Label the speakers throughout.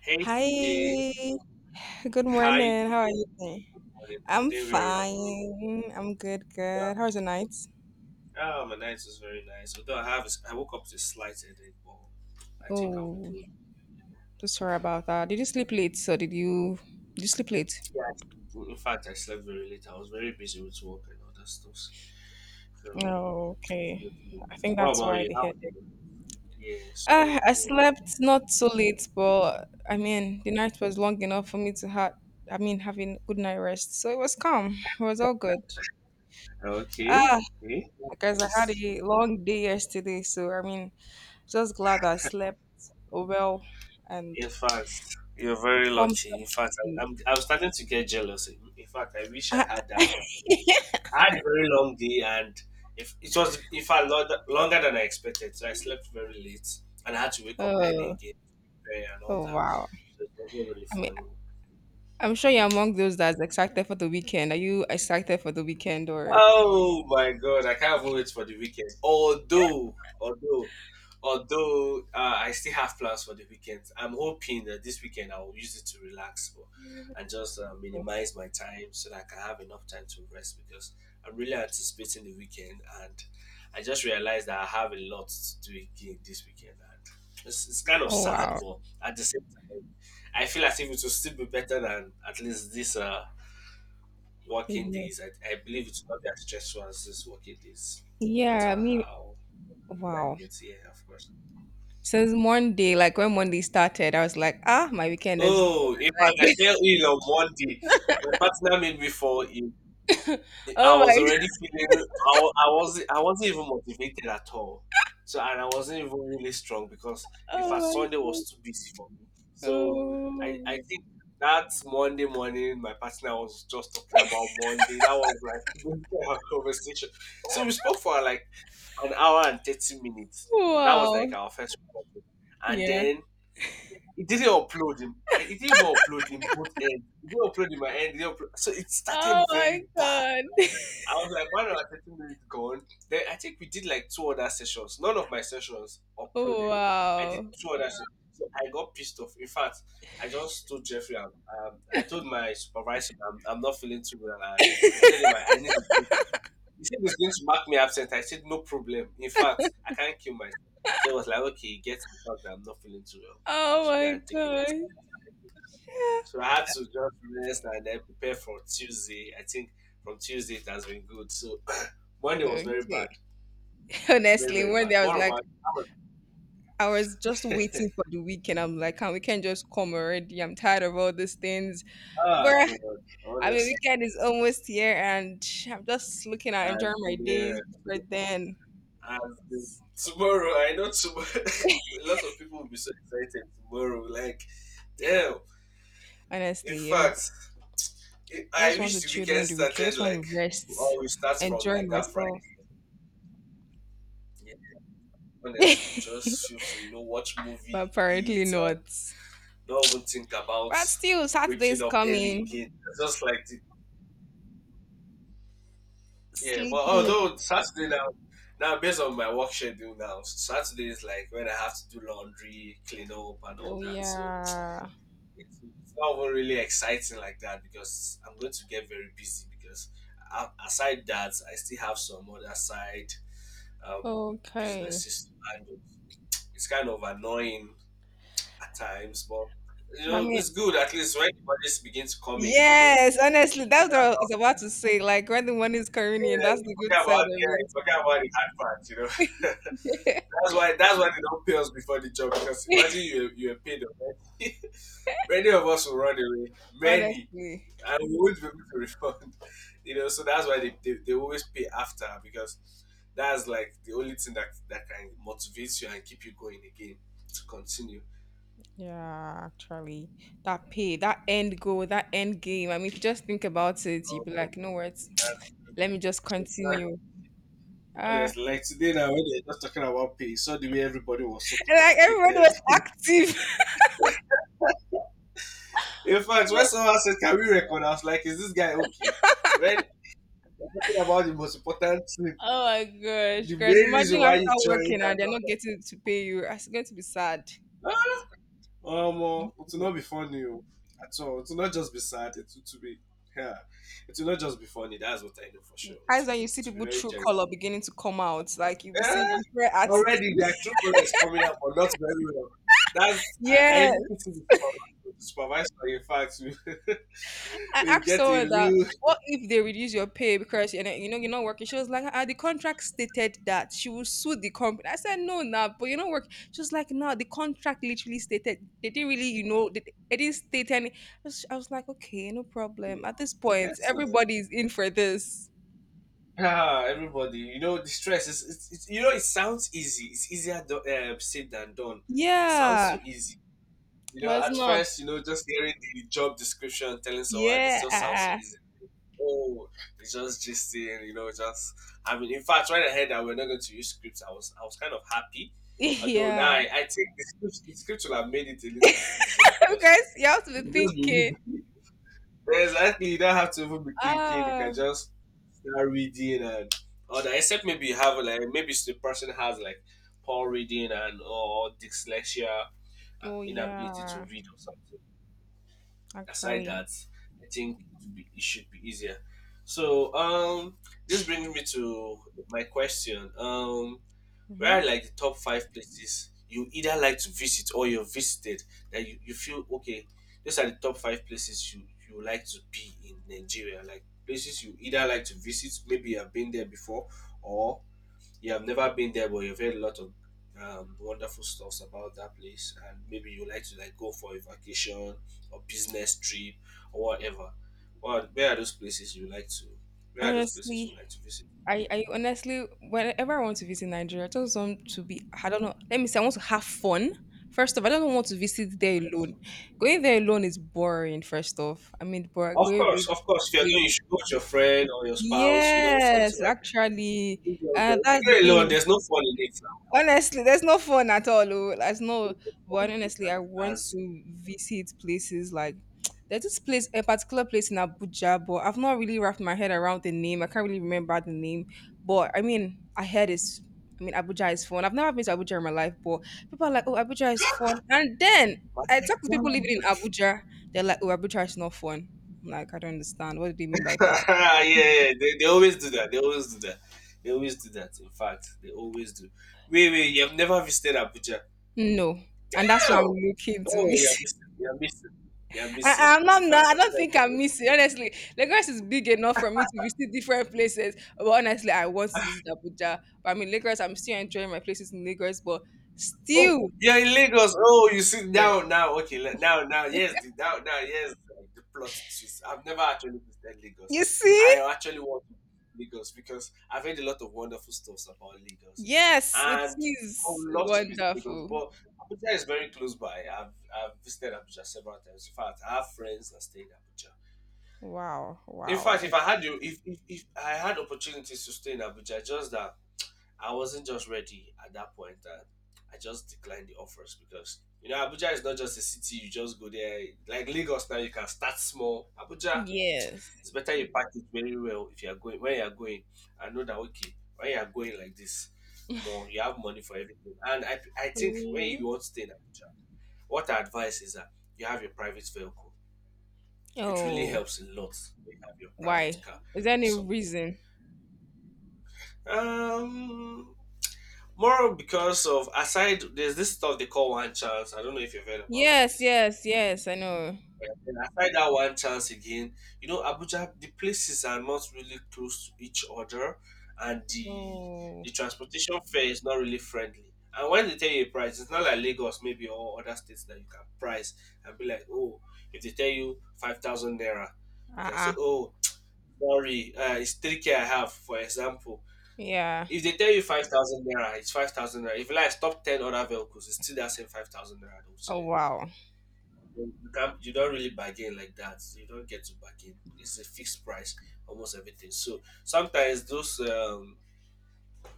Speaker 1: Hey T
Speaker 2: Hi,
Speaker 1: J,
Speaker 2: good
Speaker 1: how you
Speaker 2: morning. How are
Speaker 1: doing?
Speaker 2: you doing?
Speaker 1: Good morning. I'm
Speaker 2: I'm
Speaker 1: doing very well.
Speaker 2: fine. I'm good,
Speaker 1: Although-
Speaker 2: good. How was the night?
Speaker 1: Oh, my night was very nice. Although I have, I woke up with a slight headache, but I think I'll be
Speaker 2: Oh,
Speaker 1: good. Yeah.
Speaker 2: so sorry about that. Did you sleep late?
Speaker 1: In fact, I slept very late. I was very busy with work and other stuff. So,
Speaker 2: Oh,
Speaker 1: it's
Speaker 2: okay.
Speaker 1: good to be-
Speaker 2: I think
Speaker 1: what
Speaker 2: that's
Speaker 1: about
Speaker 2: why
Speaker 1: you?
Speaker 2: the
Speaker 1: How?
Speaker 2: headache.
Speaker 1: Yeah. Sorry.
Speaker 2: I
Speaker 1: Yeah.
Speaker 2: slept not so late, but I mean the night was long enough for me to have, I mean, having good night rest. So it was calm. It was all good.
Speaker 1: Okay.
Speaker 2: Ah,
Speaker 1: Okay.
Speaker 2: because
Speaker 1: That's
Speaker 2: I had
Speaker 1: nice.
Speaker 2: a long day yesterday, so I mean just glad I slept well and
Speaker 1: In fact, you're very
Speaker 2: pumped
Speaker 1: lucky.
Speaker 2: up
Speaker 1: In
Speaker 2: for
Speaker 1: fact,
Speaker 2: today.
Speaker 1: I'm starting to get jealous. In fact, I wish I
Speaker 2: Ah,
Speaker 1: had that opportunity. I had a very long day, and if it was in fact longer than I expected, so I slept very late, and I had to wake up early
Speaker 2: oh,
Speaker 1: again to prepare and all
Speaker 2: oh
Speaker 1: that.
Speaker 2: wow.
Speaker 1: So it was really
Speaker 2: I mean,
Speaker 1: funny.
Speaker 2: I'm sure you're among those that's excited for the weekend. Are you excited for the weekend or?
Speaker 1: Oh my god, I can't wait for the weekend. Although, I still have plans for the weekend. I'm hoping that this weekend I will use it to relax more and just minimize my time so that I can have enough time to rest because I'm really anticipating the weekend and I just realized that I have a lot to do again this weekend and it's kind of
Speaker 2: Oh
Speaker 1: sad,
Speaker 2: wow.
Speaker 1: but at the same time, I feel as if it will still be better than at least this working
Speaker 2: Yeah.
Speaker 1: days. I believe it's not that stressful as this working days, no matter
Speaker 2: Yeah. I mean,
Speaker 1: how I
Speaker 2: wow.
Speaker 1: get here, of course.
Speaker 2: Since Monday, like when Monday started, I was like, ah, my weekend is done.
Speaker 1: Oh, in fact, I
Speaker 2: Like,
Speaker 1: fell ill on Monday. My partner made me fall ill. I
Speaker 2: oh
Speaker 1: was
Speaker 2: my,
Speaker 1: already feeling. I, wa- I wasn't. I wasn't even motivated at all. So and I wasn't even really strong because in
Speaker 2: oh
Speaker 1: fact
Speaker 2: my
Speaker 1: Sunday
Speaker 2: god,
Speaker 1: was too busy for me. So I
Speaker 2: oh
Speaker 1: think that Monday morning my partner was just talking about Monday. That was like our conversation. So we spoke for like an hour and 30 minutes. That
Speaker 2: wow,
Speaker 1: was like our first recording. And
Speaker 2: yeah.
Speaker 1: then it didn't upload him. It didn't even upload in both ends. It didn't upload in my end. It didn't upload. So it
Speaker 2: Oh
Speaker 1: started
Speaker 2: my
Speaker 1: very bad.
Speaker 2: god.
Speaker 1: I was like 1 hour 30 minutes gone. Then I think we did like two other sessions. None of my sessions uploaded. I did
Speaker 2: Wow.
Speaker 1: two other sessions. So I got pissed off. In fact, I just told Jeffrey, I told my supervisor, I'm not feeling too well. And I told him I need a break. He said he's going to mark me absent. I said, no problem. In fact, I can't kill myself. So I was like, okay, get the fact that I'm not feeling too well. I
Speaker 2: Oh
Speaker 1: should go
Speaker 2: my
Speaker 1: and take a
Speaker 2: god.
Speaker 1: rest.
Speaker 2: Yeah.
Speaker 1: So I had to just rest and then prepare for Tuesday. I think from Tuesday it has been good. So Monday was very
Speaker 2: Okay.
Speaker 1: bad. Very,
Speaker 2: Honestly,
Speaker 1: very
Speaker 2: one
Speaker 1: bad.
Speaker 2: day I
Speaker 1: What
Speaker 2: was like,
Speaker 1: about you?
Speaker 2: I was just
Speaker 1: Was-
Speaker 2: waiting for the weekend. I'm like, can we can just come already? I'm tired of all these things.
Speaker 1: Ah,
Speaker 2: But
Speaker 1: God.
Speaker 2: I mean,
Speaker 1: Honestly.
Speaker 2: weekend is almost here, and I'm just looking at
Speaker 1: As
Speaker 2: enjoying my
Speaker 1: in,
Speaker 2: days before
Speaker 1: uh,
Speaker 2: then.
Speaker 1: as in,
Speaker 2: it's-
Speaker 1: tomorrow, I know tomorrow. A lot of people will be so excited tomorrow. Like, damn. In
Speaker 2: honestly, every-
Speaker 1: fact,
Speaker 2: I
Speaker 1: I
Speaker 2: just want
Speaker 1: wish
Speaker 2: to
Speaker 1: the
Speaker 2: chill
Speaker 1: weekend
Speaker 2: during the weekend. I
Speaker 1: started
Speaker 2: just want
Speaker 1: like
Speaker 2: to rest,
Speaker 1: all we start from
Speaker 2: enjoy
Speaker 1: like that
Speaker 2: myself.
Speaker 1: Friday. Yeah, honestly, just feel free, you know, watch
Speaker 2: But
Speaker 1: movie,
Speaker 2: apparently
Speaker 1: eat, and
Speaker 2: not.
Speaker 1: don't even think about
Speaker 2: But still,
Speaker 1: waking
Speaker 2: Saturday's
Speaker 1: up early
Speaker 2: coming.
Speaker 1: again. Yeah, but
Speaker 2: Sleeping.
Speaker 1: although Saturday now, based on my work schedule now, Saturday is like when I have to do laundry, clean up, and all
Speaker 2: Oh
Speaker 1: that. So
Speaker 2: yeah.
Speaker 1: it's not even really exciting like that because I'm going to get very busy because. Aside that, I still have some other side um,
Speaker 2: Okay.
Speaker 1: businesses to handle. It's kind of annoying at times, but you
Speaker 2: I
Speaker 1: know
Speaker 2: mean,
Speaker 1: it's good at least when the budgets begin to come in. You know,
Speaker 2: yes, honestly, that's what I was
Speaker 1: um,
Speaker 2: about to say. Like when the money is coming in,
Speaker 1: yeah,
Speaker 2: that's
Speaker 1: you
Speaker 2: the good
Speaker 1: forget
Speaker 2: side
Speaker 1: about
Speaker 2: of
Speaker 1: yeah, you forget about the hard part. You know. That's
Speaker 2: it.
Speaker 1: why that's why they don't pay us before the job because imagine you were paid already. Many of us will run away. Many.
Speaker 2: Honestly.
Speaker 1: And we won't be able to refund. You know, so that's why they always pay after because that's like the only thing that can motivate you and keep you going again to continue.
Speaker 2: Yeah, actually. That pay, that end goal, that end game. I mean, if you just think about it, you'd
Speaker 1: Um,
Speaker 2: be like, no words.
Speaker 1: that's,
Speaker 2: Let me just
Speaker 1: that's
Speaker 2: continue. Ah,
Speaker 1: honest. Like today now when they're just talking about pay, so the way everybody was so
Speaker 2: and like everybody
Speaker 1: concentrated.
Speaker 2: was active.
Speaker 1: In fact, when someone said, can we record? I was like, is this guy okay? When we're talking about the most important thing,
Speaker 2: Oh my gosh,
Speaker 1: the main
Speaker 2: guys.
Speaker 1: reason
Speaker 2: Imagine
Speaker 1: why
Speaker 2: after
Speaker 1: you joined
Speaker 2: working
Speaker 1: and
Speaker 2: and they're not
Speaker 1: all
Speaker 2: getting to pay you. It's going to be sad.
Speaker 1: that. Ah, Omo, it will not be funny oh, at all. It will not just be sad. Yeah, it will not just be funny. That's what I know for sure. It
Speaker 2: Times
Speaker 1: will
Speaker 2: when you
Speaker 1: be,
Speaker 2: see
Speaker 1: to be
Speaker 2: people
Speaker 1: very
Speaker 2: true
Speaker 1: terrible.
Speaker 2: color beginning to come out, like you'll be seeing
Speaker 1: Yeah,
Speaker 2: different attitudes.
Speaker 1: already their true color is coming up, but not very well. That's I
Speaker 2: Yes,
Speaker 1: even pity the supervisor. The supervisor, in fact,
Speaker 2: I
Speaker 1: we, we
Speaker 2: asked
Speaker 1: get a
Speaker 2: someone that.
Speaker 1: real.
Speaker 2: What if they reduce your pay because you know you're not working? She was like, ah, the contract stated that she will sue the company. I said no, nah, but you are not working." She was like, no, the contract literally stated they didn't really, you know, they didn't state any. I was like, okay, no problem.
Speaker 1: Hmm,
Speaker 2: At this point,
Speaker 1: yes, no.
Speaker 2: everybody is in for this.
Speaker 1: Ah, everybody, you know the stress is it's you know it sounds easy. It's easier said than done. It sounds
Speaker 2: Yeah,
Speaker 1: so easy. You
Speaker 2: but
Speaker 1: know,
Speaker 2: it's
Speaker 1: at
Speaker 2: not.
Speaker 1: first, you know, just hearing the job description telling someone it just sounds so
Speaker 2: Yeah,
Speaker 1: easy. Oh, it's just gisting, you know, just I mean in fact when I heard that we're not going to use scripts, I was kind of happy. Although now
Speaker 2: yeah.
Speaker 1: I think the script will have made it a little bit easier
Speaker 2: You
Speaker 1: because
Speaker 2: guys, you have to be thinking.
Speaker 1: exactly you don't have to even be thinking, you can
Speaker 2: Ah,
Speaker 1: just that reading and all that. Except maybe you have like maybe the person has like poor reading and or dyslexia,
Speaker 2: oh
Speaker 1: inability to
Speaker 2: yeah,
Speaker 1: read or something. Aside
Speaker 2: actually.
Speaker 1: that, I think it should be easier. So this brings me to my question. Um,
Speaker 2: Hmm.
Speaker 1: where are like the top five places you either like to visit or you've visited that you feel okay, these are the top five places you like to be in Nigeria? Like places you either like to visit, maybe you have been there before, or you have never been there but you've heard a lot of wonderful stuffs about that place and maybe you like to like go for a vacation or business trip or whatever. Well, where are those places you like to where are those places
Speaker 2: Honestly,
Speaker 1: you like to visit?
Speaker 2: I honestly, whenever I want to visit Nigeria, I just want to be, I don't know, let me say, I want to have fun. First off, I don't want to visit there alone. Going there alone is boring, first off. I mean, but
Speaker 1: Of
Speaker 2: going
Speaker 1: course, of course. If you're
Speaker 2: with
Speaker 1: going, you should go with your friend or your spouse, you know, something
Speaker 2: yes,
Speaker 1: like that.
Speaker 2: actually,
Speaker 1: If
Speaker 2: that's the
Speaker 1: you go alone,
Speaker 2: thing.
Speaker 1: there's no fun in it now.
Speaker 2: Honestly, there's no fun at all. Oh. There's no,
Speaker 1: There's no
Speaker 2: but
Speaker 1: fun in
Speaker 2: honestly,
Speaker 1: it
Speaker 2: I want
Speaker 1: as
Speaker 2: to visit places like there's this place, a particular place in Abuja, but I've not really wrapped my head around the name. I can't really remember the name, but I mean, I heard it's. I mean, Abuja is fun. I've never been to Abuja in my life, but people are like, "Oh, Abuja is fun," and then
Speaker 1: but
Speaker 2: I
Speaker 1: like,
Speaker 2: talk to
Speaker 1: wow.
Speaker 2: people living in Abuja. They're like, "Oh, Abuja is not fun." I'm like, I don't understand. What do they mean by that?
Speaker 1: Yeah, yeah. They always do that. They always do that. They always do that. In fact, they always do. Wait, wait. You have never visited Abuja?
Speaker 2: No, and that's what I'm
Speaker 1: Oh,
Speaker 2: looking to
Speaker 1: oh,
Speaker 2: be.
Speaker 1: you're missing. You're missing. You're missing.
Speaker 2: I'm
Speaker 1: In
Speaker 2: not, no,
Speaker 1: fact,
Speaker 2: I don't think I
Speaker 1: Abuja.
Speaker 2: miss it. Honestly, Lagos is big enough for me to visit different places. But honestly, I want to visit Abuja. But I mean, Lagos, I'm still enjoying my places in Lagos, but
Speaker 1: Oh,
Speaker 2: still,
Speaker 1: you're in Lagos. Oh, you see
Speaker 2: yes.
Speaker 1: now, now, okay, le- now, now, yes, the, now, now, yes, like, the plot twist. I've never actually visited Lagos.
Speaker 2: You
Speaker 1: I
Speaker 2: see?
Speaker 1: actually want to visit Lagos because I've heard a lot of wonderful stuffs about Lagos,
Speaker 2: Yes, it
Speaker 1: and I
Speaker 2: is
Speaker 1: would love to visit Lagos.
Speaker 2: wonderful.
Speaker 1: But Abuja is very close by. I've visited Abuja several times. In fact, I have friends that stay in Abuja.
Speaker 2: Wow,
Speaker 1: In
Speaker 2: wow.
Speaker 1: fact, if I had opportunities to stay in Abuja, just that I wasn't just ready at that point and I just declined the offers because you know Abuja is not just a city you just go there like Lagos now you can start small. Abuja
Speaker 2: Yes.
Speaker 1: it's better you pack it very well if you are going when you are going I know that okay when you are going like this more you have money for everything. And I think when
Speaker 2: Mhm.
Speaker 1: you want to stay in Abuja, what I advise is that you have your private vehicle. It really
Speaker 2: Oh,
Speaker 1: helps a lot when you have your private
Speaker 2: why?
Speaker 1: car
Speaker 2: Is there
Speaker 1: or
Speaker 2: any
Speaker 1: something.
Speaker 2: reason?
Speaker 1: Um More because of aside, there's this stuff they call one chance. I don't know if you've heard about it.
Speaker 2: Yes, yes, yes, I know.
Speaker 1: Yeah, and aside that one chance again, you know, Abuja, the places are not really close to each other, and the
Speaker 2: Oh,
Speaker 1: the transportation fare is not really friendly. And when they tell you a price, it's not like Lagos, maybe or other states that you can price and be like, oh, if they tell you 5,000 naira, you can say,
Speaker 2: uh-uh.
Speaker 1: oh, sorry, it's 3K I have, for example.
Speaker 2: Yeah.
Speaker 1: If they tell you 5,000 naira, it's 5,000 naira. If you like stop ten other vehicles, it's still that same 5,000 naira. Don't
Speaker 2: Oh,
Speaker 1: say
Speaker 2: wow.
Speaker 1: you You can't. You don't really bargain like that. You don't get to bargain. It's a fixed price, almost everything. So sometimes those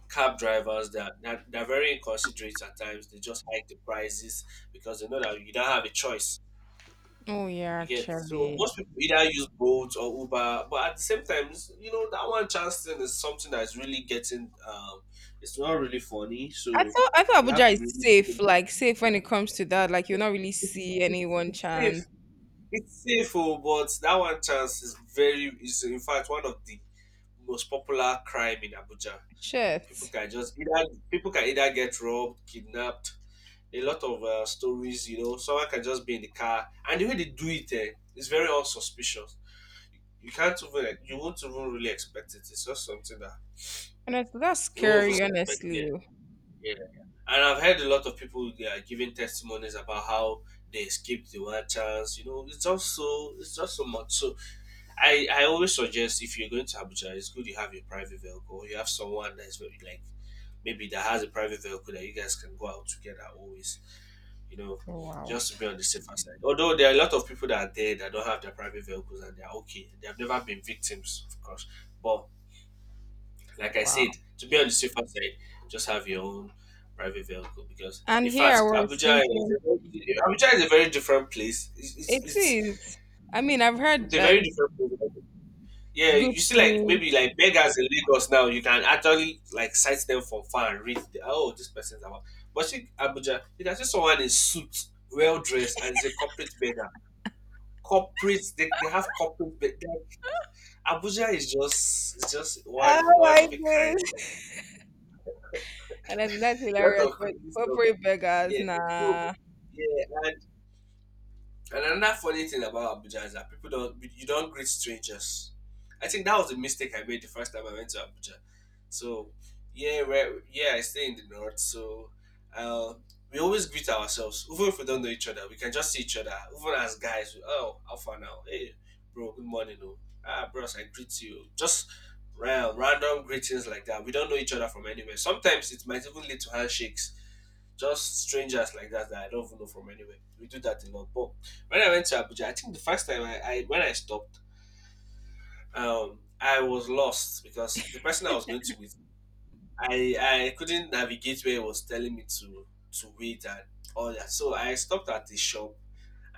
Speaker 1: cab drivers that they're very inconsiderate at times. They just hike the prices because they know that you don't have a choice.
Speaker 2: Oh, yeah,
Speaker 1: You get so
Speaker 2: actually.
Speaker 1: most people either use Bolt or Uber, but at the same time, that one chance thing is something that's really getting. It's not really funny,
Speaker 2: I
Speaker 1: so
Speaker 2: thought I thought
Speaker 1: you have
Speaker 2: Abuja
Speaker 1: to
Speaker 2: is
Speaker 1: be.
Speaker 2: safe,
Speaker 1: Really
Speaker 2: like safe when it comes to that. Like you'll not really
Speaker 1: It's,
Speaker 2: see
Speaker 1: it's,
Speaker 2: anyone
Speaker 1: it's safe.
Speaker 2: chance.
Speaker 1: It's safe, oh, but that one chance is very. Is in fact one of the most popular crime in Abuja. People
Speaker 2: Shit.
Speaker 1: can just either people can either get robbed, kidnapped. A lot of stories, someone can just be in the car, and the way they do it eh, is very unsuspicious. You can't even like you won't even really expect it. It's just something that
Speaker 2: That's
Speaker 1: you won't even
Speaker 2: scary,
Speaker 1: suspect. Yeah,
Speaker 2: honestly.
Speaker 1: yeah. And I've heard a lot of people they are giving testimonies about how they escaped the wild chance. It's just so it's just so much. So I always suggest if you're going to Abuja, it's good you have your private vehicle. Or you have someone that's very like maybe that has a private vehicle that you guys can go out together always. You know,
Speaker 2: Wow.
Speaker 1: just to be on the safer side. Although there are a lot of people that are there that don't have their private vehicles and they're okay. They've never been victims, of course. But like I
Speaker 2: Wow.
Speaker 1: said, to be on the safer side, just have your own private vehicle because,
Speaker 2: And
Speaker 1: in
Speaker 2: here I
Speaker 1: fact,
Speaker 2: was
Speaker 1: Abuja is
Speaker 2: thinking,
Speaker 1: a very, Abuja is a very different place. It's, it's,
Speaker 2: it
Speaker 1: it's
Speaker 2: is. I mean, I've
Speaker 1: it's
Speaker 2: heard
Speaker 1: a
Speaker 2: like
Speaker 1: very different place. Yeah,
Speaker 2: good
Speaker 1: you see, like
Speaker 2: things.
Speaker 1: maybe like beggars in Lagos now, you can actually like sight them from far and read, the, oh, this person's about. But see, Abuja, you can see someone in suit, well dressed, and is a corporate beggar. Corporate, they have corporate. Be- they- Abuja is just
Speaker 2: Oh
Speaker 1: one
Speaker 2: my
Speaker 1: of a kind.
Speaker 2: goodness. And that's
Speaker 1: A lot
Speaker 2: hilarious.
Speaker 1: of
Speaker 2: But
Speaker 1: crazy stuff.
Speaker 2: corporate beggars,
Speaker 1: Yeah, so,
Speaker 2: nah.
Speaker 1: yeah, and another funny thing about Abuja is that people don't you don't greet strangers. I think that was a mistake I made the first time I went to Abuja. So yeah, where yeah, I stay in the north, so uh, we always greet ourselves, even if we don't know each other. We can just see each other, even as guys. We- oh, how far now? Hey, bro, good morning, oh. Ah, bros, I greet you. Just random greetings like that. We don't know each other from anywhere. Sometimes it might even lead to handshakes just strangers like that that I don't even know from anywhere. We do that a lot. But when I went to Abuja, I think the first time I when I stopped, I was lost because the person I was going to meet, I couldn't navigate where it was telling me to wait and all that. So I stopped at the shop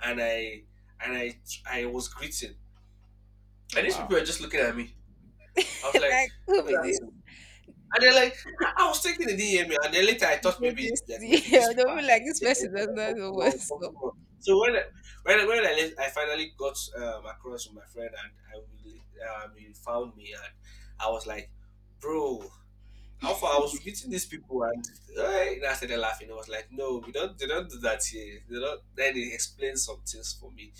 Speaker 1: and I and I was greeting, and these
Speaker 2: Wow.
Speaker 1: people were just looking at me. I was like,
Speaker 2: Like, who
Speaker 1: "Good
Speaker 2: is this?
Speaker 1: afternoon." And they're like, I was taking the DMA, and then later I thought maybe
Speaker 2: JJC.
Speaker 1: like maybe these
Speaker 2: I
Speaker 1: people
Speaker 2: don't
Speaker 1: are
Speaker 2: feel like
Speaker 1: like
Speaker 2: this
Speaker 1: dead
Speaker 2: person does not know
Speaker 1: or
Speaker 2: what's up.
Speaker 1: something wrong. So I finally got across with my friend and I really, he found me and I was like, bro, Alpha, I was meeting these people and and I started laughing. I was like, no, we don't they don't do that here. They don't. Then he explained some things for me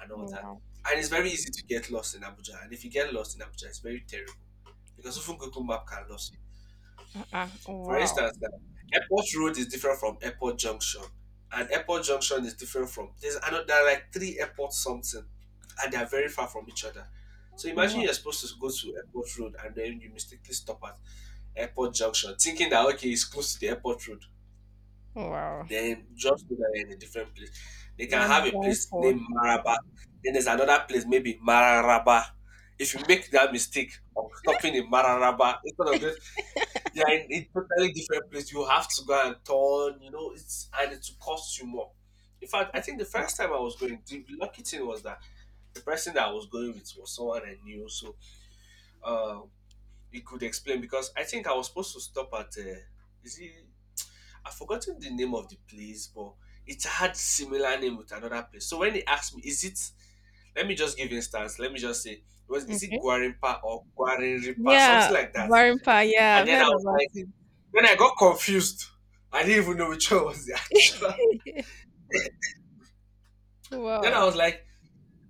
Speaker 1: and all that.
Speaker 2: Wow.
Speaker 1: And it's very easy to get lost in Abuja. And if you get lost in Abuja, it's very terrible because even Google Map can lose
Speaker 2: Uh-uh.
Speaker 1: for
Speaker 2: Wow.
Speaker 1: instance, now, Airport Road is different from Airport Junction, and Airport Junction is different from there's another there are like three airport something, and they are very far from each other. So imagine
Speaker 2: Wow.
Speaker 1: you're supposed to go to Airport Road and then you mistakenly stop at Airport Junction, thinking that okay, it's close to the Airport Road.
Speaker 2: Wow.
Speaker 1: Then just know that you're in a different place. They can
Speaker 2: You're
Speaker 1: have a
Speaker 2: done
Speaker 1: place
Speaker 2: for.
Speaker 1: named Maraba. Then there's another place, maybe Mararaba. If you make that mistake of stopping in Mararaba instead of going they are in a totally different place. You have to go and turn, it's and it will cost you more. In fact, I think the
Speaker 2: Wow.
Speaker 1: first time I was going, the lucky thing was that the person that I was going with was someone I knew, so uh, he could explain because I think I was supposed to stop at, is it, I've forgotten the name of the place, but it had similar name with another place. So when he asked me, is it, let me just give instance, let me just say, was is it
Speaker 2: Okay.
Speaker 1: Guarimpa or Guarinripa,
Speaker 2: Yeah,
Speaker 1: something like that.
Speaker 2: Varimpa. Yeah,
Speaker 1: And
Speaker 2: I've
Speaker 1: then I
Speaker 2: heard
Speaker 1: was
Speaker 2: about
Speaker 1: like,
Speaker 2: it.
Speaker 1: then I got confused. I didn't even know which one was the actual. Then I
Speaker 2: Wow.
Speaker 1: was like,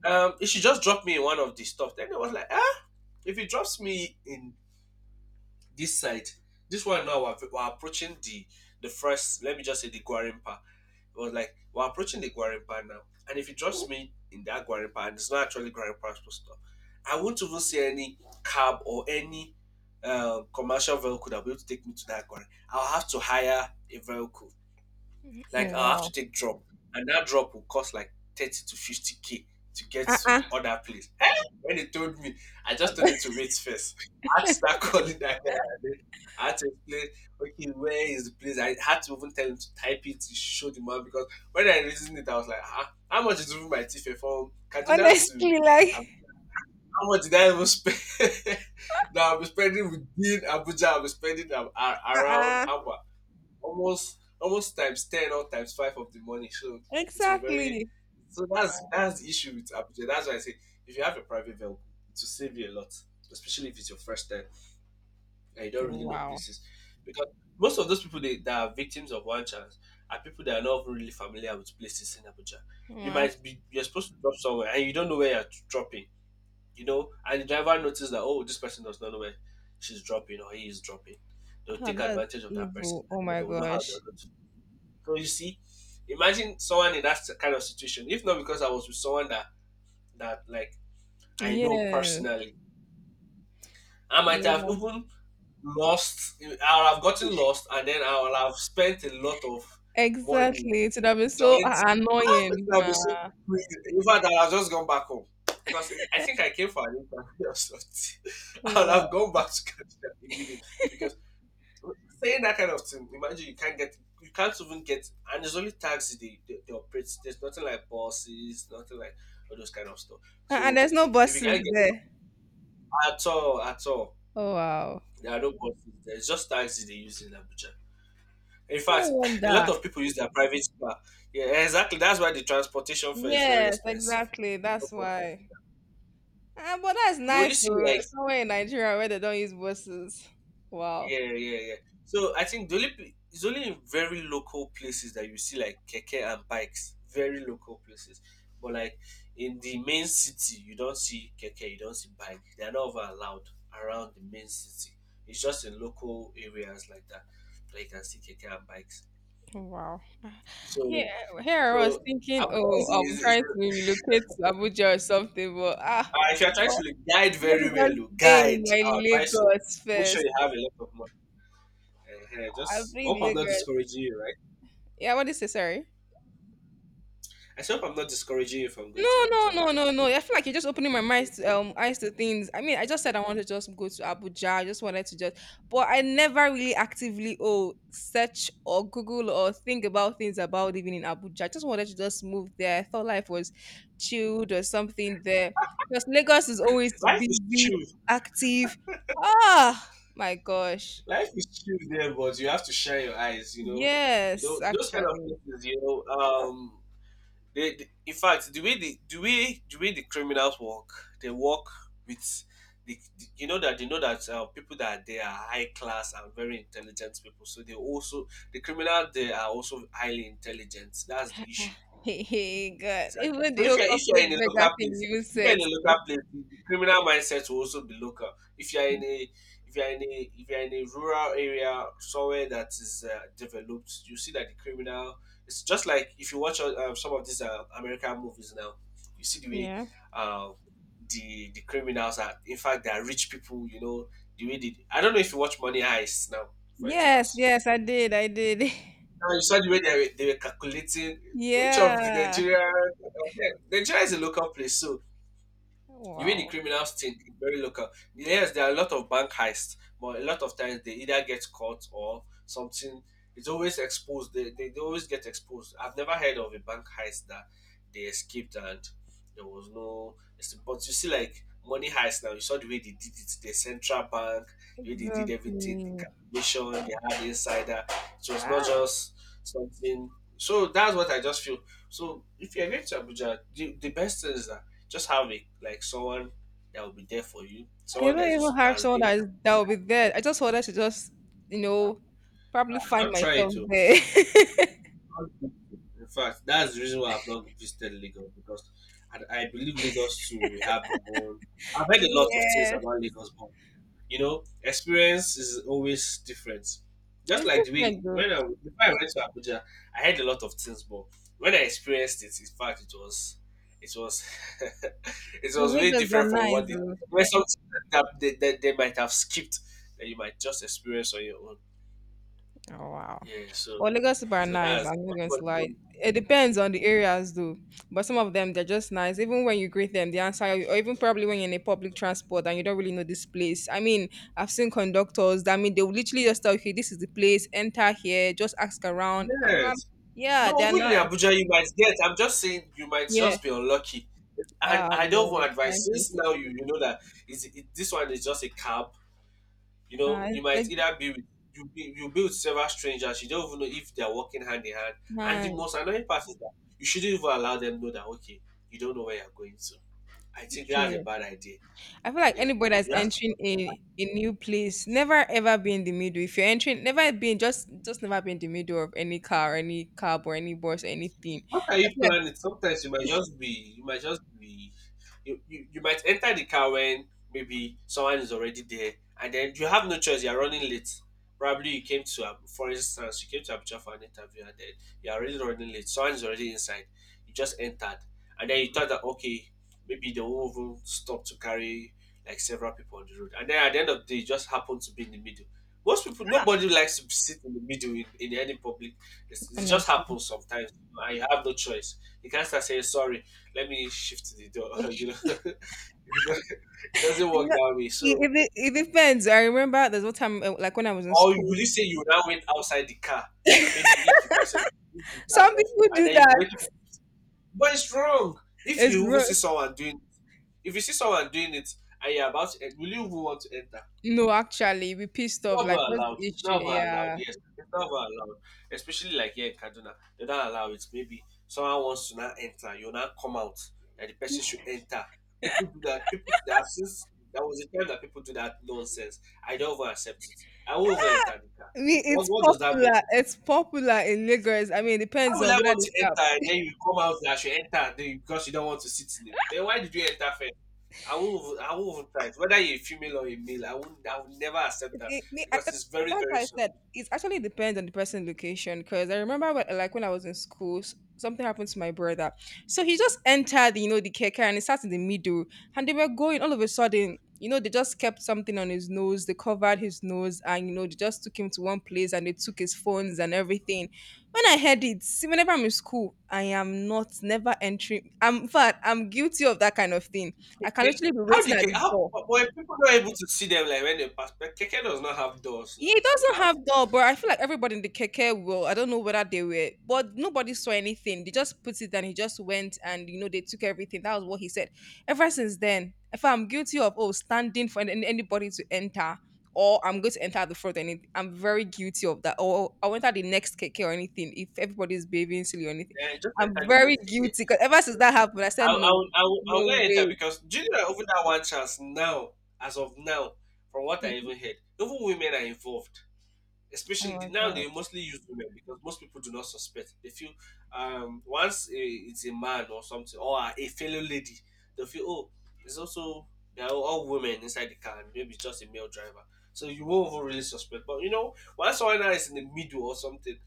Speaker 1: it should just drop me in one of the stuff. Then I was like, ah, if it drops me in this side, this one now we're approaching the first. Let me just say the Guarimpa. It was like we're approaching the Guarimpa now, and if it drops me in that Guarimpa, and it's not actually Guarimpa stuff, I won't even see any cab or any commercial vehicle that will be able to take me to that Guarimpa. I'll have to hire a vehicle
Speaker 2: Oh,
Speaker 1: like I have to
Speaker 2: wow.
Speaker 1: take drop, and that drop will cost like 30 to 50k to get to the
Speaker 2: Uh-uh.
Speaker 1: other place. Eh! When he told me, I just told him to wait first. I had to start calling that guy, and then I had to explain, okay, where is the place? I had to even tell him to type it to show the man because when I reasoned it, I was like, ah, how much is even my ticket from Kaduna to
Speaker 2: Honestly,
Speaker 1: Ab-
Speaker 2: like,
Speaker 1: how much did I even spend? Now I'll be spending within Abuja, I'll be spending a- around
Speaker 2: uh-uh.
Speaker 1: how much? Almost almost times ten or times five of the money. So it was very
Speaker 2: Exactly.
Speaker 1: so that's the issue with Abuja. That's why I say if you have a private vehicle, it will save you a lot, especially if it's your first time and you don't really know
Speaker 2: Wow.
Speaker 1: places. Because most of those people they, that are victims of one chance are people that are not even really familiar with places in Abuja. You
Speaker 2: Wow.
Speaker 1: might be you're supposed to drop somewhere and you don't know where you're dropping, and the driver notices that oh this person does not know where she's dropping or he is dropping. They'll
Speaker 2: Ah,
Speaker 1: take
Speaker 2: that's
Speaker 1: advantage of that person
Speaker 2: evil. Oh
Speaker 1: and
Speaker 2: my
Speaker 1: they will know how they're
Speaker 2: gosh.
Speaker 1: going so you see, imagine someone in that kind of situation. If not because I was with someone that that like I know
Speaker 2: Yes.
Speaker 1: personally, I
Speaker 2: They
Speaker 1: might
Speaker 2: would
Speaker 1: have
Speaker 2: have—
Speaker 1: even lost. I would have gotten lost, and then I would have spent a lot of money
Speaker 2: Exactly. It would have been so
Speaker 1: trying to. Ah, it
Speaker 2: annoying.
Speaker 1: would have been so crazy. In fact, I would have just gone back home because I think I came for an interview or something.
Speaker 2: Oh,
Speaker 1: I would have
Speaker 2: wow.
Speaker 1: gone back to Canada immediately because saying that kind of thing, imagine you can't get, you can't even get, and there's only taxi they operate. There's nothing like buses, nothing like all those kind of stuff.
Speaker 2: Uh-uh,
Speaker 1: So
Speaker 2: there's no
Speaker 1: if you
Speaker 2: buses
Speaker 1: can't get them
Speaker 2: there.
Speaker 1: at all,
Speaker 2: Oh, wow.
Speaker 1: there are no buses. There's just taxi they use in Abuja. In
Speaker 2: No
Speaker 1: fact, a lot
Speaker 2: wonder.
Speaker 1: of people use their private car. Yeah, exactly. That's why the transportation fare is very
Speaker 2: Yes,
Speaker 1: expensive.
Speaker 2: exactly.
Speaker 1: No
Speaker 2: That's
Speaker 1: buses.
Speaker 2: why. Ah, but that's
Speaker 1: You only
Speaker 2: nice
Speaker 1: see
Speaker 2: though.
Speaker 1: like
Speaker 2: Somewhere in Nigeria where they don't use buses. Wow.
Speaker 1: yeah, yeah, yeah. So I think the only pl- it's only in very local places that you see like keke and bikes. Very local places, but like in the main city, you don't see keke, you don't see bike. They are not over allowed around the main city. It's just in local areas like that that you can see keke and bikes.
Speaker 2: Wow. Here,
Speaker 1: So,
Speaker 2: here I was
Speaker 1: so
Speaker 2: thinking,
Speaker 1: Abuja
Speaker 2: oh, I'm
Speaker 1: is
Speaker 2: trying to relocate to Abuja or something, but ah,
Speaker 1: if you're trying to
Speaker 2: well,
Speaker 1: like, guide
Speaker 2: let me
Speaker 1: very well,
Speaker 2: just
Speaker 1: you
Speaker 2: stay
Speaker 1: guide.
Speaker 2: in my
Speaker 1: I advise you
Speaker 2: Lagos
Speaker 1: make sure
Speaker 2: first.
Speaker 1: you have a lot of money. Eh, eh,
Speaker 2: I've
Speaker 1: just hope I'm not
Speaker 2: Lagos.
Speaker 1: discouraging you, right?
Speaker 2: Yeah, what did you say? Sorry.
Speaker 1: I hope I'm not discouraging you from
Speaker 2: No,
Speaker 1: going to Abuja,
Speaker 2: no, no,
Speaker 1: right?
Speaker 2: no, no. I feel like you're just opening my mind to, eyes to things. I mean, I just said I wanted to just go to Abuja. I just wanted to just, but I never really actively oh search or Google or think about things about living in Abuja. I just wanted to just move there. I thought life was chilled or something there. Because Lagos is always
Speaker 1: Life is
Speaker 2: busy,
Speaker 1: true.
Speaker 2: active. Ah, my gosh.
Speaker 1: Life is true there, but you have to shine your eyes. You
Speaker 2: Yes,
Speaker 1: know those kind of
Speaker 2: actually.
Speaker 1: places. They- in fact, the way the way the criminals work, they work with the- you know that they know that people that are there are high class and very intelligent people. So they also the criminal they are also highly intelligent. That's the issue.
Speaker 2: Hey, God.
Speaker 1: Exactly.
Speaker 2: Even
Speaker 1: So
Speaker 2: the
Speaker 1: if
Speaker 2: whole
Speaker 1: you're if you're
Speaker 2: corporate
Speaker 1: in a
Speaker 2: mega
Speaker 1: local
Speaker 2: thing
Speaker 1: place,
Speaker 2: you even
Speaker 1: if you're in
Speaker 2: said.
Speaker 1: a
Speaker 2: So.
Speaker 1: local place, the criminal mindset will also be local. If you're in a if you're in a rural area somewhere that is developed, you see that the criminal. It's just like if you watch some of these American movies now, you see the way
Speaker 2: Yeah.
Speaker 1: uh, the criminals are. In fact, they are rich people. You know the way they. I don't know if you watch Money Heist now, for
Speaker 2: Yes,
Speaker 1: instance.
Speaker 2: yes, I did, I did.
Speaker 1: Now you saw the way they were calculating which of the
Speaker 2: Yeah.
Speaker 1: Nigeria. Nigeria is a local place, so the way the
Speaker 2: Wow.
Speaker 1: criminals think is very local. Yes, there are a lot of bank heists, but a lot of times they either get caught or something. It's always exposed. They always get exposed. I've never heard of a bank heist that they escaped and there was no. But you see, like money heist now, you saw the way they did it. The central bank, the way they did everything, the
Speaker 2: Exactly.
Speaker 1: calculation, they had insider. It was not
Speaker 2: Ah,
Speaker 1: just something. So that's what I just feel. So if you're going to Abuja, the best thing is that just have a, like someone that will be there for you.
Speaker 2: I
Speaker 1: Someone that
Speaker 2: don't
Speaker 1: is also,
Speaker 2: even
Speaker 1: that
Speaker 2: have
Speaker 1: has
Speaker 2: someone
Speaker 1: been
Speaker 2: that is,
Speaker 1: there.
Speaker 2: that will be there. I just wanted to just, you know, probably find
Speaker 1: Don't try
Speaker 2: myself
Speaker 1: to.
Speaker 2: there.
Speaker 1: In fact, that's the reason why I've not visited Lagos because I believe Lagos too will have their own. I've heard a lot of things
Speaker 2: Yes.
Speaker 1: about Lagos, but you know, experience is always different. Just
Speaker 2: It's
Speaker 1: like the way
Speaker 2: different though.
Speaker 1: when I before I went to Abuja, I had a lot of things, but when I experienced it, in fact, it was it
Speaker 2: The
Speaker 1: was really
Speaker 2: Lagos
Speaker 1: different
Speaker 2: are
Speaker 1: from
Speaker 2: nice
Speaker 1: what they
Speaker 2: though.
Speaker 1: When something that they might have skipped that you might just experience on your own.
Speaker 2: Oh wow.
Speaker 1: Yeah, so
Speaker 2: But Lagos people are
Speaker 1: so
Speaker 2: nice.
Speaker 1: that's
Speaker 2: I'm not
Speaker 1: that's
Speaker 2: going
Speaker 1: what
Speaker 2: to
Speaker 1: it
Speaker 2: lie.
Speaker 1: was.
Speaker 2: It depends on the areas, though. But some of them, they're just nice. Even when you greet them, they answer you. Or even probably when you're in a public transport and you don't really know this place. I mean, I've seen conductors. That I mean, they will literally just tell you, "Okay, this is the place. Enter here. Just ask around." I'm like,
Speaker 1: Yes.
Speaker 2: yeah,
Speaker 1: No,
Speaker 2: they're
Speaker 1: even in
Speaker 2: nice.
Speaker 1: Abuja, you might get. I'm just saying, you might
Speaker 2: Yeah.
Speaker 1: just be unlucky. And
Speaker 2: Ah,
Speaker 1: I don't
Speaker 2: boy,
Speaker 1: want
Speaker 2: that kind
Speaker 1: advice.
Speaker 2: of thing.
Speaker 1: Since now you know that is it, this one is just a cab. You know,
Speaker 2: Ah, it's
Speaker 1: you might
Speaker 2: like,
Speaker 1: either be with you be with several strangers. You don't even know if they're working hand in hand. And
Speaker 2: ah,
Speaker 1: the most annoying part is that you shouldn't even allow them know that okay, you don't know where you're going to. I think that's a
Speaker 2: true.
Speaker 1: bad idea.
Speaker 2: I feel like
Speaker 1: Yeah,
Speaker 2: anybody that's
Speaker 1: you have to
Speaker 2: entering a new place, never ever be in the middle. If you're entering, never be in just never be in the middle of any car, or any cab, or any bus, or anything.
Speaker 1: How can you
Speaker 2: I feel like
Speaker 1: plan it? Sometimes you might enter the car when maybe someone is already there, and then you have no choice. You're running late. Probably you came to, Ab- for instance, you came to Abuja for an interview, and then you're already running late. Someone is already inside. You just entered, and then you thought that okay, maybe they won't even stop to carry like several people on the road, and then at the end of the day, you just happen to be in the middle. Most people, nobody likes to sit in the middle in any public, it just
Speaker 2: honestly.
Speaker 1: happens sometimes. I have no choice. You can't start saying sorry. Let me shift the door. you know, it's not, it doesn't work
Speaker 2: No,
Speaker 1: that way. So,
Speaker 2: it, it depends. I remember there's one time, like when I was in
Speaker 1: or you
Speaker 2: school,
Speaker 1: really say you now went outside the car. Maybe if the person if the car is
Speaker 2: some
Speaker 1: not full,
Speaker 2: people
Speaker 1: and
Speaker 2: do
Speaker 1: then you be
Speaker 2: that.
Speaker 1: waiting. For, what is wrong? If
Speaker 2: It's
Speaker 1: you even
Speaker 2: wrong.
Speaker 1: see someone doing, if you see someone doing it, and you're about to will you even want to enter?
Speaker 2: No, actually, we pissed off.
Speaker 1: Never
Speaker 2: Like, what's
Speaker 1: allowed.
Speaker 2: the
Speaker 1: It's
Speaker 2: issue?
Speaker 1: never allowed.
Speaker 2: Yeah.
Speaker 1: Yes, it's never allowed. Especially like here in Kaduna, they don't allow it. Maybe someone wants to not enter, you not come out that the person should enter. People do that. People do that since that was the time that people do that nonsense. I don't even accept it. I won't even enter the car.
Speaker 2: I mean,
Speaker 1: What,
Speaker 2: it's
Speaker 1: what does that mean?
Speaker 2: popular. It's popular in Lagos. I mean, it
Speaker 1: How
Speaker 2: depends on
Speaker 1: will I
Speaker 2: whether
Speaker 1: want to
Speaker 2: the
Speaker 1: enter and then you come out that I should enter then you- because you don't want to sit in it? Then why did you enter first? I won't even try it. Whether you're a female or a male, I won't, I will never accept that
Speaker 2: me, me- I,
Speaker 1: because
Speaker 2: that-
Speaker 1: it's very,
Speaker 2: that's
Speaker 1: very
Speaker 2: why I
Speaker 1: sus-
Speaker 2: said it actually depends on the person location. Because I remember when, like when I was in school, something happened to my brother. So he just entered, you know, the keke and he sat in the middle, and they were going. All of a sudden, you know, they just kept something on his nose. They covered his nose, and you know, they just took him to one place and they took his phones and everything. When I heard it, see, whenever I'm in school, I am not never entering. I'm in fact, I'm guilty of that kind of thing. I can
Speaker 1: Keke,
Speaker 2: literally be
Speaker 1: how
Speaker 2: waiting
Speaker 1: did
Speaker 2: at
Speaker 1: Keke,
Speaker 2: the
Speaker 1: how,
Speaker 2: door.
Speaker 1: but if people not able to see them like when they pass, but Keke does not have doors
Speaker 2: He
Speaker 1: now, so
Speaker 2: doesn't
Speaker 1: how?
Speaker 2: have door, but I feel like everybody in the keke will. I don't know whether they were, but nobody saw anything. They just put it and he just went and, you know, they took everything. That was what he said. Ever since then, if I'm guilty of, oh, standing for anybody to enter or I'm going to enter at the front, and I'm very guilty of that. Or I went at the next keke or anything if everybody's behaving silly or anything.
Speaker 1: Yeah, just
Speaker 2: I'm
Speaker 1: enter the
Speaker 2: very
Speaker 1: next Keke.
Speaker 2: guilty because ever since that happened, I
Speaker 1: I,
Speaker 2: said,
Speaker 1: I
Speaker 2: no,
Speaker 1: would, I would, I would not
Speaker 2: no
Speaker 1: enter
Speaker 2: way.
Speaker 1: because Junior over that one chance now, as of now, from what I even heard, even women are involved.
Speaker 2: Oh
Speaker 1: Especially the-
Speaker 2: my
Speaker 1: now
Speaker 2: God.
Speaker 1: they mostly use women because most people do not suspect. They feel once a, it's a man or something or a fellow lady, they feel oh it's also they are all women inside the car and maybe it's just a male driver. So you won't even really suspect. But you know, once someone now is in the middle or something,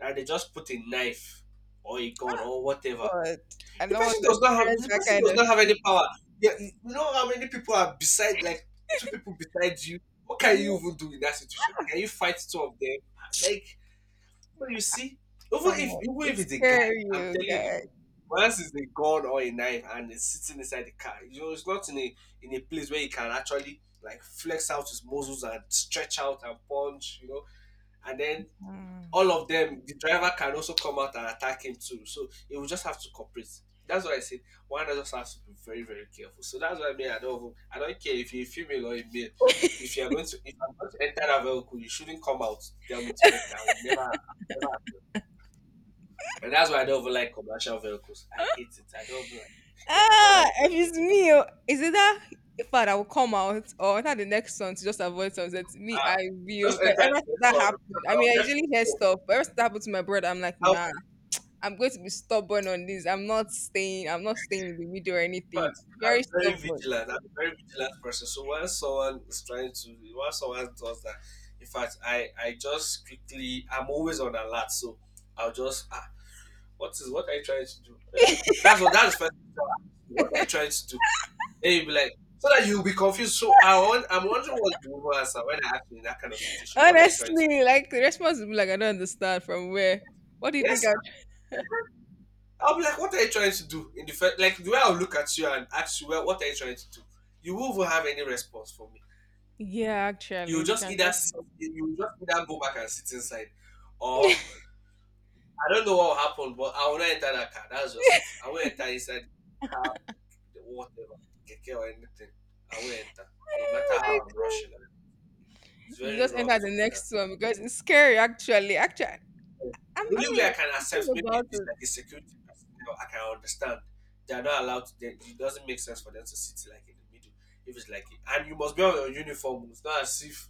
Speaker 1: and they just put a knife or a gun
Speaker 2: Ah,
Speaker 1: or whatever
Speaker 2: God. I
Speaker 1: the
Speaker 2: know what
Speaker 1: person does not have
Speaker 2: experience that kind of
Speaker 1: any power. Yeah, you know how many people are beside like two people beside you. What can you
Speaker 2: thing.
Speaker 1: even do in that situation? Can you fight two of them? Like so you see, even
Speaker 2: Come
Speaker 1: if
Speaker 2: on,
Speaker 1: even if it's a guy,
Speaker 2: scare
Speaker 1: I'm
Speaker 2: you
Speaker 1: telling you the
Speaker 2: guys.
Speaker 1: truth. Once it's a gun or a knife and it's sitting inside the car, you know, it's not in a in a place where he can actually like flex out his muscles and stretch out and punch, you know. And then
Speaker 2: Mm.
Speaker 1: all of them, the driver can also come out and attack him too. So he will just have to cooperate. That's why I said one just has to be very, very careful. So that's why I mean I don't care if you're female or a male. If you are going to if I'm going to enter that vehicle, you shouldn't come out to tell me to enter. I will never happen. And that's why I don't even like commercial vehicles. I hate it. I don't even like yes, I don't like
Speaker 2: Ah, if
Speaker 1: entering
Speaker 2: it's me, oh, is it that
Speaker 1: commercial.
Speaker 2: fad I will come out or not the next song to just avoid sunsets? Me, I will.
Speaker 1: Just
Speaker 2: Because
Speaker 1: enter
Speaker 2: ever
Speaker 1: the
Speaker 2: since
Speaker 1: next
Speaker 2: that
Speaker 1: one.
Speaker 2: happened, I
Speaker 1: I'll
Speaker 2: mean, I
Speaker 1: get
Speaker 2: usually hear
Speaker 1: pissed
Speaker 2: stuff, but ever since that happened to my brother, I'm like,
Speaker 1: off.
Speaker 2: nah, I'm going to be stubborn on this. I'm not staying in the middle or
Speaker 1: But
Speaker 2: anything.
Speaker 1: I'm
Speaker 2: Very
Speaker 1: very
Speaker 2: stubborn.
Speaker 1: vigilant. I'm a very vigilant person. So when someone is trying to, when someone does that, in fact, I just quickly, I'm always on alert. So I'll just, ah, what is what are you trying to do? Eh? That's what that's first. Thing I'll ask you. What are you trying to do? And you'll be like, so that you'll be confused. So I'm wondering what you will answer when I ask you in that kind of situation. What are you trying to do?
Speaker 2: Honestly, like the response will be like, I don't understand from where. What do you
Speaker 1: Yes,
Speaker 2: think? I...
Speaker 1: eh, I'll be like, what are you trying to do? In the first, like the way I'll look at you and ask you, well, what are you trying to do? You won't even have any response for me.
Speaker 2: Yeah, actually, they can just stop.
Speaker 1: You just either go back and sit inside, or I don't know what will happen, but I will not enter that car. That's just it. I will enter inside the car, the whatever, keke or anything. I will enter, no matter
Speaker 2: Oh my.
Speaker 1: how I'm rushing. Like, it's
Speaker 2: You
Speaker 1: very
Speaker 2: just
Speaker 1: wrong
Speaker 2: enter
Speaker 1: to
Speaker 2: the
Speaker 1: do that.
Speaker 2: next one because it's scary actually. Actually, I'm,
Speaker 1: The
Speaker 2: I
Speaker 1: only way I
Speaker 2: mean,
Speaker 1: can
Speaker 2: think
Speaker 1: accept maybe if
Speaker 2: about
Speaker 1: it's like a security personnel, I can understand. They are not allowed to. They, it doesn't make sense for them to sit like in the middle. If it's like, and you must be on your uniform. It's not as if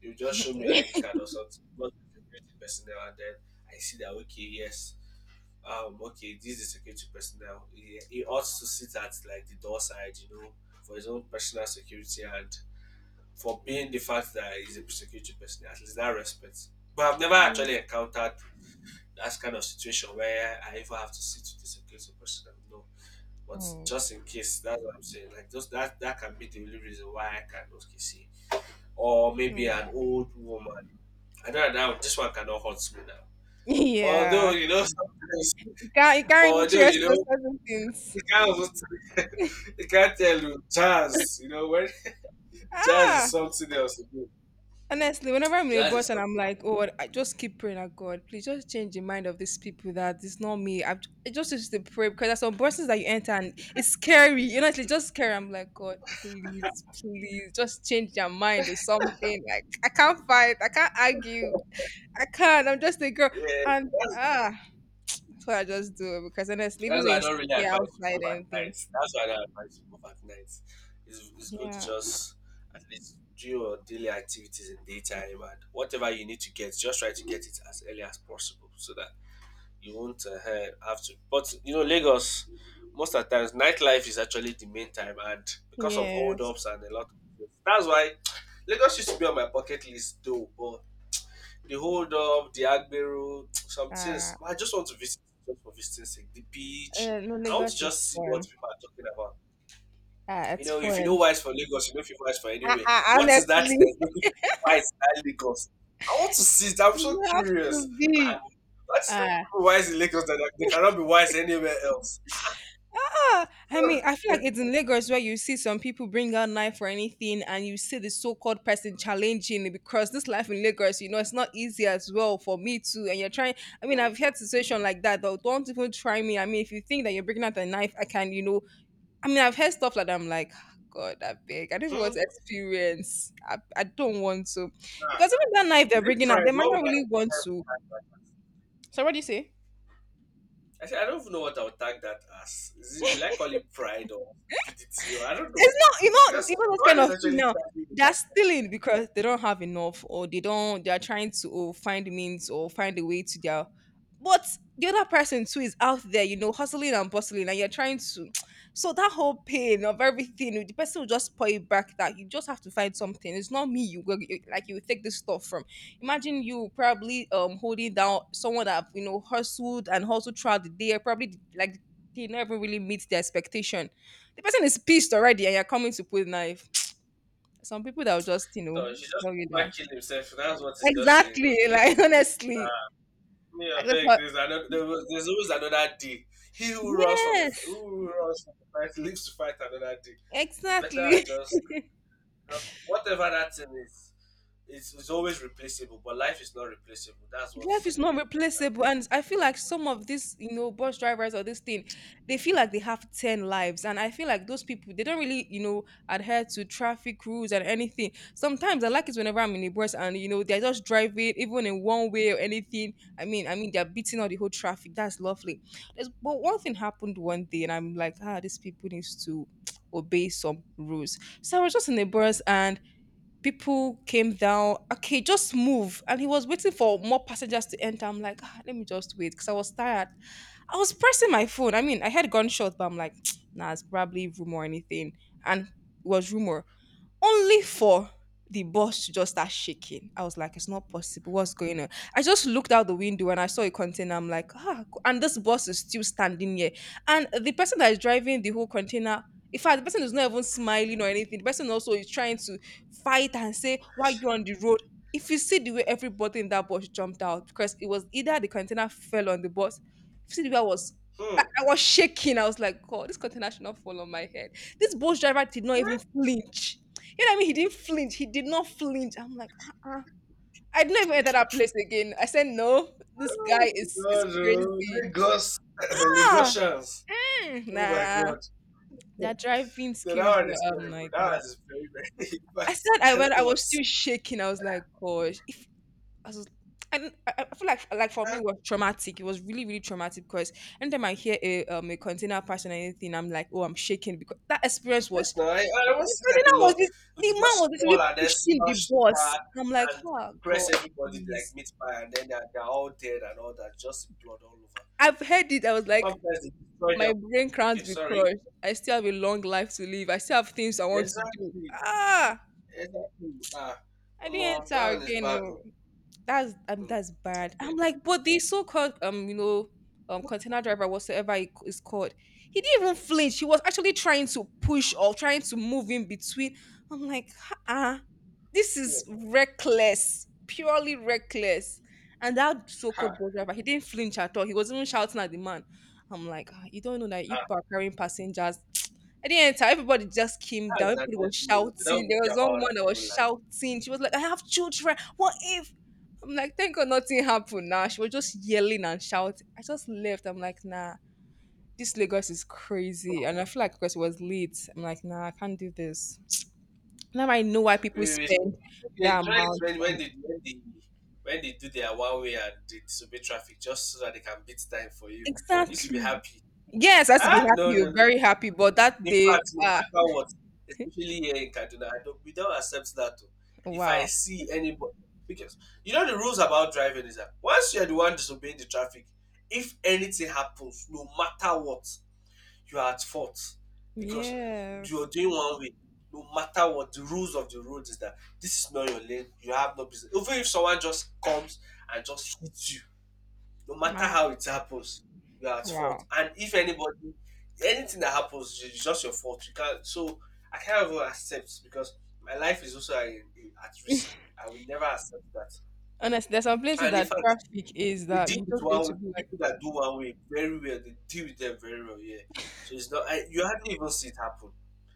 Speaker 1: you just show me your ID
Speaker 2: it.
Speaker 1: card or something. But the security personnel, and then I see that okay, yes, okay, this is security personnel. He ought to sit at like the door side, you know, for his own personal security and for being the fact that he's a security personnel. At least that respect. But I've never
Speaker 2: Mm.
Speaker 1: actually encountered that kind of situation where I even have to sit with the security personnel. No. But
Speaker 2: Mm.
Speaker 1: just in case, that's what I'm saying. Like just that can be the only reason why I can okay see. Or maybe
Speaker 2: Wow.
Speaker 1: an old woman I don't know. This one cannot hurt me now. But although
Speaker 2: Yeah,
Speaker 1: you know,
Speaker 2: actually.
Speaker 1: sometimes,
Speaker 2: You can't you
Speaker 1: but
Speaker 2: can't really
Speaker 1: although
Speaker 2: trust
Speaker 1: you
Speaker 2: on
Speaker 1: know,
Speaker 2: certain things.
Speaker 1: you can't, you can't tell you jazz. You know, when jazz is
Speaker 2: Ah,
Speaker 1: something else. Again.
Speaker 2: honestly, whenever I'm in a
Speaker 1: Jazz is
Speaker 2: bus and I'm
Speaker 1: something.
Speaker 2: like, oh, I just keep praying at God, please just change the mind of these people that it's not me. I just used to pray because there's some buses that you enter and it's scary. Honestly, it's like, just scary. I'm like, God, please, please, just change your mind or something. Like I can't fight, I can't argue. I can't. I'm just a girl,
Speaker 1: Yeah,
Speaker 2: and
Speaker 1: that's,
Speaker 2: that's what I just do because honestly, even
Speaker 1: that's
Speaker 2: though
Speaker 1: why I
Speaker 2: you
Speaker 1: don't really
Speaker 2: stay
Speaker 1: advise you
Speaker 2: outside
Speaker 1: move
Speaker 2: and
Speaker 1: at night.
Speaker 2: anything,
Speaker 1: That's why I don't advise you move at night. It's good to
Speaker 2: yeah,
Speaker 1: just at least do your daily activities in daytime, and whatever you need to get, just try to get it as early as possible so that you won't have to. But you know, Lagos, most of the times nightlife is actually the main time, and because of
Speaker 2: yes,
Speaker 1: holdups and a lot of things, that's why Lagos used to be on my bucket list though. But the hold up, the Agbero, some
Speaker 2: uh,
Speaker 1: things. I just want to visit just for visiting sake. The beach.
Speaker 2: no,
Speaker 1: I want to
Speaker 2: Lagos is
Speaker 1: just see what
Speaker 2: fun.
Speaker 1: people are talking about.
Speaker 2: Ah,
Speaker 1: You
Speaker 2: it's
Speaker 1: know, if you don't
Speaker 2: fun.
Speaker 1: wise for Lagos, you don't feel wise for anywhere. What is that
Speaker 2: Honestly,
Speaker 1: thing that's making people wise in Lagos? I want to see it. I'm so
Speaker 2: you have
Speaker 1: curious.
Speaker 2: to
Speaker 1: Ah,
Speaker 2: be.
Speaker 1: what is making
Speaker 2: Ah.
Speaker 1: people wise in Lagos that they cannot be wise anywhere else? I.
Speaker 2: Ah, I mean, I feel like it's in Lagos where you see some people bring out knife or anything, and you see the so-called person challenging it because this life in Lagos, you know, it's not easy as well for me too. And you're trying. I mean, I've had situation like that. Though, don't even try me. I mean, if you think that you're bringing out a knife, I can, you know. I mean, I've heard stuff like that. I'm like, "Ah, God, I beg. I don't even want
Speaker 1: Hmm.
Speaker 2: to experience. I don't want to
Speaker 1: Ah,
Speaker 2: because even that knife they're
Speaker 1: is it
Speaker 2: bringing out,
Speaker 1: pride?
Speaker 2: they might
Speaker 1: What would
Speaker 2: not really want to. So what do you say?
Speaker 1: I said, I don't even know what I would tag that as. Is it, will I call it pride or stupidity, or I don't know.
Speaker 2: It's not, you know,
Speaker 1: Because
Speaker 2: even
Speaker 1: no
Speaker 2: those kind
Speaker 1: one is
Speaker 2: of thing
Speaker 1: actually
Speaker 2: now.
Speaker 1: tagging the
Speaker 2: They're stealing
Speaker 1: guy.
Speaker 2: because they don't have enough, or they don't. They are trying to oh, find means or find a way to their. But the other person too is out there, you know, hustling and bustling, and you're trying to. So that whole pain of everything, the person will just pour it back. That you just have to find something. It's not me. You go like you take this stuff from. Imagine you probably holding down someone that you know hustled and hustled throughout the day. Probably like they never really meet the expectation, the person is pissed already and you're coming to put knife. Some people that will just, you know,
Speaker 1: So she just
Speaker 2: tell you
Speaker 1: came back
Speaker 2: that.
Speaker 1: killed himself. That's what it's just saying.
Speaker 2: Exactly.
Speaker 1: Okay.
Speaker 2: Like honestly.
Speaker 1: Me, I
Speaker 2: Like that's
Speaker 1: beg.
Speaker 2: what.
Speaker 1: There's another. There's always another day. He who runs from a f-
Speaker 2: Yes,
Speaker 1: who runs from a fight lives to fight another day. It's better I
Speaker 2: exactly.
Speaker 1: just whatever that thing is. It's always replaceable, but life is not replaceable. That's what.
Speaker 2: life is not replaceable, and I feel
Speaker 1: Um,
Speaker 2: like some of these, you know, bus drivers or this thing, they feel like they have 10 lives and I feel like those people they don't really, you know, adhere to traffic rules and anything. Sometimes I like it whenever I'm in a bus and you know they're just driving even in one way or anything. I mean they're beating out the whole traffic, that's lovely. There's, but one thing happened one day and I'm like, ah, these people needs to obey some rules. So I was just in a bus and people came down. Okay, just move. And he was waiting for more passengers to enter. I'm like, ah, let me just wait because I was tired. I was pressing my phone. I mean, I heard gunshot, but I'm like, nah, it's probably rumor or anything. And it was rumor only for the bus to just start shaking. I was like, it's not possible. What's going on? I just looked out the window and I saw a container. I'm like, ah, and this bus is still standing here. And the person that is driving the whole container, in fact, the person is not even smiling or anything. The person also is trying to fight and say, why you on the road? If you see the way everybody in that bus jumped out, because it was either the container fell on the bus, if you see the way I was, I,
Speaker 1: hmm.
Speaker 2: I was shaking. I was like, God, this container should not fall on my head. This bus driver did not even flinch, you know what I mean? He didn't flinch. He did not flinch. I'm like, uh-uh. I'd never enter that place again. I said, no,
Speaker 1: God,
Speaker 2: this guy is
Speaker 1: oh,
Speaker 2: crazy.
Speaker 1: Lagos,
Speaker 2: Ah,
Speaker 1: Lagosians.
Speaker 2: mm,
Speaker 1: Oh my
Speaker 2: nah.
Speaker 1: God.
Speaker 2: That driving
Speaker 1: No, that
Speaker 2: skills
Speaker 1: one is
Speaker 2: were, I'm
Speaker 1: terrible.
Speaker 2: like,
Speaker 1: That
Speaker 2: nah.
Speaker 1: one is very, very. In
Speaker 2: I
Speaker 1: fact,
Speaker 2: said I
Speaker 1: I
Speaker 2: went,
Speaker 1: don't
Speaker 2: I
Speaker 1: know what
Speaker 2: was
Speaker 1: to say.
Speaker 2: still shaking. I was like, gosh. If, I was, and I feel like for me, it was traumatic. It was really, really traumatic because anytime I hear a container person or anything, I'm like, oh, I'm shaking because that experience was,
Speaker 1: Yes, no, I don't
Speaker 2: the
Speaker 1: see that a
Speaker 2: container was,
Speaker 1: lot.
Speaker 2: this,
Speaker 1: It
Speaker 2: the
Speaker 1: was
Speaker 2: man was
Speaker 1: just small
Speaker 2: literally
Speaker 1: and then
Speaker 2: pushing the
Speaker 1: smashed
Speaker 2: bus.
Speaker 1: car
Speaker 2: I'm like,
Speaker 1: and
Speaker 2: oh,
Speaker 1: press
Speaker 2: God,
Speaker 1: everybody like
Speaker 2: please.
Speaker 1: meat pie, and then they're all dead and all that, just blood all over.
Speaker 2: I've heard it. I was like,
Speaker 1: Sometimes they destroy
Speaker 2: my
Speaker 1: them.
Speaker 2: brain
Speaker 1: Okay,
Speaker 2: can't be
Speaker 1: sorry.
Speaker 2: crushed. I still have a long life to live. I still have things I want to do.
Speaker 1: Exactly,
Speaker 2: Ah,
Speaker 1: exactly. Ah,
Speaker 2: I didn't
Speaker 1: more
Speaker 2: enter
Speaker 1: that one is
Speaker 2: again.
Speaker 1: bad
Speaker 2: Oh,
Speaker 1: though. Hmm.
Speaker 2: that's bad.
Speaker 1: Yeah.
Speaker 2: I'm like, but the so-called you know container driver whatsoever it is called, he didn't even flinch. He was actually trying to push or trying to move in between. I'm like, ah, this is
Speaker 1: Cool.
Speaker 2: reckless, purely reckless. And that so-called
Speaker 1: Ah,
Speaker 2: bus driver, he didn't flinch at all. He was even shouting at the man. I'm like, ah, you don't know that you
Speaker 1: ah,
Speaker 2: are carrying passengers. At the end, everybody just came
Speaker 1: that's
Speaker 2: down.
Speaker 1: another
Speaker 2: Everybody was
Speaker 1: thing. They don't
Speaker 2: shouting. There
Speaker 1: think
Speaker 2: was one
Speaker 1: about that
Speaker 2: woman that was
Speaker 1: people like.
Speaker 2: shouting. She was like, "I have children. What if..." I'm like, thank God nothing happened. Now she was just yelling and shouting. I just left. I'm like, nah, this Lagos is crazy. And I feel like because it was late, I'm like, nah, I can't do this. Now I know why
Speaker 1: We
Speaker 2: people
Speaker 1: wait, we so
Speaker 2: spend
Speaker 1: so they
Speaker 2: that
Speaker 1: enjoy it
Speaker 2: amount.
Speaker 1: when when
Speaker 2: On.
Speaker 1: they when they when they do their one way and they disobey traffic just so that they can beat time for you. You should be
Speaker 2: Exactly.
Speaker 1: happy.
Speaker 2: Yes, I have to be
Speaker 1: Ah, no,
Speaker 2: happy. Oh,
Speaker 1: no, no.
Speaker 2: very happy. But that
Speaker 1: In
Speaker 2: day,
Speaker 1: fact, no
Speaker 2: ah,
Speaker 1: matter what, especially here in Kaduna, I don't, we don't accept that. Oh. If I
Speaker 2: wow.
Speaker 1: see anybody, because you know the rules about driving is that once you're the one disobeying the traffic, if anything happens, no matter what, you are at fault, because you're
Speaker 2: Yes.
Speaker 1: doing one way. No matter what, the rules of the road is that this is not your lane, you have no business. Even if someone just comes and just hits you, no matter
Speaker 2: My
Speaker 1: how it happens, you are at fault.
Speaker 2: wow.
Speaker 1: And if anybody, anything that happens, it's just your fault. You can't. So I can't even accept, because my life is also at risk. I will never accept that.
Speaker 2: Honestly, there's some places
Speaker 1: And in
Speaker 2: that
Speaker 1: fact,
Speaker 2: traffic is
Speaker 1: they
Speaker 2: that
Speaker 1: deal
Speaker 2: you
Speaker 1: with
Speaker 2: just going
Speaker 1: one
Speaker 2: to
Speaker 1: way.
Speaker 2: be like,
Speaker 1: People that do one way very well. They deal with them very well. Yeah. So it's not. I, you hardly even see it happen.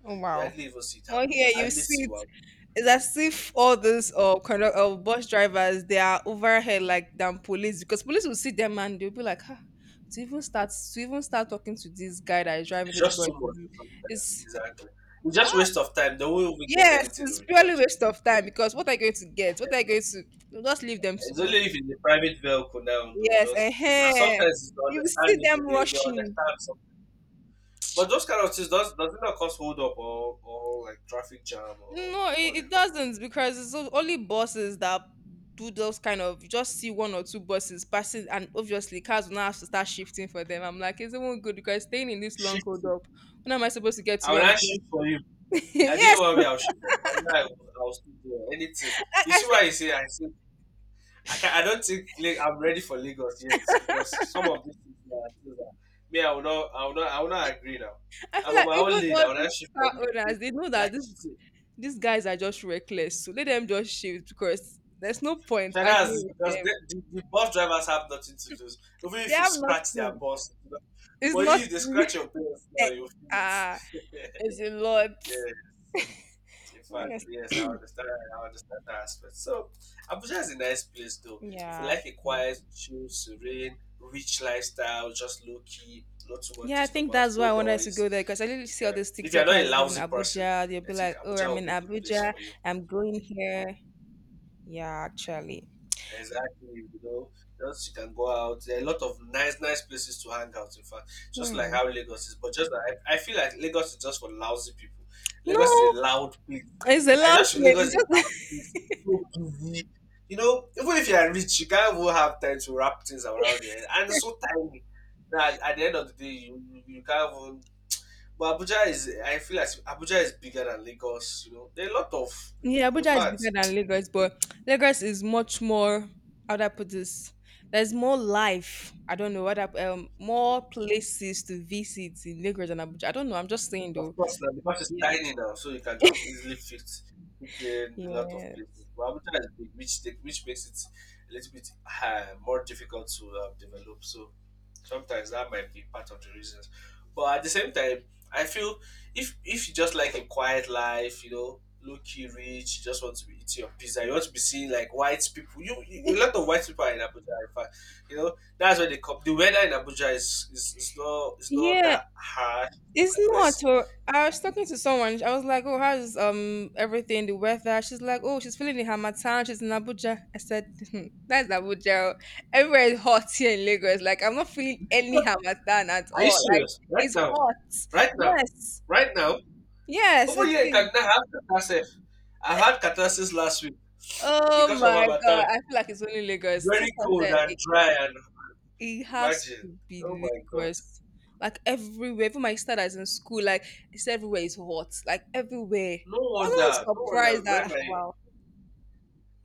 Speaker 2: oh
Speaker 1: You
Speaker 2: wow.
Speaker 1: hardly even see it
Speaker 2: Oh
Speaker 1: happen.
Speaker 2: yeah,
Speaker 1: I
Speaker 2: you
Speaker 1: hardly
Speaker 2: see
Speaker 1: see
Speaker 2: it.
Speaker 1: one.
Speaker 2: It's as if all these kind of bus drivers they are overhead like than police because police will see them and they'll be like, huh, to even start talking to this guy that is driving
Speaker 1: It's
Speaker 2: this
Speaker 1: just
Speaker 2: bus
Speaker 1: too much sometimes.
Speaker 2: is
Speaker 1: Exactly. It's
Speaker 2: ah,
Speaker 1: just waste of time. They won't even get
Speaker 2: yes,
Speaker 1: anything in
Speaker 2: it's
Speaker 1: return.
Speaker 2: purely waste of time because what are you going to get?
Speaker 1: Yeah.
Speaker 2: What are you going to? You'll just leave them to
Speaker 1: It's
Speaker 2: go.
Speaker 1: only if it's a private vehicle now though.
Speaker 2: Yes,
Speaker 1: Just
Speaker 2: eh,
Speaker 1: and
Speaker 2: eh,
Speaker 1: sometimes it's
Speaker 2: you will see them
Speaker 1: understandable. They
Speaker 2: rushing.
Speaker 1: understand some, but those kind of things does it not cause hold up, or like traffic jam or
Speaker 2: No, it,
Speaker 1: whatever.
Speaker 2: it doesn't because it's only buses that do those kind of, you just see one or two buses passing and obviously cars will now have to start shifting for them. I'm like, it's even good because staying in this long hold
Speaker 1: Shift.
Speaker 2: up. When am I supposed to get
Speaker 1: I
Speaker 2: to
Speaker 1: will
Speaker 2: where I'm
Speaker 1: not
Speaker 2: going
Speaker 1: shift for
Speaker 2: to?
Speaker 1: you. I didn't
Speaker 2: yes,
Speaker 1: worry I'll shift for you. I know I will still do anything.
Speaker 2: I,
Speaker 1: You
Speaker 2: I
Speaker 1: see
Speaker 2: feel
Speaker 1: why you say I can I don't think like, I'm ready for Lagos yet because some of these things that me I will not agree now.
Speaker 2: I
Speaker 1: I'm
Speaker 2: feel
Speaker 1: on
Speaker 2: like
Speaker 1: my own
Speaker 2: even
Speaker 1: lane.
Speaker 2: all
Speaker 1: I will not
Speaker 2: these
Speaker 1: shift for you.
Speaker 2: car
Speaker 1: Okay?
Speaker 2: owners, they know
Speaker 1: Yeah,
Speaker 2: that this,
Speaker 1: cheating.
Speaker 2: these guys are just reckless. So let them just shift because there's no point
Speaker 1: China has this
Speaker 2: arguing with
Speaker 1: because
Speaker 2: them.
Speaker 1: the bus drivers have nothing to lose. Even
Speaker 2: They
Speaker 1: if you
Speaker 2: have
Speaker 1: scratch their
Speaker 2: nothing.
Speaker 1: bus, you know?
Speaker 2: It's
Speaker 1: But if they scratch
Speaker 2: nothing.
Speaker 1: your bus now,
Speaker 2: Eh,
Speaker 1: you feel
Speaker 2: ah,
Speaker 1: it.
Speaker 2: it's a lot.
Speaker 1: Yeah. In fact,
Speaker 2: Honest-
Speaker 1: yes, I understand. I understand that aspect. So, Abuja is a nice place, though. If you
Speaker 2: Yeah.
Speaker 1: like a quiet, chill, serene, rich lifestyle, just low key, not too much
Speaker 2: Yeah, I think
Speaker 1: disturbance,
Speaker 2: that's
Speaker 1: no
Speaker 2: why I wanted to
Speaker 1: noise,
Speaker 2: go there because I literally
Speaker 1: you
Speaker 2: see all
Speaker 1: can.
Speaker 2: these
Speaker 1: If you are not a
Speaker 2: TikTokers leaving
Speaker 1: lousy person,
Speaker 2: Abuja. They'll
Speaker 1: I
Speaker 2: be
Speaker 1: think
Speaker 2: like, "Oh,
Speaker 1: Abuja
Speaker 2: I'm
Speaker 1: will
Speaker 2: in
Speaker 1: be a good place
Speaker 2: Abuja.
Speaker 1: for you.
Speaker 2: I'm going here." Yeah, actually,
Speaker 1: Exactly, you know, just you can go out. There are a lot of nice, nice places to hang out. In fact, just like
Speaker 2: hmm,
Speaker 1: how Lagos is, but just that I feel like Lagos is just for lousy people.
Speaker 2: no,
Speaker 1: Lagos is a loud place.
Speaker 2: it's a
Speaker 1: I
Speaker 2: loud place.
Speaker 1: just feel Lagos
Speaker 2: It's
Speaker 1: is a loud
Speaker 2: just,
Speaker 1: place, so busy. You know, even if you are rich, you can't even have time to wrap things around your head, and it's so tiny that at the end of the day, you can't even. But Abuja is, I feel like Abuja is bigger than Lagos. You know, there are a lot of,
Speaker 2: yeah,
Speaker 1: in
Speaker 2: Abuja is
Speaker 1: fact.
Speaker 2: bigger than Lagos, but Lagos is much more. How do I put this? There's more life. I don't know what I, more places to visit in Lagos than Abuja. I don't know. I'm just saying
Speaker 1: Of
Speaker 2: though.
Speaker 1: course, now because it's
Speaker 2: Yeah,
Speaker 1: tiny now, so you can just easily fit in a lot of
Speaker 2: yeah.
Speaker 1: places. But Abuja is big, which take, which makes it a little bit more difficult to develop. So sometimes that might be part of the reasons. But at the same time, I feel if you just like a quiet life, you know, low key rich, you just want to be eating your pizza, you want to be seeing like white people. You a lot of white people are in Abuja. In fact, you know that's where they come. The weather in Abuja is not
Speaker 2: Yeah,
Speaker 1: that harsh,
Speaker 2: it's not.
Speaker 1: aggressive.
Speaker 2: Oh, I was talking to someone. I was like, "Oh, how's everything? The weather?" She's like, "Oh, she's feeling the Hamatan. She's in Abuja." I said, "Hmm, that's Abuja. Oh. Everywhere is hot here in Lagos. Like, I'm not feeling any Hamatan at
Speaker 1: Are you
Speaker 2: all. Like,
Speaker 1: serious? Right
Speaker 2: it's
Speaker 1: now,
Speaker 2: hot.
Speaker 1: right now,
Speaker 2: Yes,
Speaker 1: right now.
Speaker 2: yes,
Speaker 1: Over
Speaker 2: it
Speaker 1: here in
Speaker 2: is.
Speaker 1: Kaduna, I have catharsis. I've had catharsis last week
Speaker 2: Oh
Speaker 1: because of
Speaker 2: my
Speaker 1: Hamatan.
Speaker 2: god, I feel like it's only Lagos."
Speaker 1: Very
Speaker 2: That's what I
Speaker 1: cold
Speaker 2: said.
Speaker 1: and dry, and
Speaker 2: It has
Speaker 1: imagine.
Speaker 2: to
Speaker 1: Oh
Speaker 2: be
Speaker 1: my god.
Speaker 2: Lagos. Like everywhere, even my sister that's in school, like it's everywhere is hot. Like everywhere.
Speaker 1: No
Speaker 2: I was
Speaker 1: wonder.
Speaker 2: not
Speaker 1: No wonder
Speaker 2: surprised
Speaker 1: when
Speaker 2: that
Speaker 1: my
Speaker 2: wow.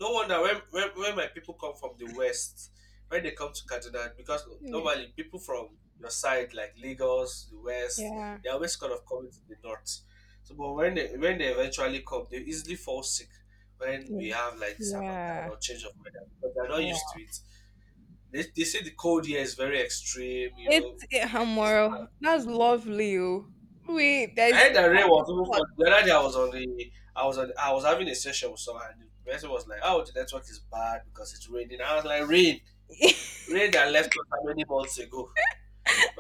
Speaker 1: No wonder when, when my people come from the west, when they come to Kaduna, because
Speaker 2: Yeah.
Speaker 1: normally people from your side, like Lagos, the west,
Speaker 2: Yeah.
Speaker 1: they always kind of coming to the north. So, but when they eventually come, they easily fall sick when we
Speaker 2: Yeah.
Speaker 1: have like this Harmattan
Speaker 2: Yeah.
Speaker 1: or change of weather because they're not used
Speaker 2: Wow.
Speaker 1: to it. They say the cold here is very extreme, you know.
Speaker 2: It's it,
Speaker 1: Like it's not.
Speaker 2: Hamoro. That's lovely. Oh. Wait,
Speaker 1: I
Speaker 2: there's
Speaker 1: heard that rain was even
Speaker 2: what?
Speaker 1: fun. The other day I was on the I was on, I was having a session with someone and the person was like, "Oh, the network is bad because it's raining." I was like, rain. Rain that left us how many months ago.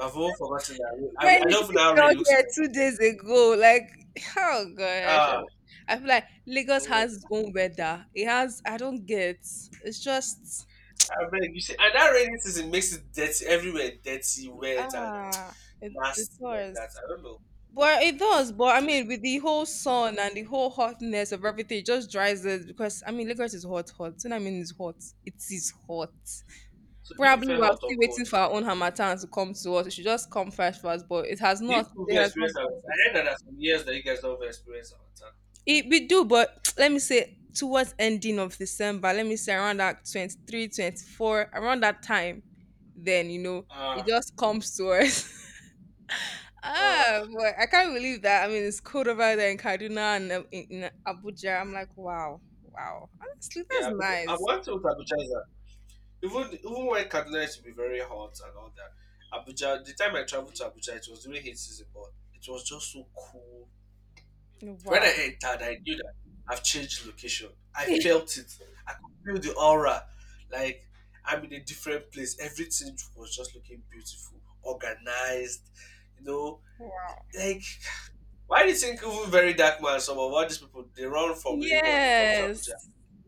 Speaker 1: I've all forgotten that. Rain. I, mean,
Speaker 2: Man,
Speaker 1: I
Speaker 2: you
Speaker 1: don't know
Speaker 2: should
Speaker 1: how
Speaker 2: have
Speaker 1: rain
Speaker 2: been
Speaker 1: looks
Speaker 2: here
Speaker 1: like.
Speaker 2: two
Speaker 1: Then.
Speaker 2: days ago. Like, oh gosh.
Speaker 1: Ah,
Speaker 2: I feel like Lagos
Speaker 1: no.
Speaker 2: has its own weather. It has, I don't get. It's just,
Speaker 1: I mean, you see, and that rainy season makes it dirty everywhere, dirty, wet, and
Speaker 2: ah, it
Speaker 1: nasty like that.
Speaker 2: does.
Speaker 1: I don't know.
Speaker 2: But it does. But I
Speaker 1: You see.
Speaker 2: mean, with the whole sun and the whole hotness of everything, it just dries it because I mean, Lagos is hot, hot. You know what I mean? It's hot. It is hot.
Speaker 1: So, do you
Speaker 2: Probably
Speaker 1: prefer
Speaker 2: we're
Speaker 1: hot or
Speaker 2: still waiting
Speaker 1: cold?
Speaker 2: for our own Hamatan to come to us. It should just come first for us, but it has
Speaker 1: Do you
Speaker 2: not. It
Speaker 1: prefer
Speaker 2: has not
Speaker 1: experience our
Speaker 2: got
Speaker 1: I
Speaker 2: it.
Speaker 1: read that there's some years that you guys don't experience our time.
Speaker 2: It, we do, but let me say towards ending of December, let me say around that 23rd, 24th. Around that time, then you know it
Speaker 1: Ah,
Speaker 2: just comes to us. Ah,
Speaker 1: ah,
Speaker 2: boy, I can't believe that. I mean, it's cold over there in Kaduna and in Abuja. I'm like, wow, wow. Honestly, that's
Speaker 1: yeah. But I
Speaker 2: nice.
Speaker 1: want to go to Abuja is that even even when Kaduna used to be very hot and all that, Abuja. The time I traveled to Abuja, it was during heat season, but it was just so cool. When I
Speaker 2: Wow.
Speaker 1: entered, I knew that I've changed location. I felt it. I could feel the aura. Like I'm in a different place. Everything was just looking beautiful, organized, you know.
Speaker 2: Wow.
Speaker 1: Like why do you think even very dark man, some of all these people they run from Lagos, they come to Abuja.
Speaker 2: Yes,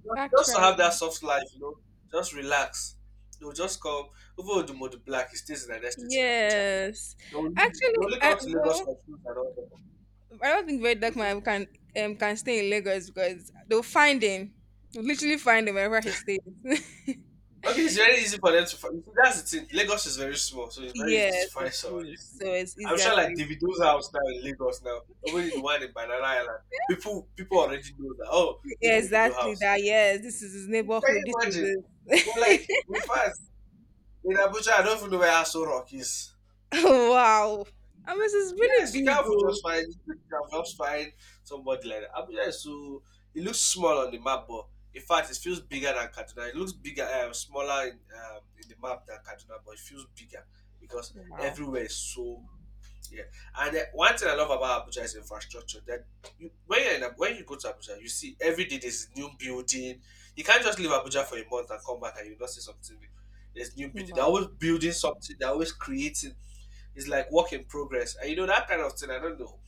Speaker 1: Just to have that
Speaker 2: actually,
Speaker 1: soft life, you know, just relax. They'll just come even Odumodu Black, he stays in the next state in Abuja.
Speaker 2: yes.
Speaker 1: They
Speaker 2: Actually,
Speaker 1: only
Speaker 2: I,
Speaker 1: come to Lagos
Speaker 2: well,
Speaker 1: for food and all that.
Speaker 2: I don't think Red Duck
Speaker 1: Mhm.
Speaker 2: Man can stay in Lagos because they'll find him. They'll literally find him wherever he stays.
Speaker 1: Okay, it's very easy for them to find. That's the thing. Lagos is very small, so it's very easy to
Speaker 2: Yes,
Speaker 1: find
Speaker 2: it
Speaker 1: someone. You
Speaker 2: is.
Speaker 1: see,
Speaker 2: So it's
Speaker 1: I'm
Speaker 2: easier
Speaker 1: sure
Speaker 2: to
Speaker 1: like Davido's
Speaker 2: find.
Speaker 1: house now in Lagos now, even the one in Banana Island, people already know that. Oh, this Davido
Speaker 2: Exactly
Speaker 1: house.
Speaker 2: that. Yes, this is his
Speaker 1: Can
Speaker 2: neighborhood. This
Speaker 1: you imagine?
Speaker 2: is
Speaker 1: But like,
Speaker 2: it.
Speaker 1: in us in Abuja, I don't even know where Aso Rock is.
Speaker 2: Wow. I mean, it's really
Speaker 1: Yes, you
Speaker 2: big.
Speaker 1: can't
Speaker 2: Oh.
Speaker 1: just find you can just find somebody like that. Abuja is so it looks small on the map, but in fact, it feels bigger than Kaduna. It looks bigger, smaller in the map than Kaduna, but it feels bigger because
Speaker 2: Wow.
Speaker 1: everywhere is so yeah. And one thing I love about Abuja is infrastructure. That you, when you're in, when you go to Abuja, you see every day there's a new building. You can't just leave Abuja for a month and come back and you not see something new. There's new building. They're
Speaker 2: Wow.
Speaker 1: always building something. They're always creating is like work in progress. And you know that kind of thing. I don't know.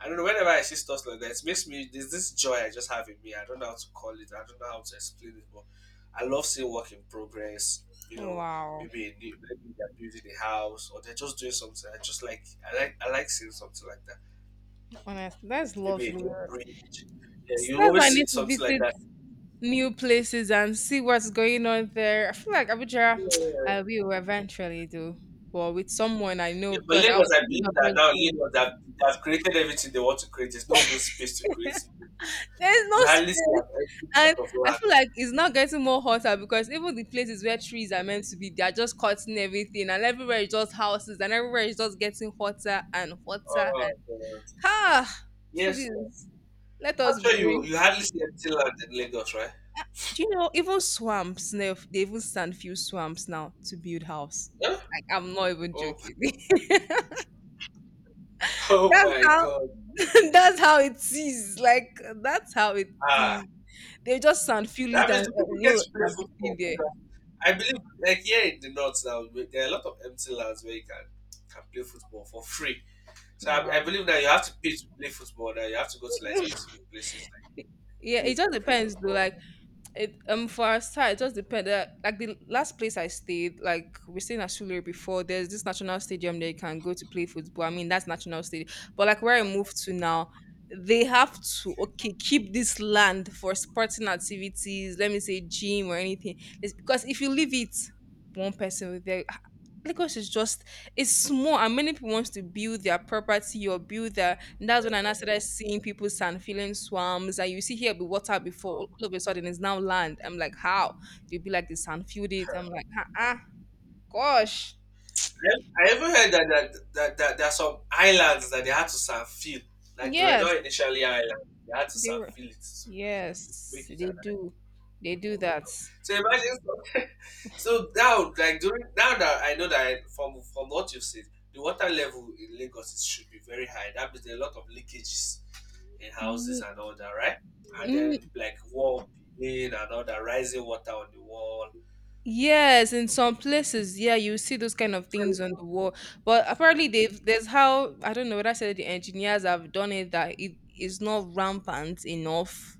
Speaker 1: I don't know. Whenever I see stuff like that, it makes me there's this joy I just have in me. I don't know how to call it. I don't know how to explain it, but I love seeing work in progress. You know,
Speaker 2: Wow.
Speaker 1: maybe a new, maybe they're building a house or they're just doing something. I just like I like seeing something like that.
Speaker 2: Honestly, that's
Speaker 1: Maybe a
Speaker 2: lovely.
Speaker 1: new bridge. Yeah,
Speaker 2: So
Speaker 1: you
Speaker 2: that's
Speaker 1: always
Speaker 2: why I
Speaker 1: see
Speaker 2: need to
Speaker 1: something like
Speaker 2: visit
Speaker 1: that.
Speaker 2: new places and see what's going on there. I feel like Abuja,
Speaker 1: Yeah.
Speaker 2: I will eventually do. But with someone I know
Speaker 1: Yeah, but
Speaker 2: because I
Speaker 1: Lagos,
Speaker 2: was
Speaker 1: I
Speaker 2: thinking
Speaker 1: believe
Speaker 2: of
Speaker 1: that
Speaker 2: just
Speaker 1: now
Speaker 2: going.
Speaker 1: Lagos they have created everything they want to create. There's no even space to create it.
Speaker 2: There's no
Speaker 1: You hardly see an
Speaker 2: space.
Speaker 1: empty plot
Speaker 2: And
Speaker 1: of
Speaker 2: I
Speaker 1: land.
Speaker 2: feel like it's not getting more hotter because even the places where trees are meant to be, they are just cutting everything, and everywhere is just houses, and everywhere is just getting hotter and hotter.
Speaker 1: Oh, God.
Speaker 2: Ah,
Speaker 1: Yes, sir.
Speaker 2: please let
Speaker 1: I'm
Speaker 2: us
Speaker 1: sure you
Speaker 2: breathe.
Speaker 1: you hardly see empty land in Lagos, right?
Speaker 2: Do you know even swamps? They even sand few swamps now to build house.
Speaker 1: Huh?
Speaker 2: Like I'm not even
Speaker 1: Oh,
Speaker 2: joking.
Speaker 1: oh
Speaker 2: That's
Speaker 1: my
Speaker 2: how
Speaker 1: God!
Speaker 2: that's how it is. Like that's how it
Speaker 1: Ah,
Speaker 2: is. They just sand feel
Speaker 1: that
Speaker 2: it and
Speaker 1: means the people get
Speaker 2: you
Speaker 1: to
Speaker 2: know,
Speaker 1: play
Speaker 2: are
Speaker 1: football
Speaker 2: building there.
Speaker 1: because I believe, like here in the north now, there are a lot of empty lands where you can play football for free. So
Speaker 2: Wow.
Speaker 1: I believe that you have to pay to play football. That you have to go to like specific places like
Speaker 2: Yeah,
Speaker 1: pay
Speaker 2: it
Speaker 1: to
Speaker 2: just
Speaker 1: play
Speaker 2: depends though.
Speaker 1: football.
Speaker 2: Like it for our side, it just depends. Like the last place I stayed, like we stayed in Ashule before. There's this national stadium they can go to play football. I mean, that's national stadium. But like where I moved to now, they have to
Speaker 1: Okay.
Speaker 2: okay keep this land for sporting activities. Let me say gym or anything. It's because if you leave it, one person will there. Lagos is just it's small, and many people want to build their property or build their and that's when I
Speaker 1: Yes.
Speaker 2: now
Speaker 1: No,
Speaker 2: started seeing people's sand filling swamps, and you see here be water before.
Speaker 1: no.
Speaker 2: All of a sudden, it's now land. I'm like, how? They'd be like, the sand filled it. I'm like, ah, uh, gosh,
Speaker 1: I even heard that there are some islands that they had to surfeit. Like they were
Speaker 2: yes,
Speaker 1: not initially islands. They had to
Speaker 2: they were,
Speaker 1: surfeit it to
Speaker 2: yes,
Speaker 1: make it an island.
Speaker 2: they
Speaker 1: Oh
Speaker 2: do
Speaker 1: my
Speaker 2: that.
Speaker 1: God. So imagine so, so now like during now that I know that I, from what you've said, the water level in Lagos is, should be very high. That means there are a lot of leakages in houses
Speaker 2: Ye-
Speaker 1: and all that, right? And
Speaker 2: mm,
Speaker 1: then like wall being and all that rising water on the wall.
Speaker 2: yes, in some places, yeah, you see those kind of
Speaker 1: So,
Speaker 2: things on the wall. But apparently, they've there's how I don't know whether I said the engineers have done it that it is not rampant enough.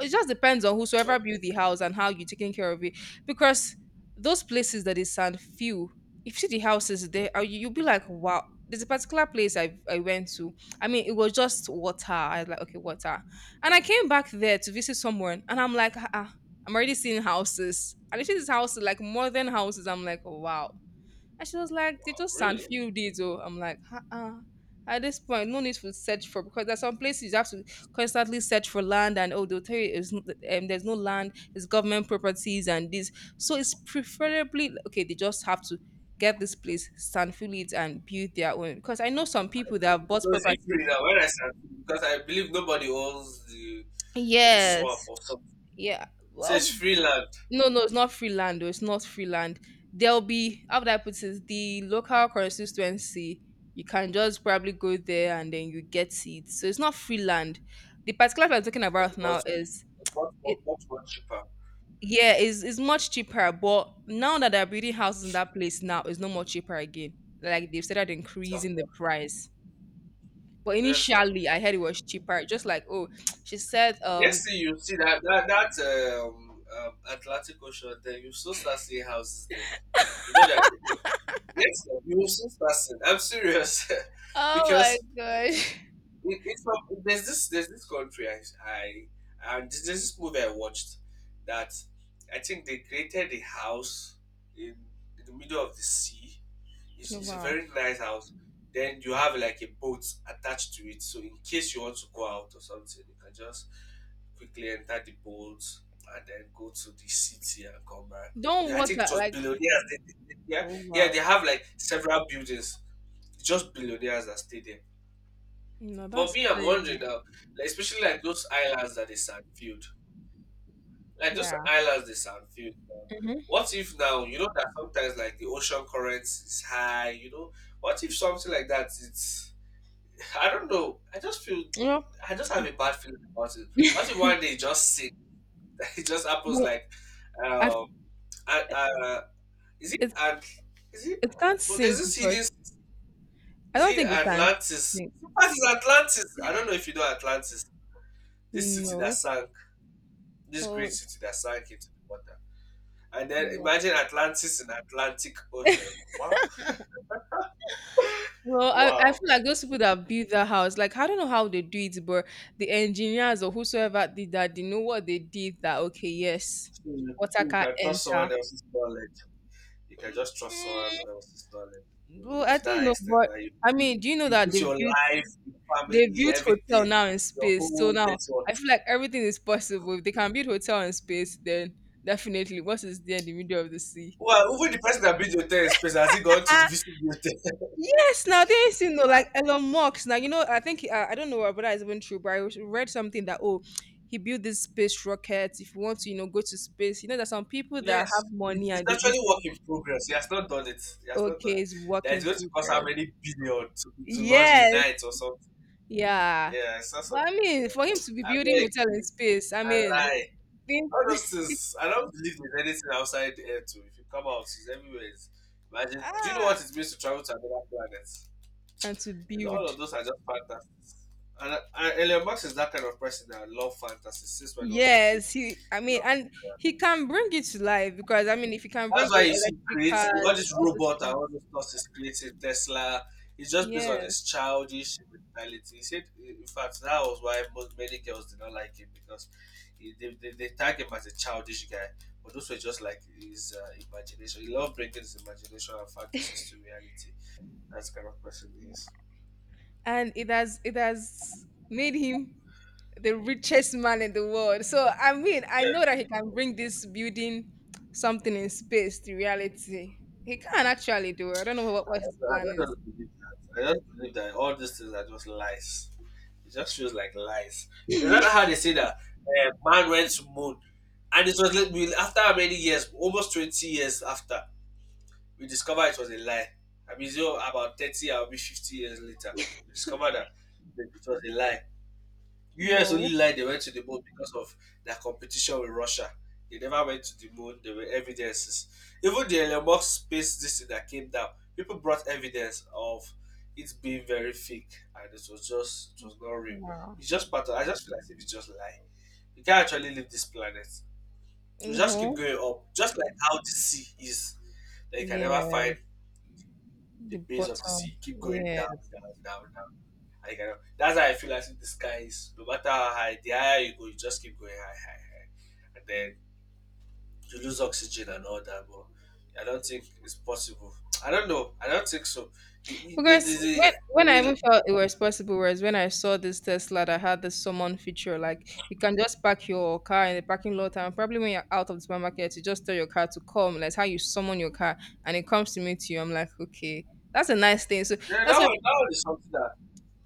Speaker 2: It just depends on
Speaker 1: oh,
Speaker 2: whosoever built the house and how you're taking care of it. Because those places that is sand few, if you see the houses there, you'll be like, wow. There's a particular place I went to. I mean, it was just water. I was like, okay, water. And I came back there to visit someone, and I'm like, ah, ah, I'm already seeing houses. And I see these houses, like more than houses. I'm like, wow. And she was like, they
Speaker 1: wow,
Speaker 2: just send
Speaker 1: really?
Speaker 2: few days. Oh, I'm like, uh-uh. At this point, no need to search for because there's some places you have to constantly search for land and oh, they'll tell you there's no land, it's government properties and this. So it's preferably okay. They just have to get this place, sand fill it, and build their own. Because I know some people that have bought
Speaker 1: No, it's
Speaker 2: properties.
Speaker 1: free now. When I start, because I believe nobody owns the swamp
Speaker 2: Yes,
Speaker 1: or something.
Speaker 2: yeah.
Speaker 1: So it's
Speaker 2: Well,
Speaker 1: free land.
Speaker 2: no, no, it's not free land. Though. It's not free land. There'll be how would I put it? The local constituency. You can just probably go there and then you get it. So it's not free land. The particular I'm talking
Speaker 1: Right,
Speaker 2: about now
Speaker 1: about
Speaker 2: is
Speaker 1: much, much,
Speaker 2: it.
Speaker 1: much, much cheaper.
Speaker 2: Yeah, is much cheaper. But now that they're building houses in that place now, it's no more cheaper again. Like they've started
Speaker 1: Of
Speaker 2: increasing the
Speaker 1: course.
Speaker 2: price. But
Speaker 1: Yes, now.
Speaker 2: initially, I heard it was cheaper. Just like oh, she said.
Speaker 1: Next thing you see that Atlantic Ocean, then you still start seeing houses there. You know that. Yes, sir, you will soon start seeing. I'm serious,
Speaker 2: Oh my
Speaker 1: because
Speaker 2: gosh.
Speaker 1: There's this country I and there's this movie I watched that I think they created a house in, in the middle of the sea. It's a
Speaker 2: Wow.
Speaker 1: very nice house. Then you have like a boat attached to it, so in case you want to go out or something, you can just quickly enter the boat and then go to the city and come back.
Speaker 2: Don't
Speaker 1: I think
Speaker 2: water
Speaker 1: it was
Speaker 2: like
Speaker 1: billionaires. Yeah,
Speaker 2: oh
Speaker 1: yeah, they
Speaker 2: wow.
Speaker 1: have like several buildings, just billionaires that stay there.
Speaker 2: No,
Speaker 1: But
Speaker 2: that's
Speaker 1: me, I'm
Speaker 2: crazy.
Speaker 1: wondering now, like, especially like those islands that they sandfield, like those
Speaker 2: Yeah.
Speaker 1: islands they sandfield now.
Speaker 2: Mm-hmm.
Speaker 1: What if now you know that sometimes like the ocean currents is high, you know? What if something like that? It's I don't know. I just feel
Speaker 2: Yep.
Speaker 1: I just have a bad feeling about it. What if one day it just sink? It just happens
Speaker 2: But
Speaker 1: like,
Speaker 2: I,
Speaker 1: um, uh, uh, is it
Speaker 2: it,
Speaker 1: and is it?
Speaker 2: it can't
Speaker 1: But there's
Speaker 2: sink
Speaker 1: this hidden.
Speaker 2: because I
Speaker 1: Is
Speaker 2: don't
Speaker 1: it
Speaker 2: think it can
Speaker 1: Atlantis?
Speaker 2: sink.
Speaker 1: What is Atlantis? I don't know if you know Atlantis. This city that
Speaker 2: No.
Speaker 1: sank. This great
Speaker 2: Oh,
Speaker 1: city that sank into the water. And then
Speaker 2: yeah.
Speaker 1: imagine Atlantis in Atlantic Ocean. Wow.
Speaker 2: Well, I
Speaker 1: Wow.
Speaker 2: feel like those people that built that house, like I don't know how they do it, but the engineers or whosoever did that, they know what they did. That okay, yes,
Speaker 1: So, so
Speaker 2: water
Speaker 1: you
Speaker 2: can
Speaker 1: can trust someone
Speaker 2: enter.
Speaker 1: else's knowledge. You can just trust
Speaker 2: Mm,
Speaker 1: someone else's knowledge
Speaker 2: well,
Speaker 1: to,
Speaker 2: I
Speaker 1: to
Speaker 2: don't
Speaker 1: that
Speaker 2: know,
Speaker 1: extent
Speaker 2: but
Speaker 1: that
Speaker 2: I
Speaker 1: you,
Speaker 2: mean, do you know
Speaker 1: you
Speaker 2: that
Speaker 1: put
Speaker 2: they
Speaker 1: your
Speaker 2: built?
Speaker 1: life, your
Speaker 2: They've
Speaker 1: family,
Speaker 2: built hotel
Speaker 1: everything,
Speaker 2: now in
Speaker 1: your
Speaker 2: space. So
Speaker 1: whole
Speaker 2: now
Speaker 1: network.
Speaker 2: I feel like everything is possible. If they can build hotel in space, then definitely what is there in the middle of the sea?
Speaker 1: Well, even the person that built your hotel in space has he gone to
Speaker 2: Uh,
Speaker 1: visit the hotel?
Speaker 2: yes, now they ain't seen no like Elon Musk. Now you know, I think I don't know whether that is even true, but I read something that oh, he built this space rocket. If you want to, you know, go to space, you know, there's some people that
Speaker 1: Yes.
Speaker 2: have
Speaker 1: It's,
Speaker 2: money
Speaker 1: it's
Speaker 2: and they
Speaker 1: actually
Speaker 2: visit.
Speaker 1: work in progress. He has not done it. He has not done
Speaker 2: Okay,
Speaker 1: it.
Speaker 2: it's work
Speaker 1: That is
Speaker 2: in
Speaker 1: going to cost how
Speaker 2: progress.
Speaker 1: many billion to lodge a
Speaker 2: Yes,
Speaker 1: night or something.
Speaker 2: yeah,
Speaker 1: Yeah, I saw
Speaker 2: but
Speaker 1: something.
Speaker 2: I mean, for him to be
Speaker 1: I
Speaker 2: building
Speaker 1: beg
Speaker 2: hotel in
Speaker 1: you,
Speaker 2: space, I
Speaker 1: I
Speaker 2: mean,
Speaker 1: lie.
Speaker 2: think-
Speaker 1: All those things, I don't believe there's anything outside the air too. If you come out, it's everywhere. It's, imagine, do you know
Speaker 2: ah.
Speaker 1: what it means to travel to another planet? It's,
Speaker 2: And to
Speaker 1: all of
Speaker 2: build.
Speaker 1: those are just fantasy. And Elon Musk is that kind of person that love fantasy since when he was a kid.
Speaker 2: Yes, he. I
Speaker 1: You
Speaker 2: mean,
Speaker 1: know?
Speaker 2: and he can bring it to life because I mean, if he can
Speaker 1: That's
Speaker 2: bring
Speaker 1: why
Speaker 2: all
Speaker 1: you see
Speaker 2: electric
Speaker 1: creates all
Speaker 2: cars,
Speaker 1: these
Speaker 2: all those
Speaker 1: robots and
Speaker 2: things.
Speaker 1: all this stuff is creating Tesla. It's just based on this
Speaker 2: Yes,
Speaker 1: childish mentality. He said, in fact, that was why most many girls did not like him because they tag him as a childish guy. But those were just like his imagination. He loved bringing his imagination and fantasies to reality. That's the kind of person he is.
Speaker 2: and it has made him the richest man in the world. So I mean, I know that
Speaker 1: Yeah.
Speaker 2: he can bring this building something in space to reality. He can actually do it. I don't know
Speaker 1: I
Speaker 2: what his
Speaker 1: don't, I
Speaker 2: plan
Speaker 1: don't just believe that. I just believe that all these things are just lies. It just feels like lies. Is that
Speaker 2: is.
Speaker 1: how they say that man went to moon? And it was like we, after how many years, almost 20 years after, we discovered it was a lie. I mean, so about 30, I'll be 50 years later. We discovered that it was a lie. US
Speaker 2: Whoa!
Speaker 1: only lied they went to the moon because of their competition with Russia. They never went to the moon. There were evidences. Even the Elon Musk space this thing that came down, people brought evidence of it being very fake and it was not real.
Speaker 2: Wow.
Speaker 1: It's just part of, I just feel like it's just lie. You can't actually leave this planet. You just keep
Speaker 2: Mm-hmm.
Speaker 1: going up. Just like how the sea is. That you can never find
Speaker 2: Yes,
Speaker 1: the
Speaker 2: the
Speaker 1: base of the sea.
Speaker 2: bottom.
Speaker 1: You keep going
Speaker 2: Yeah.
Speaker 1: down, down, down, down. I can, that's how I feel as if the sky is no matter how high, the higher you go, you just keep going high, high, high. And then you lose oxygen and all that, but I don't think it's possible. I don't know. I don't think so. The, the, the,
Speaker 2: Because
Speaker 1: the, the,
Speaker 2: when I
Speaker 1: the,
Speaker 2: even felt it was possible, was when I saw this Tesla that had this summon feature, like you can just park your car in the parking lot, and probably when you're out of the supermarket, you just tell your car to come. That's how you summon your car, and it comes to meet you. I'm like, okay, that's a nice thing. So that's what,
Speaker 1: that one is something that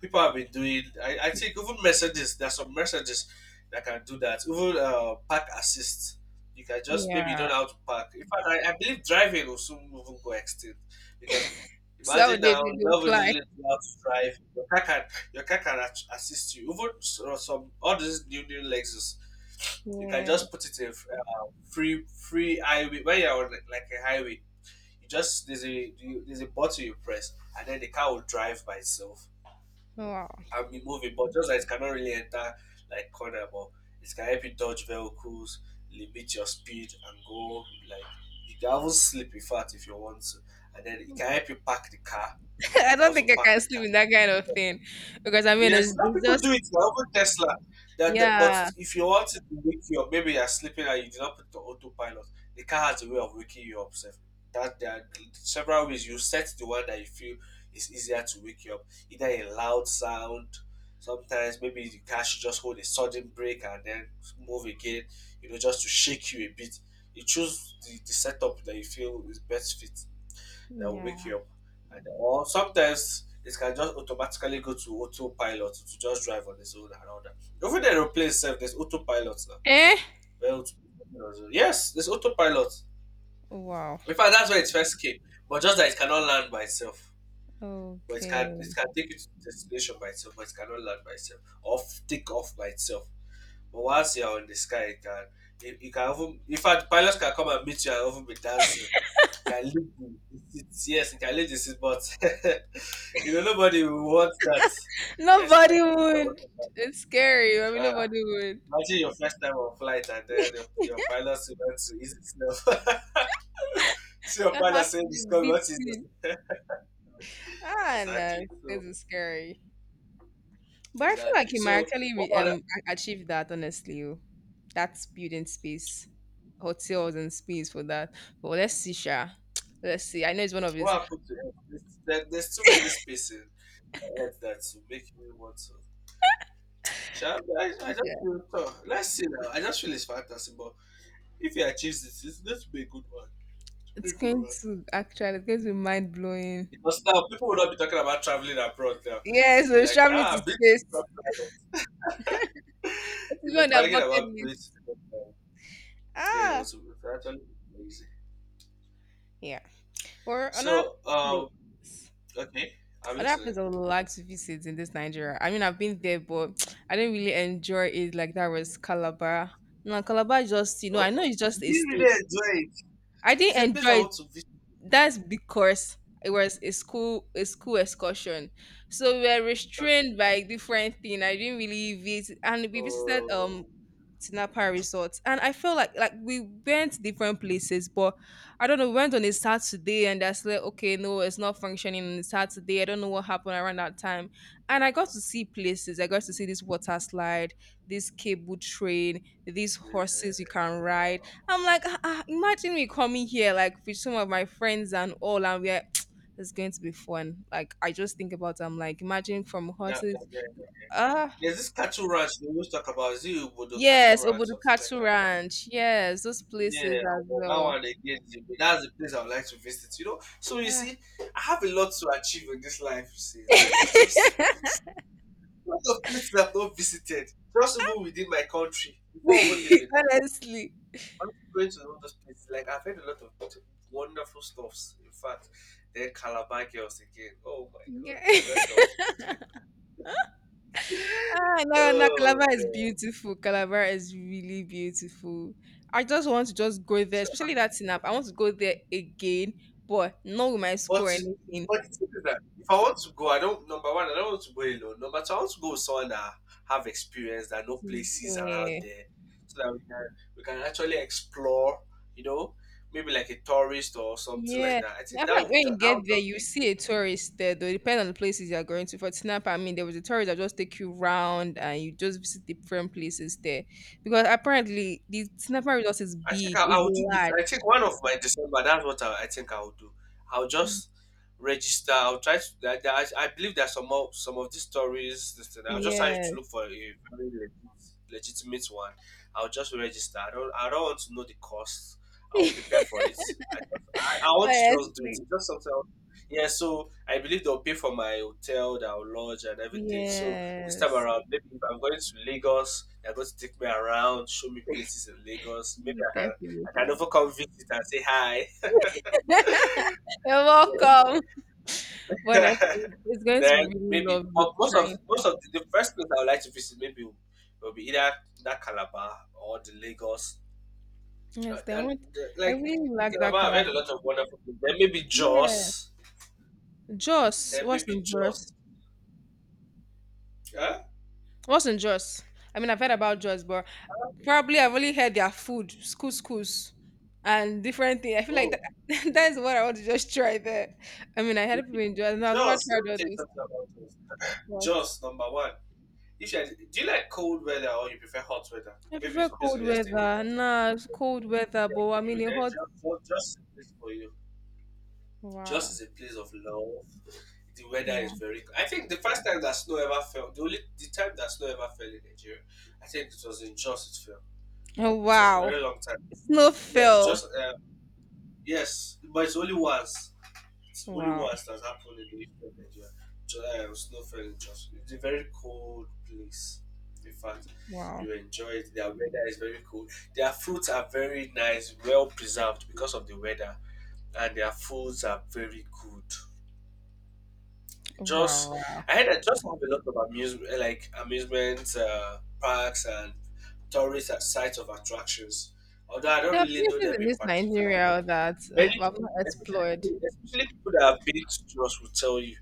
Speaker 1: people have been doing. I think even Mercedes, there's some Mercedes that can do that. Even park assist, you can just maybe you
Speaker 2: yeah.
Speaker 1: don't know how to park. In fact, I believe driving will soon even go extinct because
Speaker 2: So how
Speaker 1: imagine
Speaker 2: they
Speaker 1: now
Speaker 2: do
Speaker 1: you
Speaker 2: do
Speaker 1: don't
Speaker 2: fly.
Speaker 1: really know how to drive. Your car can assist you. Even some all these new Lexus, you can
Speaker 2: Yeah.
Speaker 1: just put it in free highway when you're on like a highway. You just there's a you, there's a button you press and then the car will drive by itself
Speaker 2: Wow.
Speaker 1: and be moving. But just like it cannot really enter like corner, but it can help you dodge vehicles, limit your speed, and go like you can even sleep in fact if you want to. And then it can help you park the car. You
Speaker 2: I
Speaker 1: can
Speaker 2: don't
Speaker 1: also
Speaker 2: think I
Speaker 1: park
Speaker 2: can
Speaker 1: the car.
Speaker 2: sleep in that kind of thing because I mean
Speaker 1: Yes, some
Speaker 2: it's
Speaker 1: people
Speaker 2: just
Speaker 1: do it. Like even Tesla. But
Speaker 2: yeah.
Speaker 1: if you want it to wake you up, maybe you're sleeping and you did not put it on autopilot. The car has a way of waking you up. Sef. That there are several ways. You set the one that you feel is easier to wake you up. Either a loud sound. Sometimes maybe the car should just hold a sudden break and then move again. Just to shake you a bit. You choose the setup that you feel is best fit that will wake
Speaker 2: Yeah.
Speaker 1: you up. And or sometimes it can just automatically go to autopilot to just drive on its own and all that. Even the aeroplane itself, there's autopilot now.
Speaker 2: Eh.
Speaker 1: Well, yes, there's autopilot.
Speaker 2: Wow.
Speaker 1: In fact, that's where it first came. But just that it cannot land by itself. But it can
Speaker 2: Okay.
Speaker 1: it can take you to the destination by itself, but it cannot land by itself. Or take off by itself. But once you're on the sky, you can even in fact pilots can come and meet you and even be dancing. You can leave the seat. Yes, you can leave the seat, but you know nobody will want that. Yes, you can
Speaker 2: Nobody
Speaker 1: just put the
Speaker 2: would.
Speaker 1: autopilot.
Speaker 2: It's scary. I mean,
Speaker 1: Ah,
Speaker 2: nobody would.
Speaker 1: imagine your first time on flight and then your pilot went to ease itself. See your
Speaker 2: Your
Speaker 1: pilot
Speaker 2: heart
Speaker 1: saying this
Speaker 2: to
Speaker 1: coming, what
Speaker 2: be
Speaker 1: is
Speaker 2: beating.
Speaker 1: this?
Speaker 2: Ah,
Speaker 1: Exactly.
Speaker 2: no, this
Speaker 1: So
Speaker 2: is scary. But I feel like
Speaker 1: exactly.
Speaker 2: you might
Speaker 1: So
Speaker 2: actually achieve that. Honestly, oh. That's building space, hotels and space for that. But let's see, Sha. Let's see. I know it's one of
Speaker 1: what
Speaker 2: his.
Speaker 1: happened to Earth? There's too many spaces on Earth that will make you want to Sha, I just
Speaker 2: Yeah.
Speaker 1: feel tough. Let's see now. I just feel it's fantasy, but if he achieves this, it's going to be a good one. It will be
Speaker 2: It's
Speaker 1: a good
Speaker 2: going
Speaker 1: one.
Speaker 2: to actually. It's going to be mind blowing.
Speaker 1: Because now people will not be talking about traveling abroad now.
Speaker 2: Yeah, so
Speaker 1: Be
Speaker 2: it's
Speaker 1: like,
Speaker 2: traveling to
Speaker 1: ah, big
Speaker 2: space. It's on that
Speaker 1: bragging
Speaker 2: bucket
Speaker 1: about
Speaker 2: list.
Speaker 1: this. Yeah, it
Speaker 2: Ah,
Speaker 1: was, it was actually amazing.
Speaker 2: yeah. Or another
Speaker 1: So,
Speaker 2: place.
Speaker 1: okay, I'm
Speaker 2: Another place
Speaker 1: listening.
Speaker 2: I would like to visit in this Nigeria. I mean, I've been there, but I didn't really enjoy it like that was Calabar. No, Calabar just, you know,
Speaker 1: Oh,
Speaker 2: I know it's just
Speaker 1: did
Speaker 2: a
Speaker 1: you really
Speaker 2: state.
Speaker 1: enjoy it?
Speaker 2: I
Speaker 1: It's
Speaker 2: didn't
Speaker 1: a place
Speaker 2: enjoy
Speaker 1: I
Speaker 2: it.
Speaker 1: want to visit.
Speaker 2: That's because it was a school excursion. So we were restrained by different thing. I didn't really visit, and we visited
Speaker 1: Oh,
Speaker 2: Tinapa Resort, and I feel like we went different places, but I don't know. We went on a Saturday, and that's like okay, no, it's not functioning on a Saturday. I don't know what happened around that time, and I got to see places. I got to see this water slide, this cable train, these
Speaker 1: yeah.
Speaker 2: horses you can ride.
Speaker 1: Uh,
Speaker 2: I'm like, ah, ah, imagine me coming here like with some of my friends and all, and we're it's going to be fun. Like I just think about, it, I'm like, imagine from
Speaker 1: yeah, yeah,
Speaker 2: horses.
Speaker 1: yeah.
Speaker 2: Ah.
Speaker 1: There's this cattle ranch they always talk about. Is it Obodo cattle
Speaker 2: Yes,
Speaker 1: ranch, something like
Speaker 2: Obodukatu
Speaker 1: that?
Speaker 2: Ranch. Yes, those places
Speaker 1: Yeah,
Speaker 2: as
Speaker 1: but that
Speaker 2: well.
Speaker 1: one again, that's the place I would like to visit. You know, so you
Speaker 2: Ah.
Speaker 1: see, I have a lot to achieve in this life. You see, life is just so good. A lot of places I've not visited, just even within my country. Before even leaving,
Speaker 2: Honestly.
Speaker 1: I'm going to all those places. Like I've heard a lot of wonderful stuffs. In fact, then Calabar girls again. Oh my God,
Speaker 2: Yeah.
Speaker 1: let's not forget it.
Speaker 2: Ah, no, no,
Speaker 1: Oh
Speaker 2: Calabar is
Speaker 1: God.
Speaker 2: beautiful. Calabar is really beautiful. I just want to just go there, especially that Sinap. I want to go there again, but not with my school or
Speaker 1: But it,
Speaker 2: anything.
Speaker 1: but the thing is that if I want to go, I don't number one, I don't want to go alone. Number two, I want to go with someone that have experience that know
Speaker 2: This is-
Speaker 1: places around
Speaker 2: yeah.
Speaker 1: there, so that we can actually explore. You know, maybe like a tourist or something like
Speaker 2: Yeah.
Speaker 1: that. I
Speaker 2: I
Speaker 1: think
Speaker 2: feel
Speaker 1: that
Speaker 2: like
Speaker 1: would
Speaker 2: when you
Speaker 1: that
Speaker 2: get
Speaker 1: would
Speaker 2: there,
Speaker 1: just
Speaker 2: you
Speaker 1: be
Speaker 2: see a tourist there, though, depending on the places you're going to. For example, I mean, there was a tourist that just take you round and you just visit different places there. Because apparently, the Tinapa Resort is
Speaker 1: I think
Speaker 2: big,
Speaker 1: I
Speaker 2: is
Speaker 1: will do this.
Speaker 2: large.
Speaker 1: I think one of my December. That's what I think I will do. I'll just register. I'll try to. I believe there's some of these stories. This thing. I'll just try to
Speaker 2: Yes.
Speaker 1: look for a very legitimate one. I'll just register. I don't. I don't want to know the cost. I'll prepare for it. I want to just do it. It's
Speaker 2: Honestly.
Speaker 1: just something. I want. Yeah. So I believe they'll pay for my hotel, that I'll lodge, and everything. So this time
Speaker 2: Yes.
Speaker 1: around, maybe if I'm going to Lagos, they're going to take me around, show me places in Lagos. Maybe
Speaker 2: You
Speaker 1: I can
Speaker 2: definitely.
Speaker 1: overcome visit and say hi.
Speaker 2: You're welcome. But honestly,
Speaker 1: Yeah.
Speaker 2: it's going to be
Speaker 1: then
Speaker 2: really
Speaker 1: maybe
Speaker 2: lovely
Speaker 1: but
Speaker 2: trying.
Speaker 1: most of the first place I would like to visit maybe will be either that Calabar or the Lagos.
Speaker 2: Yes, I
Speaker 1: And
Speaker 2: want,
Speaker 1: the,
Speaker 2: I
Speaker 1: like
Speaker 2: really
Speaker 1: the
Speaker 2: like that
Speaker 1: Calabar, I've
Speaker 2: Calabar.
Speaker 1: heard a lot of wonderful things. Then maybe
Speaker 2: Yeah.
Speaker 1: Jos.
Speaker 2: Jaws.
Speaker 1: Then
Speaker 2: What's
Speaker 1: maybe
Speaker 2: in
Speaker 1: Jos.
Speaker 2: Jaws?
Speaker 1: Huh?
Speaker 2: What's in Jaws? I mean, I've heard about Jaws, but probably I've only heard their food, couscous, and different things. I feel like
Speaker 1: Oh,
Speaker 2: that, that is what I want to just try there. I mean, I heard people
Speaker 1: okay.
Speaker 2: in Jaws, and I've never
Speaker 1: Jos. Let
Speaker 2: tried
Speaker 1: me
Speaker 2: all
Speaker 1: tell you
Speaker 2: this,
Speaker 1: something about Jos.
Speaker 2: but
Speaker 1: Jos number one. Isha, do you like cold weather or you prefer hot weather?
Speaker 2: I
Speaker 1: Maybe
Speaker 2: prefer
Speaker 1: it's based on
Speaker 2: cold
Speaker 1: your staying in the
Speaker 2: weather.
Speaker 1: hot.
Speaker 2: Nah, it's cold weather,
Speaker 1: Like
Speaker 2: but I
Speaker 1: you
Speaker 2: mean, it
Speaker 1: then
Speaker 2: hot.
Speaker 1: just a place for you. Just
Speaker 2: Wow.
Speaker 1: is a place of love. The weather is
Speaker 2: Wow.
Speaker 1: very cool. I think the first time that snow ever fell, the only the time that snow ever fell in Nigeria, I think it was in Jos. It fell.
Speaker 2: Oh,
Speaker 1: It was a
Speaker 2: wow.
Speaker 1: very long time. Yes,
Speaker 2: Snowfall.
Speaker 1: just yes, but it's only once. It's the only
Speaker 2: Wow.
Speaker 1: once that's happened in the history of Nigeria. Snowfall in Jos. It's a very cold place. In fact,
Speaker 2: Wow.
Speaker 1: you enjoy it. Their weather is very cold. Their fruits are very nice, well preserved because of the weather, and their foods are very good. Just
Speaker 2: Wow. Wow.
Speaker 1: I heard that just have a lot of amusement, like amusement parks and tourist at sites of attractions. Although I don't
Speaker 2: There are
Speaker 1: really know
Speaker 2: places
Speaker 1: them
Speaker 2: in
Speaker 1: in
Speaker 2: this
Speaker 1: particular, but
Speaker 2: Nigeria that
Speaker 1: many
Speaker 2: I've not
Speaker 1: people,
Speaker 2: explored.
Speaker 1: especially people that have been to us, will tell you.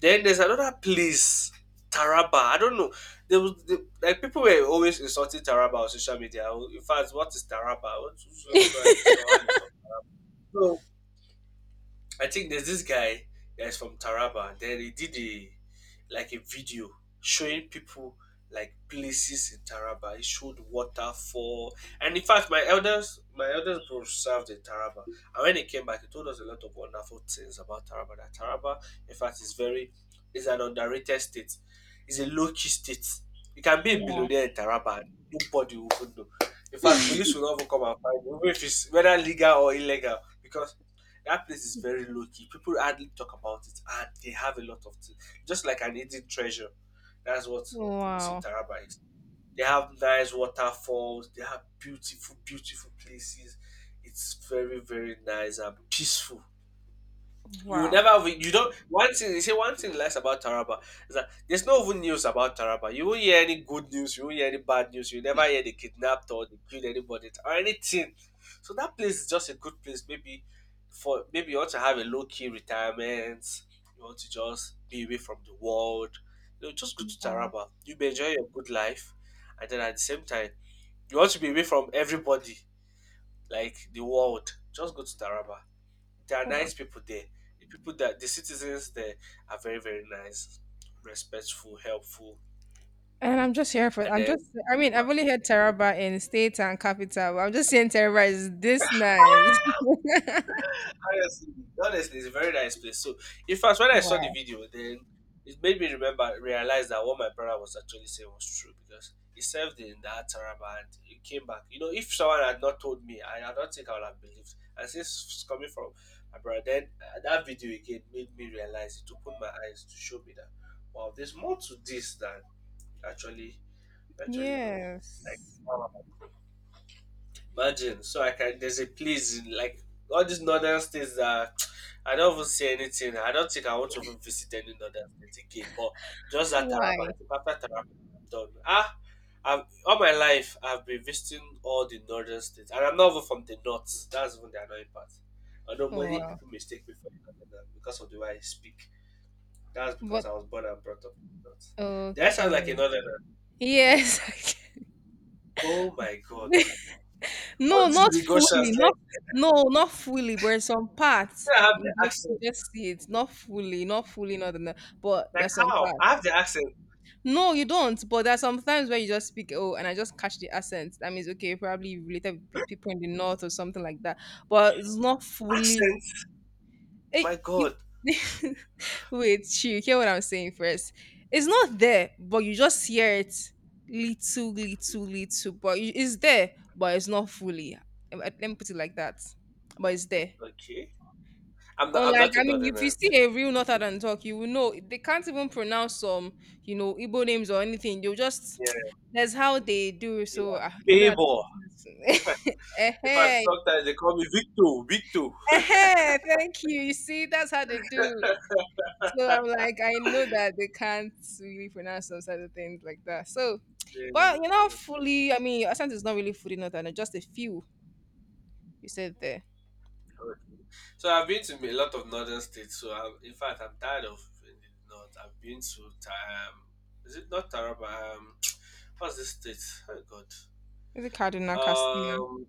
Speaker 1: Then there's another place, Taraba. I don't know. There was there, like people were always insulting Taraba on social media. In fact, what is Taraba? Which one is so and so? I think there's this guy that's from Taraba. Then he did a like a video showing people like places in Taraba. He showed waterfall, and in fact, my elders bro served in Taraba, and when he came back, he told us a lot of wonderful things about Taraba. That Taraba, in fact, is an underrated state. It's a low key state. You can be a
Speaker 2: Wow.
Speaker 1: billionaire in Taraba, and nobody will even know. In fact, police will not even come and find you, even if it's whether legal or illegal, because that place is very low key. People hardly talk about it, and they have a lot of things. Just like an hidden treasure. That's what is in
Speaker 2: Wow.
Speaker 1: Taraba is. They have nice waterfalls. They have beautiful, beautiful places. It's very, very nice and peaceful. You will
Speaker 2: Wow.
Speaker 1: never have you don't one thing you see one thing less about Taraba is that there's no even news about Taraba. You won't hear any good news, you won't hear any bad news, you never hear they kidnapped or they killed anybody or anything. So that place is just a good place. Maybe for maybe you want to have a low key retirement, you want to just be away from the world. You know, just go to
Speaker 2: Wow.
Speaker 1: Taraba. You may enjoy your good life and then at the same time you want to be away from everybody, like the world. Just go to Taraba there are
Speaker 2: Wow.
Speaker 1: nice people there. The people that the citizens there are very, very nice, respectful, helpful,
Speaker 2: And I'm just here for
Speaker 1: and
Speaker 2: I'm
Speaker 1: then
Speaker 2: just I mean, I've only heard Taraba in state and capital, but I'm just saying Taraba is this nice.
Speaker 1: honestly, honestly, it's a very nice place. So, in fact, when I saw the
Speaker 2: Wow.
Speaker 1: video, then it made me realize that what my brother was actually saying was true because he served in that Taraba and he came back. You know, if someone had not told me, I don't think I would have believed. And since it's coming from my brother, then that video again made me realize it opened my eyes to show me that wow, there's more to this than actually actually, no. Like,
Speaker 2: Yes.
Speaker 1: imagine. So like, I can. There's a place in like all these northern states that I don't even see anything. I don't think I want to even visit any northern state again. But just that Taraba,
Speaker 2: Why?
Speaker 1: I think after Taraba, I'm done. Ah, I've, all my life I've been visiting all the northern states, and I'm not even from the north. That's even the annoying part. Although
Speaker 2: Oh
Speaker 1: many
Speaker 2: wow.
Speaker 1: people mistake me for a northerner because of the way I speak. That's because
Speaker 2: But
Speaker 1: I was born and brought up in the north. That sounds like
Speaker 2: okay.
Speaker 1: a northerner.
Speaker 2: Yes.
Speaker 1: Oh my God. All
Speaker 2: No,
Speaker 1: these
Speaker 2: not
Speaker 1: negotiations,
Speaker 2: fully. Not
Speaker 1: like,
Speaker 2: no, not fully, but some parts.
Speaker 1: I have the
Speaker 2: You just you
Speaker 1: accent.
Speaker 2: just see it. Not fully, not fully, not enough. But
Speaker 1: Like
Speaker 2: there's some
Speaker 1: how?
Speaker 2: parts.
Speaker 1: I have the accent.
Speaker 2: No, you don't. But there are some times where you just speak, oh, and I just catch the accent. That means, okay, probably you related with people in the north or something like that. But it's not fully.
Speaker 1: Accent.
Speaker 2: It,
Speaker 1: My
Speaker 2: you,
Speaker 1: God.
Speaker 2: wait, you hear what I'm saying first. It's not there, but you just hear it little, little, little. But it's there, but it's not fully. Let me put it like that. But
Speaker 1: And,
Speaker 2: it's there.
Speaker 1: okay. I'm
Speaker 2: Unlike,
Speaker 1: not
Speaker 2: I
Speaker 1: a
Speaker 2: mean, if you
Speaker 1: northerner,
Speaker 2: see a
Speaker 1: please.
Speaker 2: real Northern talk, you will know they can't even pronounce some, you know, Igbo names or anything. You'll just,
Speaker 1: Yeah.
Speaker 2: that's how they do. So,
Speaker 1: Yeah.
Speaker 2: you know, that
Speaker 1: Favor.
Speaker 2: person is-
Speaker 1: If I
Speaker 2: eh
Speaker 1: sometimes they call me Victor. Victor.
Speaker 2: eh thank you. You see, that's how they do. So I'm like, I know that they can't really pronounce some other things like that. So,
Speaker 1: Yeah,
Speaker 2: but you know, fully,
Speaker 1: yes.
Speaker 2: I mean, Asante is not really fully Northern, just a few you said there.
Speaker 1: Okay. So I've been to a lot of northern states. So I'm, in fact, I'm tired of the north. I've been to is it not Taraba? What's this state? Oh
Speaker 2: Is it Kaduna,
Speaker 1: God.
Speaker 2: Kastina,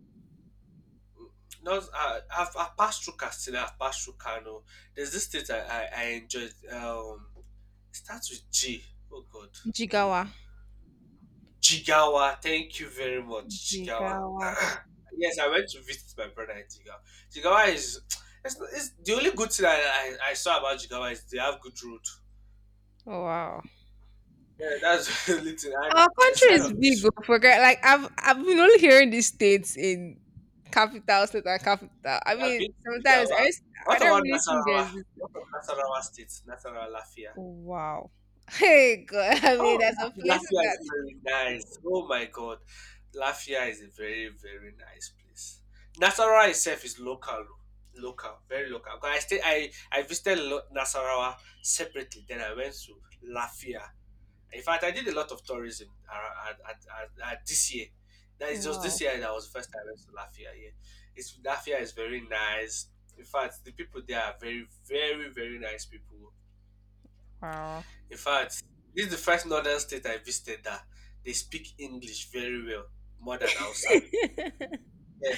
Speaker 1: Those I've passed through Castina, I've passed through Kano. There's this state I enjoyed. It starts with G. Oh God,
Speaker 2: Jigawa?
Speaker 1: Jigawa. Thank you very much, Jigawa.
Speaker 2: Jigawa.
Speaker 1: yes, I went to visit my brother in Jigawa. Jigawa is it's the only good thing I saw about Jigawa is they have good road.
Speaker 2: Oh, wow.
Speaker 1: Yeah, that's the only thing, and
Speaker 2: Our
Speaker 1: it's
Speaker 2: country
Speaker 1: kind
Speaker 2: is
Speaker 1: of
Speaker 2: big
Speaker 1: peaceful.
Speaker 2: oh, for girl. Like I've been only hearing these states in capital state and capital. I
Speaker 1: I've
Speaker 2: mean,
Speaker 1: been to
Speaker 2: sometimes I
Speaker 1: Jigawa.
Speaker 2: just,
Speaker 1: What
Speaker 2: I don't
Speaker 1: about
Speaker 2: really think
Speaker 1: Nasarawa?
Speaker 2: there's this.
Speaker 1: What about Nasarawa State? Nasarawa Lafia.
Speaker 2: Wow. Hey God, I mean,
Speaker 1: Oh,
Speaker 2: there's some places
Speaker 1: Lafia
Speaker 2: that
Speaker 1: is very nice. Oh my God, Lafia is a very very nice place. Nasarawa itself is local, local, very local. 'Cause I stay, I visited Nasarawa separately. Then I went to Lafia. In fact, I did a lot of tourism at, this year. That is just this
Speaker 2: wow,
Speaker 1: year that was the first time I went to Lafia. Yeah, it's Lafia is very nice. In fact, the people there are very very very nice people.
Speaker 2: wow.
Speaker 1: In fact, this is the first northern state I visited that they speak English very well, more than Hausa. Yes.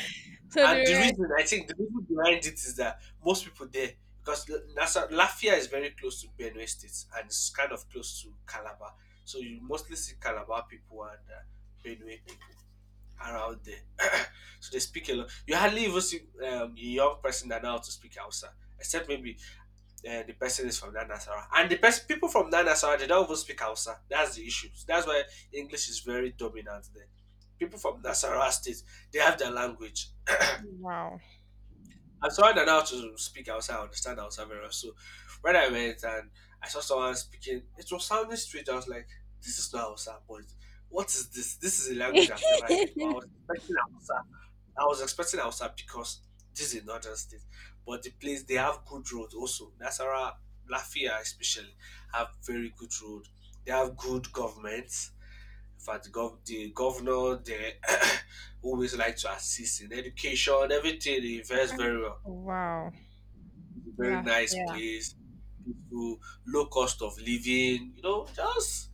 Speaker 2: so the
Speaker 1: And the
Speaker 2: rest,
Speaker 1: reason I think the reason behind it is that most people there because Lafia is very close to Benue State and it's kind of close to Calabar, so you mostly see Calabar people and Benue around there. so they speak a lot. You hardly even see a young person that know how to speak Hausa, except maybe the person is from that Nasara. And the people from that Nasara, they don't even speak Hausa. That's the issue. That's why English is very dominant there. People from Nasara state, they have their language.
Speaker 2: wow,
Speaker 1: And someone that know how to speak Hausa, I understand Hausa very well. So when I went and I saw someone speaking, it was sounding strange. I was like, this is not Hausa, but what is this? This is a language I've never heard, but I was expecting Hausa. I was expecting Hausa because this is northern state, but the place they have good road also. Nasarawa, Lafia especially have very good road. They have good government. In fact, the governor they always like to assist in education, everything. They invest very well.
Speaker 2: wow,
Speaker 1: It's a very
Speaker 2: La,
Speaker 1: nice
Speaker 2: yeah,
Speaker 1: place, peaceful, low cost of living. You know, just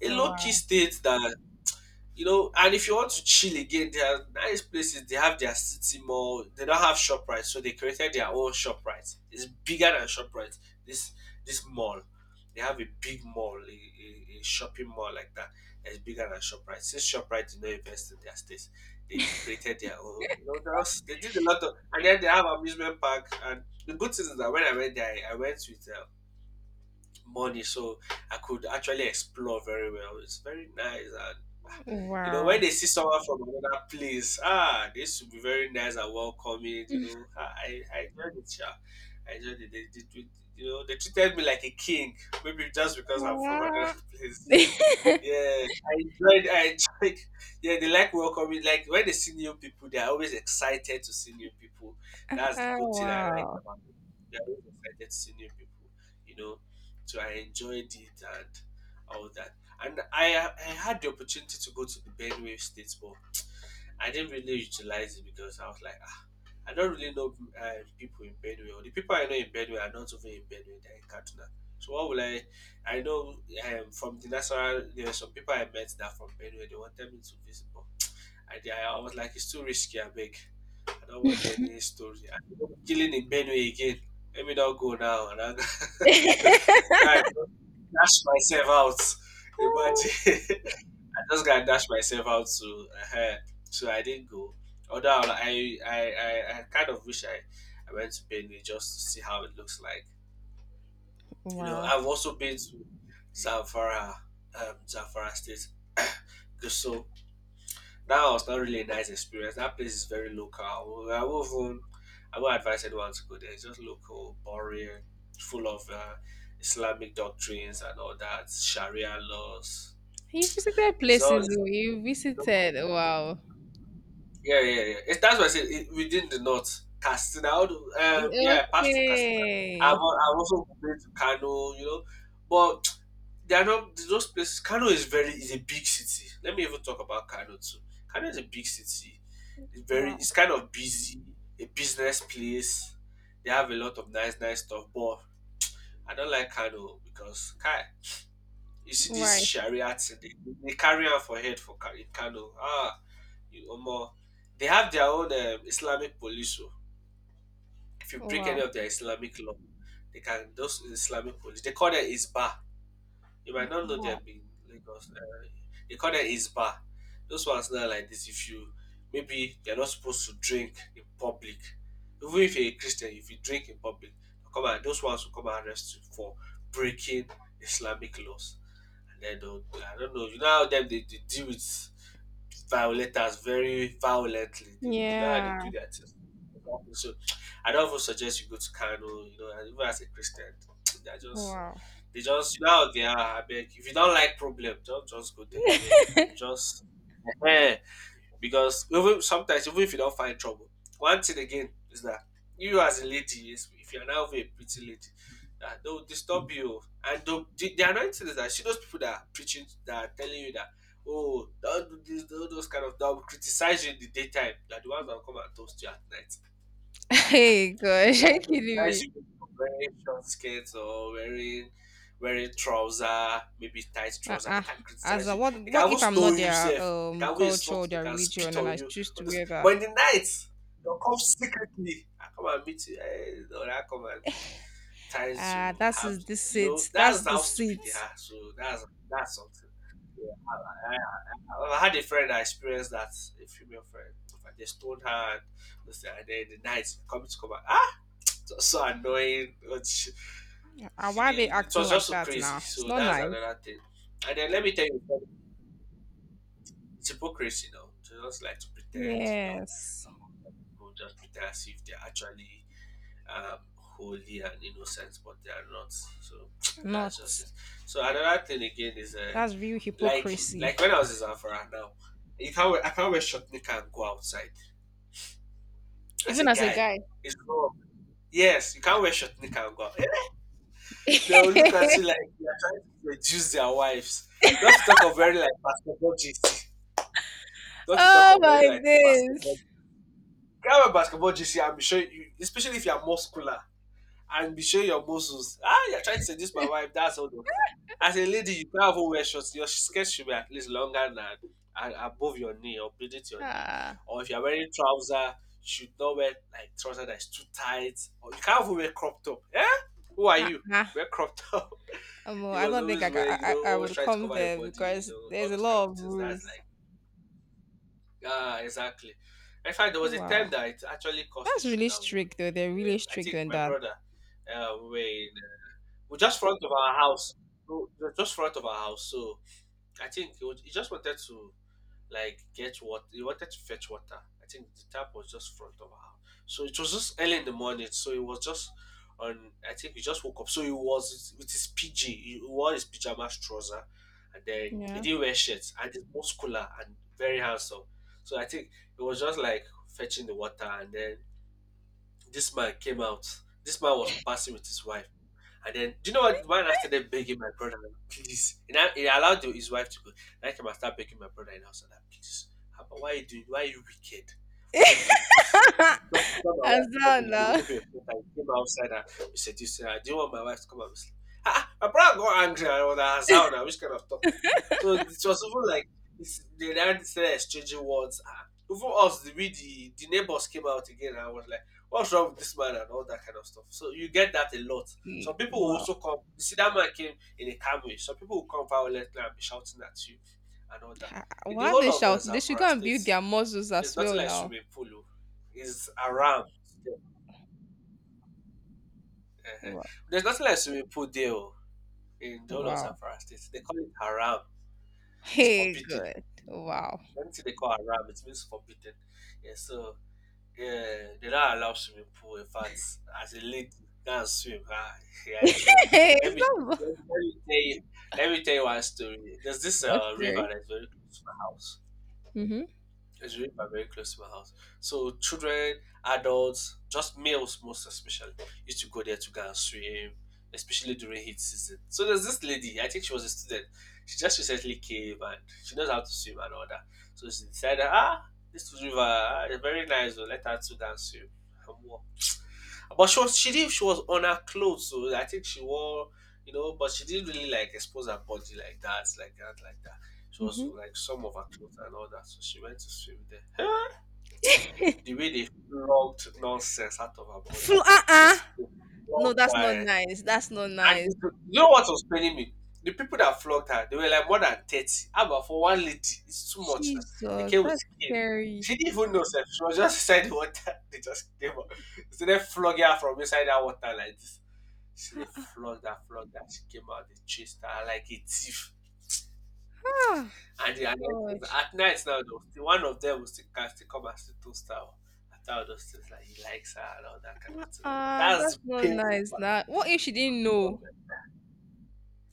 Speaker 1: a low key
Speaker 2: wow,
Speaker 1: state that you know, and if you want to chill again, there are nice places. They have their city mall. They don't have Shoprite, so they created their own Shoprite. It's bigger than Shoprite. This this mall, they have a big mall, a shopping mall like that. It's bigger than Shoprite. Since Shoprite did not invest in their states, they created their own. You know, they, also, they did a lot of, and then they have amusement park. And the good thing is that when I went there, I went with money, so I could actually explore very well. It's very nice. You know, when
Speaker 2: wow,
Speaker 1: they see someone from another place, ah, this should be very nice and welcoming. You know, ah, I enjoyed it, yeah. I enjoyed it. You know, they treated me like a king, maybe just because I'm from another
Speaker 2: wow,
Speaker 1: place. Yeah, I enjoyed. I enjoyed. Yeah, they like welcoming. Like when they see new people, they are always excited to see new people. That's the
Speaker 2: Ah,
Speaker 1: good thing I like
Speaker 2: wow.
Speaker 1: about it. They're always excited to see new people. You know, so I enjoyed it and all that. And I had the opportunity to go to the Benue State Ball. I didn't really utilize it because I was like, I don't really know uh, people in Benue. Or the people I know in Benue are not even in Benue; they're in Kaduna. So what will I? I know from the national. There were some people I met that from Benue. They wanted me to visit, but I was like, it's too risky. I beg. I don't want any story. I don't want killing in Benue again. Let me not go now. And I, God, dash myself out. Imagine. I just gotta dash myself out to uh, so I didn't go. Although I kind of wish I went to Benue just to see how it looks like. You know,
Speaker 2: wow.
Speaker 1: I've also been to Zamfara, Zamfara State, so that was not really a nice experience. That place is very local. Won't even- I won't advise anyone to go there. It's just local, boring, full of Islamic doctrines and all that, Sharia laws.
Speaker 2: You visited
Speaker 1: It's all
Speaker 2: places
Speaker 1: it's
Speaker 2: oh, you
Speaker 1: local.
Speaker 2: visited. Wow.
Speaker 1: Yeah, yeah, yeah. It's, that's what I said. It, within the north, Castina. All the,
Speaker 2: Eh,
Speaker 1: yeah, I passed through Castina.
Speaker 2: okay.
Speaker 1: I've also been to Kano, you know, but they are not those places. Kano is a big city. Let me even talk about Kano too. Kano is a big city. It's very
Speaker 2: Wow.
Speaker 1: it's kind of busy, a business place. They have a lot of nice, nice stuff. But I don't like Kano because Kai, you see this
Speaker 2: Right.
Speaker 1: Sharia thing. They carry out for head for in Kano. Ah, you omo, they have their own Islamic police. Oh. If you break any
Speaker 2: Wow.
Speaker 1: of their Islamic law, they can those Islamic police. They call them Isba. You might not know them
Speaker 2: Wow.
Speaker 1: in Lagos. They call them Isba. Those ones now like this. If you maybe you're not supposed to drink in public, even if you're a Christian, if you drink in public, they'll come and those ones will come and arrest you for breaking Islamic laws. And then they'll I don't know, you know how them they deal with violators very violently. They, you know how they
Speaker 2: Yeah.
Speaker 1: do their things. So I don't even suggest you go to Kano, you know, and even as a Christian, they're just
Speaker 2: Wow.
Speaker 1: they just you know how they are, I beg. If you don't like problem, don't just go there, I beg. You just because even sometimes even if you don't find trouble one thing again is that you as a lady is if you're now a pretty lady that they'll disturb you and the annoying thing is that see those people that are preaching that are telling you that oh don't do this don't do those kind of they'll criticize you in the daytime they're the ones that will come and toast you at night.
Speaker 2: Hey gosh,
Speaker 1: They
Speaker 2: are you
Speaker 1: can
Speaker 2: kidding
Speaker 1: criticize
Speaker 2: me?
Speaker 1: you for wearing short skirts or wearing trouser, maybe tight trouser. They
Speaker 2: Uh-uh.
Speaker 1: can
Speaker 2: As
Speaker 1: criticize
Speaker 2: a,
Speaker 1: you. They can
Speaker 2: what
Speaker 1: even
Speaker 2: if I'm
Speaker 1: stone
Speaker 2: not
Speaker 1: you
Speaker 2: their
Speaker 1: safe. They can even
Speaker 2: culture
Speaker 1: insult.
Speaker 2: or
Speaker 1: They
Speaker 2: their
Speaker 1: can spit
Speaker 2: religion and
Speaker 1: on
Speaker 2: I
Speaker 1: you.
Speaker 2: choose to wear that?
Speaker 1: But in the night, they'll come secretly. I come and meet you. Eh, or I come and be trying
Speaker 2: Ah,
Speaker 1: to
Speaker 2: that's
Speaker 1: have.
Speaker 2: is the
Speaker 1: You know
Speaker 2: seat. That's
Speaker 1: that's
Speaker 2: the
Speaker 1: how stupid they
Speaker 2: seat.
Speaker 1: are. So that's something. Yeah. I, I had a friend that experienced that. A female friend. They stoned her and then the night coming to come back so annoying. But
Speaker 2: Ah,
Speaker 1: she
Speaker 2: why are they
Speaker 1: did, it
Speaker 2: acting
Speaker 1: was just
Speaker 2: like
Speaker 1: so
Speaker 2: that
Speaker 1: crazy.
Speaker 2: now? It's
Speaker 1: So
Speaker 2: not
Speaker 1: that's
Speaker 2: nice.
Speaker 1: another thing. And then let me tell you, it's hypocrisy now. They just like to pretend, you know,
Speaker 2: Yes.
Speaker 1: among people just pretend as if they're actually holy and innocent, but they are not. So
Speaker 2: They're
Speaker 1: that's just
Speaker 2: not.
Speaker 1: it. So another thing again is
Speaker 2: That's real
Speaker 1: like
Speaker 2: hypocrisy.
Speaker 1: when I was in Zafara now, you can't wear, I can't wear short knicker and go outside as a
Speaker 2: Even as a
Speaker 1: guy.
Speaker 2: guy.
Speaker 1: It's wrong. Yes, you can't wear short knicker and go. Out. They'll look at you like you are trying to seduce their wives. Not to talk of very like basketball GC. Not to talk
Speaker 2: Oh
Speaker 1: of very
Speaker 2: my
Speaker 1: like basketball.
Speaker 2: days.
Speaker 1: Grab a basketball GC, I'm sure you, especially if you are muscular, and be showing your muscles. Ah, you're trying to seduce my wife. That's all. They'll say. As a lady, you can't even wear shorts. Your skirt should be at least longer than and above your knee or beneath your knee.
Speaker 2: Ah,
Speaker 1: Or if you're wearing trouser, you should not wear like trouser that's too tight. Or you can't even wear crop top. Eh? Who are
Speaker 2: ha,
Speaker 1: you?
Speaker 2: ha.
Speaker 1: Wear crop top.
Speaker 2: Omo,
Speaker 1: You
Speaker 2: I
Speaker 1: must
Speaker 2: don't think
Speaker 1: always
Speaker 2: I, ca-
Speaker 1: wear, you know,
Speaker 2: I
Speaker 1: always
Speaker 2: would
Speaker 1: try to
Speaker 2: come
Speaker 1: cover your
Speaker 2: there
Speaker 1: body, you
Speaker 2: because
Speaker 1: know, all
Speaker 2: there's a
Speaker 1: those kind of
Speaker 2: lot of
Speaker 1: things. That's
Speaker 2: rules.
Speaker 1: like, ah, exactly. In fact, there was a time
Speaker 2: Wow,
Speaker 1: that it actually caused
Speaker 2: that's
Speaker 1: issue
Speaker 2: really
Speaker 1: that
Speaker 2: strict though. They're really
Speaker 1: I
Speaker 2: strict
Speaker 1: think
Speaker 2: on
Speaker 1: my
Speaker 2: that.
Speaker 1: brother we were in we're just front of our house. So, we're just front of our house. So I think he just wanted to like get what he wanted to fetch water. I think the tap was just front of our house. So it was just early in the morning. So he was just on. I think he just woke up. So he was with his PG. He wore his pajamas trouser, and then he
Speaker 2: Yeah.
Speaker 1: didn't wear shirts. And he's muscular and very handsome. So I think he was just like fetching the water, and then this man came out. This man was passing with his wife. And then, do you know what? The man after them begging my brother, please. And I, he allowed his wife to go. And I came and started begging my brother in the house. And I, please, Abba, why are you doing? Why are you wicked? Why are you doing this? Don't disturb my
Speaker 2: As
Speaker 1: wife. Come
Speaker 2: well
Speaker 1: in. You
Speaker 2: now.
Speaker 1: remove your shirt. I came outside and we said, this, do you want my wife to come and be sleep? Ah, ah, my brother got angry. I was like, "Hazao now, which kind of talk is that?" So it was even like, this, they started exchanging words. Ah, even us, the, we, the neighbors came out again. And I was like, what's wrong with this man and all that kind of stuff. So you get that a lot. Some
Speaker 2: E-
Speaker 1: people will
Speaker 2: Wow.
Speaker 1: also come. You see, that man came in a Camry. Some people will come violently and be shouting at you and all that.
Speaker 2: Ha-
Speaker 1: In the
Speaker 2: Why
Speaker 1: whole
Speaker 2: they
Speaker 1: of
Speaker 2: shout? They should
Speaker 1: Zamfara
Speaker 2: go and
Speaker 1: State,
Speaker 2: build their muscles
Speaker 1: there's
Speaker 2: as
Speaker 1: nothing
Speaker 2: well
Speaker 1: like
Speaker 2: now.
Speaker 1: swimming pool. Oh. It's haram. Eh-heh.
Speaker 2: Wow.
Speaker 1: There's nothing like swimming pool there oh, in the whole of
Speaker 2: Wow.
Speaker 1: Zamfara State. They call it haram. It's
Speaker 2: Hey,
Speaker 1: forbidden.
Speaker 2: good. Wow.
Speaker 1: Anything they call haram, it means forbidden. Yeah, so yeah, they don't allow swimming pool. In fact, as a lady, go and swim. Ah, yeah, I trouble.
Speaker 2: Hey,
Speaker 1: Let me
Speaker 2: it's not.
Speaker 1: let me tell you. Let me tell you one story. There's this
Speaker 2: What's there?
Speaker 1: river that's very close to my house.
Speaker 2: Mm-hmm.
Speaker 1: It's really quite very close to my house. So children, adults, just males most especially, used to go there to go and swim, especially during heat season. So there's this lady, I think she was a student. She just recently came and she knows how to swim and all that. So she decided, ah, this river ah, is very nice, oh, let her to go and swim and walk. But she was on her clothes, so I think she wore you know, but she didn't really like expose her body like that, like that. She was like some of her clothes and all that. So she went to swim there. Hey!
Speaker 2: Mm-hmm.
Speaker 1: The way they flogged nonsense out of her body.
Speaker 2: Fl- uh-uh.
Speaker 1: They
Speaker 2: No,
Speaker 1: flogged
Speaker 2: that's not
Speaker 1: her.
Speaker 2: nice. That's not
Speaker 1: And
Speaker 2: nice.
Speaker 1: you know what was paining me? The people that flogged her, they were like more than 30. How about for one lady? It's too much now. They
Speaker 2: Jesus,
Speaker 1: came with
Speaker 2: that's
Speaker 1: skin.
Speaker 2: scary.
Speaker 1: She didn't even know self. She was just inside the water. They just came up. So they flogged her from inside that water like this. She
Speaker 2: Ah,
Speaker 1: they
Speaker 2: ah,
Speaker 1: flogged her, flogged her. She came out, they chased her like a thief.
Speaker 2: ah,
Speaker 1: And the
Speaker 2: gosh.
Speaker 1: at night now, though, the one of them will still can still come and still toast her o. After all those things, like he likes her and all that kind
Speaker 2: Ah,
Speaker 1: of thing.
Speaker 2: ah,
Speaker 1: That's
Speaker 2: that's
Speaker 1: the
Speaker 2: not
Speaker 1: painful
Speaker 2: nice.
Speaker 1: part
Speaker 2: Now, what if she didn't
Speaker 1: of the
Speaker 2: know?
Speaker 1: comment.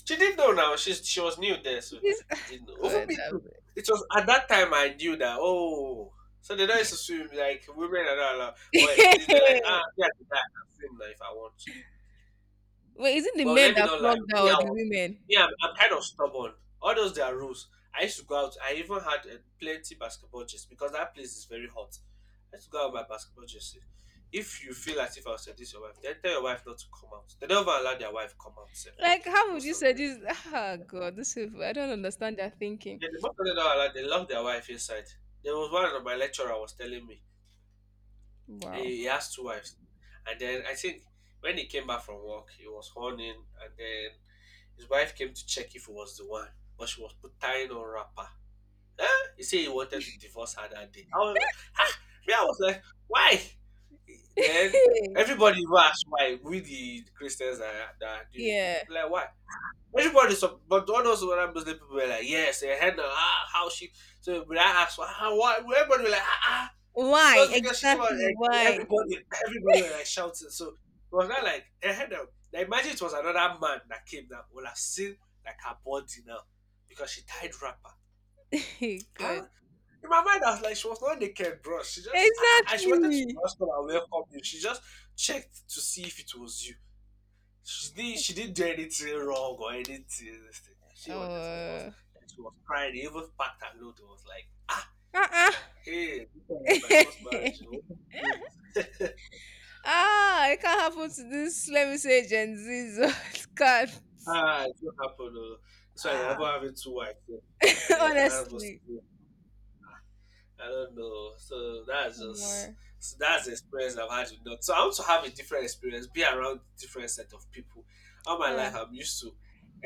Speaker 1: She didn't know now. She was new there, so
Speaker 2: This,
Speaker 1: she didn't know. Even
Speaker 2: God,
Speaker 1: me too. It was at that time I knew that, oh, so they don't used to swim like women and all that. But they were like, ah,
Speaker 2: that-
Speaker 1: yeah, I can swim now if I want.
Speaker 2: wait, is it the
Speaker 1: But
Speaker 2: men
Speaker 1: let me
Speaker 2: that
Speaker 1: not lie.
Speaker 2: flogged
Speaker 1: Me,
Speaker 2: her or
Speaker 1: I
Speaker 2: the
Speaker 1: was,
Speaker 2: women?
Speaker 1: me, I'm kind of stubborn. All those their rules. I used to go out. I even had plenty basketball jerseys because that place is very hot. I used to go out with my basketball jersey. If you feel as if I was seduce your wife, then tell your wife not to come out. They never allow their wife come out. Sef.
Speaker 2: Like, how would
Speaker 1: Most
Speaker 2: you
Speaker 1: of
Speaker 2: say
Speaker 1: them.
Speaker 2: this? Ah, God, this people. I don't understand their thinking.
Speaker 1: Yeah, the most of them don't allow. They lock their wife inside. There was one of my lecturer was telling me
Speaker 2: Wow.
Speaker 1: he has two wives, and then I think when he came back from work, he was horning, and then his wife came to check if he was the one, but she was put tying on wrapper. Eh? He said he wanted to divorce her that day. I was, ah, me, I was like, why? Then everybody even asked why. We the Christians that do it.
Speaker 2: yeah.
Speaker 1: Like why? Everybody, so, but all those other Muslim people were like, yes, eh, Hannah, ah, how she? So when I asked, why, why? Everybody was like, ah, ah,
Speaker 2: Why
Speaker 1: just because she came out,
Speaker 2: exactly?
Speaker 1: like,
Speaker 2: Why?
Speaker 1: everybody, everybody was like shouting. So it was not like, eh, now, now imagine it was another man that came that would have seen like her body now because she tied wrapper. Huh?
Speaker 2: Good.
Speaker 1: In my mind, I was like, she was not naked, bro. She just, she wanted to
Speaker 2: Exactly.
Speaker 1: ask her and welcome you. She just checked to see if it was you. She didn't do anything wrong or anything. This thing.
Speaker 2: Oh.
Speaker 1: She wanted to divorce. And she was crying. They even packed her load. It was like, ah, it's
Speaker 2: Uh-uh.
Speaker 1: like, hey, this is my first
Speaker 2: ah,
Speaker 1: marriage. Oh.
Speaker 2: it can't happen to this. Let me say Gen Z. it can't.
Speaker 1: Ah, it will happen. Oh. So I ever
Speaker 2: Ah,
Speaker 1: having two wives, yeah. And then another was
Speaker 2: honestly,
Speaker 1: I don't know. So that's just
Speaker 2: more.
Speaker 1: so that's the experience I've had with dogs. So I want to have a different experience, be around different set of people. All my
Speaker 2: Yeah.
Speaker 1: life I'm used to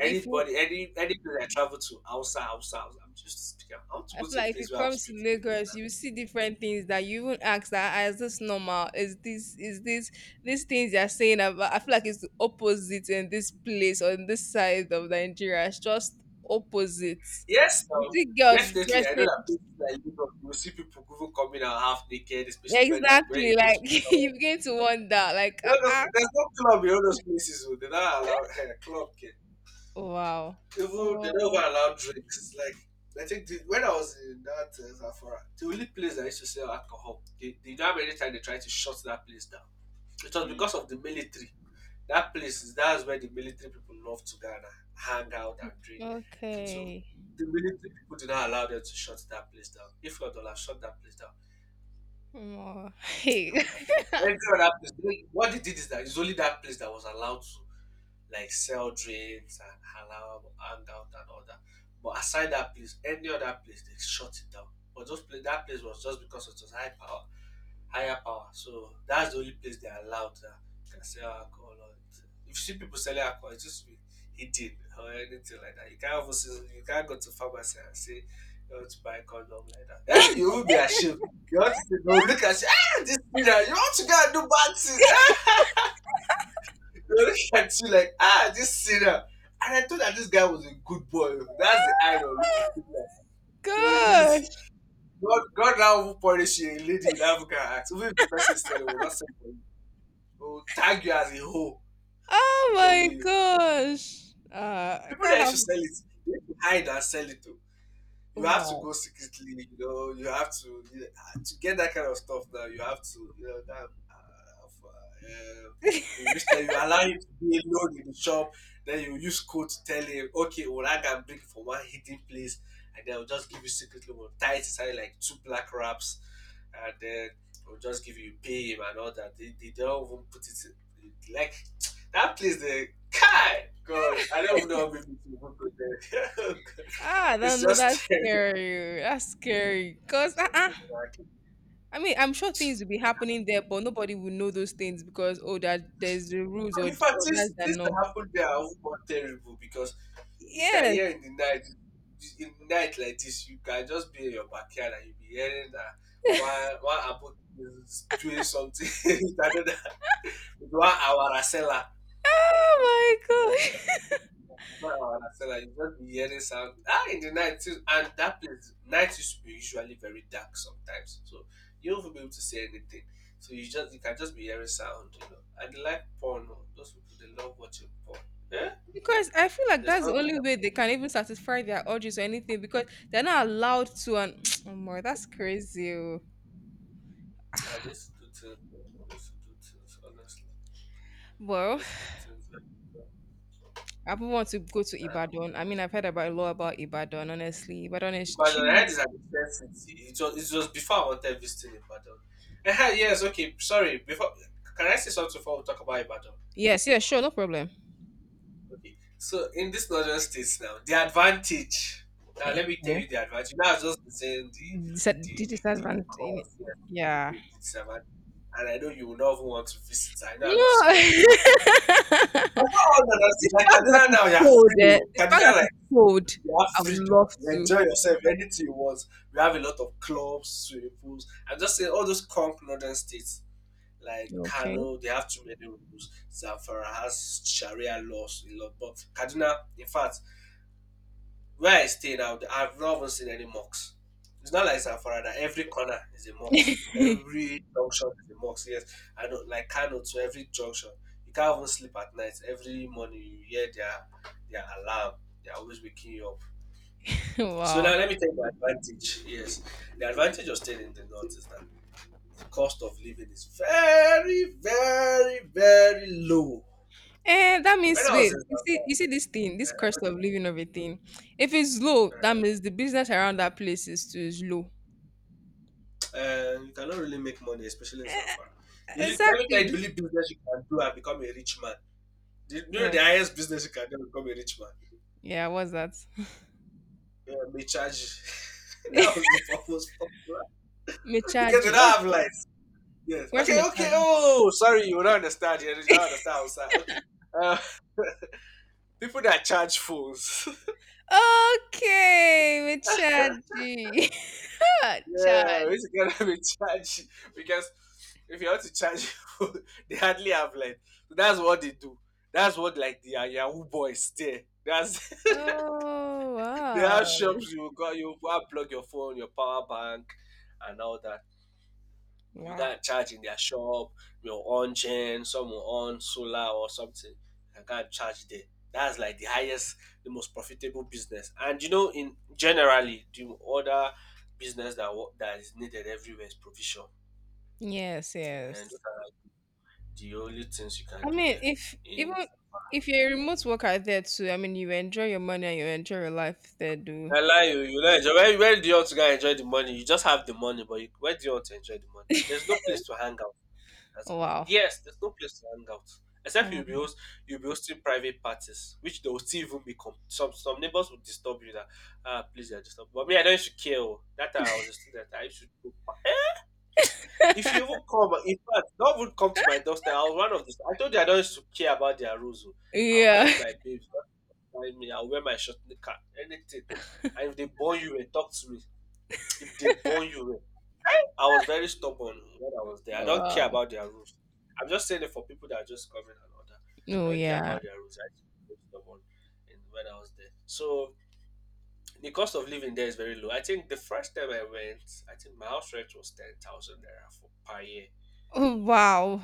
Speaker 2: If you,
Speaker 1: any place I travel to, outside, outside, I'm used to speaking. I want to
Speaker 2: I
Speaker 1: go
Speaker 2: feel
Speaker 1: to a
Speaker 2: like if you
Speaker 1: place where I'll
Speaker 2: come to
Speaker 1: speak in different
Speaker 2: Lagos, you
Speaker 1: language.
Speaker 2: see different things that you even ask that "Ah, is this normal? Is this these things they are saying about? I feel like it's the opposite in this place on this side of Nigeria. It's just opposite.
Speaker 1: Yes,
Speaker 2: You
Speaker 1: no,
Speaker 2: see girls
Speaker 1: definitely. I know
Speaker 2: dressing
Speaker 1: that places like Europe, you will see people even coming out half naked, especially when they are where you
Speaker 2: exactly
Speaker 1: go to.
Speaker 2: like you begin to wonder, like ah.
Speaker 1: Honestly,
Speaker 2: Ah,
Speaker 1: there's no club in all those places. Oh. They don't allow eh, club kid.
Speaker 2: wow.
Speaker 1: Even they don't
Speaker 2: Oh,
Speaker 1: even allow drinks. Like I think the, when I was in that Zafara, the only place that used to sell alcohol, they don't have any time they tried to shut that place down. It was because of the military. That place is that's where the military people love to gather, hang out and drink. So
Speaker 2: okay.
Speaker 1: the military people did not allow them to shut that place down. If not, they'll have shut that place down.
Speaker 2: Oh.
Speaker 1: They
Speaker 2: Hey!
Speaker 1: would have shut. Every other place. What they did is that it's only that place that was allowed to like sell drinks and halal hangout and all that. But aside that place, any other place they shut it down. But those place, that place was just because it was high power, higher power. So that's the only place they allowed that you can sell alcohol. Or anything. If you see people selling alcohol, it's just be hidden or anything like that. You can't even see, you can't go to pharmacy and say you want to buy condom like that. Yeah, you will be ashamed. You want to say no, look at you. Hey, this thing, ah, you want to go and do bad things. They look at you like, ah, this sinner. And I thought that this guy was a good boy. That's the idol. Look at him. Like, you know, use
Speaker 2: gosh.
Speaker 1: God, God now will punish a lady in African acts. Even if the person is selling, will not sell for you. They will tag you as a hoe. I'm
Speaker 2: Oh
Speaker 1: telling
Speaker 2: my
Speaker 1: you.
Speaker 2: gosh. I
Speaker 1: People
Speaker 2: can't
Speaker 1: that
Speaker 2: have.
Speaker 1: should sell it, they should hide and sell it. You have to
Speaker 2: Wow.
Speaker 1: go secretly, you know, you have to you know, ah, to get that kind of stuff now. You have to, you know, that of, you just tell you allow him to be alone in the shop. Then you use code to tell him, okay, well I can bring from one hidden place, and then I'll just give you secretly we'll tie it inside like two black wraps, and then we will just give you pay him and all that. They don't even put it in, like that place. The guy, God, I don't even know how many people go there.
Speaker 2: ah, no,
Speaker 1: It's
Speaker 2: no, that's
Speaker 1: just
Speaker 2: scary. That's scary. Cause
Speaker 1: So, like,
Speaker 2: I mean, I'm sure things will be happening there, but nobody will know those things because oh, that there's the rules
Speaker 1: in fact,
Speaker 2: or
Speaker 1: things
Speaker 2: that's the
Speaker 1: things that
Speaker 2: norms.
Speaker 1: happened there are even more terrible because you can
Speaker 2: Yes.
Speaker 1: hear in the night like this, you can just be in your backyard and you be hearing that one one abu is doing something with another with one awara seller.
Speaker 2: Oh my gosh.
Speaker 1: Wow, I like you just be hearing sound ah in the night too, and that place night used to be usually very dark sometimes, so you won't be able to see anything. So you just you can just be hearing sound, you know. I dey like porn oh, those people they love watching porn. Yeah,
Speaker 2: Because I feel like
Speaker 1: there's
Speaker 2: that's
Speaker 1: not
Speaker 2: the only way they can even satisfy their urges or anything because they're not allowed to. And oh more, that's crazy. Oh.
Speaker 1: I just do things oh, I used to do things honestly. I
Speaker 2: Well,
Speaker 1: used to do things
Speaker 2: I would want to go to
Speaker 1: very bad.
Speaker 2: Ibadan. I mean, I've heard about a lot about Ibadan. Honestly, Ibadan is
Speaker 1: Ibadan I heard
Speaker 2: cheap.
Speaker 1: is an expensive city. It was before I wanted visiting Ibadan. Ehen yes okay sorry before can I say something before we talk about Ibadan?
Speaker 2: Yes, yeah, sure, no problem.
Speaker 1: Okay. So in this northern states now, the advantage. Now let
Speaker 2: Hey,
Speaker 1: me tell
Speaker 2: eh,
Speaker 1: you the advantage. Now I've just been saying the
Speaker 2: disa-
Speaker 1: the
Speaker 2: the
Speaker 1: the, the
Speaker 2: disadvantage.
Speaker 1: cause, yes, the,
Speaker 2: Yeah.
Speaker 1: the disadvantage. And I know you will not even want to visit. I know
Speaker 2: No.
Speaker 1: I'm discouraging you the more.
Speaker 2: the
Speaker 1: But
Speaker 2: fact
Speaker 1: not all northern states. Like
Speaker 2: that
Speaker 1: Kaduna
Speaker 2: it's
Speaker 1: now, you are
Speaker 2: cold,
Speaker 1: free.
Speaker 2: eh?
Speaker 1: Oh.
Speaker 2: The fact that
Speaker 1: Kaduna like
Speaker 2: it's cold,
Speaker 1: you have
Speaker 2: I would
Speaker 1: freedom.
Speaker 2: love
Speaker 1: You
Speaker 2: to.
Speaker 1: enjoy yourself anything you want. We have a lot of clubs, swimming pools. I'm just saying all those crunk northern states. Like
Speaker 2: Okay.
Speaker 1: Kano, they have too many rules. Zamfara has Sharia laws a lot, but Kaduna, in fact, where I stay now, I've not even seen any mosques. It's not like Zamfara that every corner is a mosque. Every junction is a mosque. Yes, I know. Like Kano, to every junction, you can't even sleep at night. Every morning, you hear their alarm. They're always waking you up. So now,
Speaker 2: wow.
Speaker 1: let me take the advantage. Yes, the advantage of staying in the north is that the cost of living is very, very, very low.
Speaker 2: Eh, that
Speaker 1: When
Speaker 2: means
Speaker 1: I was
Speaker 2: wait.
Speaker 1: in
Speaker 2: You see,
Speaker 1: Zamfara,
Speaker 2: you see this thing, this cost of living of a
Speaker 1: uh,
Speaker 2: thing. If it's low, that
Speaker 1: uh,
Speaker 2: means the business around that place is too is low.
Speaker 1: you cannot really make money, especially in
Speaker 2: Eh,
Speaker 1: Zamfara. The only, let me tell you,
Speaker 2: exactly.
Speaker 1: the only business you can do and become a rich man. The, you know the
Speaker 2: What?
Speaker 1: highest business you can do and become a rich man.
Speaker 2: Yeah. What's that?
Speaker 1: Yeah, may charge you. That was the purpose. For- because they
Speaker 2: Mechaji.
Speaker 1: don't
Speaker 2: What?
Speaker 1: have lights. Yes.
Speaker 2: Where's
Speaker 1: Okay, okay.
Speaker 2: Mechaji?
Speaker 1: Oh, sorry, you don't understand. You don't understand outside. Okay. Uh, people that charge phones.
Speaker 2: Okay, Mechaji.
Speaker 1: Yeah,
Speaker 2: Chad.
Speaker 1: which is gonna be charged because if you want to charge people, they hardly have like so that's what they do. That's what like the Yahoo boys there. That's
Speaker 2: Oh
Speaker 1: they have
Speaker 2: wow.
Speaker 1: shops you go and plug your phone, your power bank and all that. You
Speaker 2: Wow.
Speaker 1: can charge in their shop, your on chain, some will on solar or something. You can charge there. That's like the highest, the most profitable business. And in generally the other business that is needed everywhere is provision.
Speaker 2: Yes,
Speaker 1: And those
Speaker 2: yes.
Speaker 1: are the only things you can
Speaker 2: I
Speaker 1: do
Speaker 2: mean,
Speaker 1: there.
Speaker 2: if even
Speaker 1: In
Speaker 2: if you're a remote worker there too, I mean, you enjoy your money and you enjoy your life there, do.
Speaker 1: I lie you. You not enjoy. Where do you want to go and enjoy the money? You just have the money, but you, where do you want to enjoy the money? There's no place to hang out. That's-
Speaker 2: Wow.
Speaker 1: yes, there's no place to hang out except
Speaker 2: Oh
Speaker 1: you'll be host, you'll be hosting private parties, which they will still even be some neighbors will disturb you. Please, they are disturbing. But me, I don't used to care. Oh. That time I was a student, I used to. Go. If you even come, in fact, not even come to my doorstep. I was one of these. I told you I don't used to care about their rules. Oh. I'll
Speaker 2: yeah.
Speaker 1: carry my babes. Find me, I'll wear my shirt, knicker, anything. And if they burn you, eh, talk to me. If they burn you, eh, I was very stubborn when I was there. I don't care
Speaker 2: Wow.
Speaker 1: about their rules. I'm just saying it for people that are just coming and all that. I
Speaker 2: Oh
Speaker 1: don't care
Speaker 2: yeah.
Speaker 1: about their rules. I was very stubborn when I was there. So the cost of living there is very low. I think the first time I went, I think my house rent was 10,000 naira for per year.
Speaker 2: Oh wow.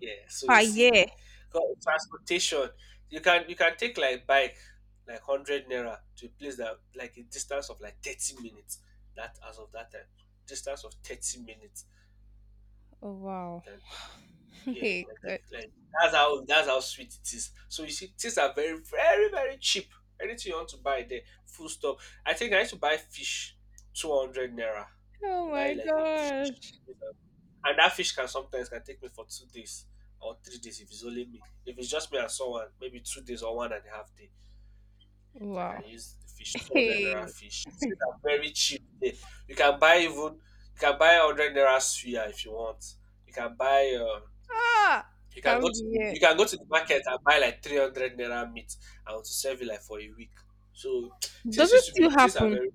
Speaker 1: Yeah. So you
Speaker 2: Ah
Speaker 1: see,
Speaker 2: yeah.
Speaker 1: because transportation, you can take like bike, like 100 naira to a place that like a distance of like 30 minutes. That as of that time, distance of 30 minutes.
Speaker 2: Oh wow.
Speaker 1: Then yeah, you
Speaker 2: Hey
Speaker 1: can take
Speaker 2: good.
Speaker 1: like that's how sweet it is. So you see, things are very very very cheap. Anything you want to buy there, full stop. I think I used to buy fish, 200 naira.
Speaker 2: Oh
Speaker 1: You buy
Speaker 2: my
Speaker 1: like a fish.
Speaker 2: gosh.
Speaker 1: And that fish can sometimes can take me for 2 days or 3 days if it's only me. If it's just me and someone, maybe 2 days or 1.5 days. I can
Speaker 2: Wow.
Speaker 1: use the fish, 200 naira
Speaker 2: Hey.
Speaker 1: fish. Things are very cheap there. You can buy even you can buy 100 naira suya if you want. You can buy
Speaker 2: Ah can't be it.
Speaker 1: you can go to the market and buy like 300 naira meat and to serve it like for a week. So things
Speaker 2: Does it
Speaker 1: used to
Speaker 2: still
Speaker 1: be things are
Speaker 2: happen?
Speaker 1: very.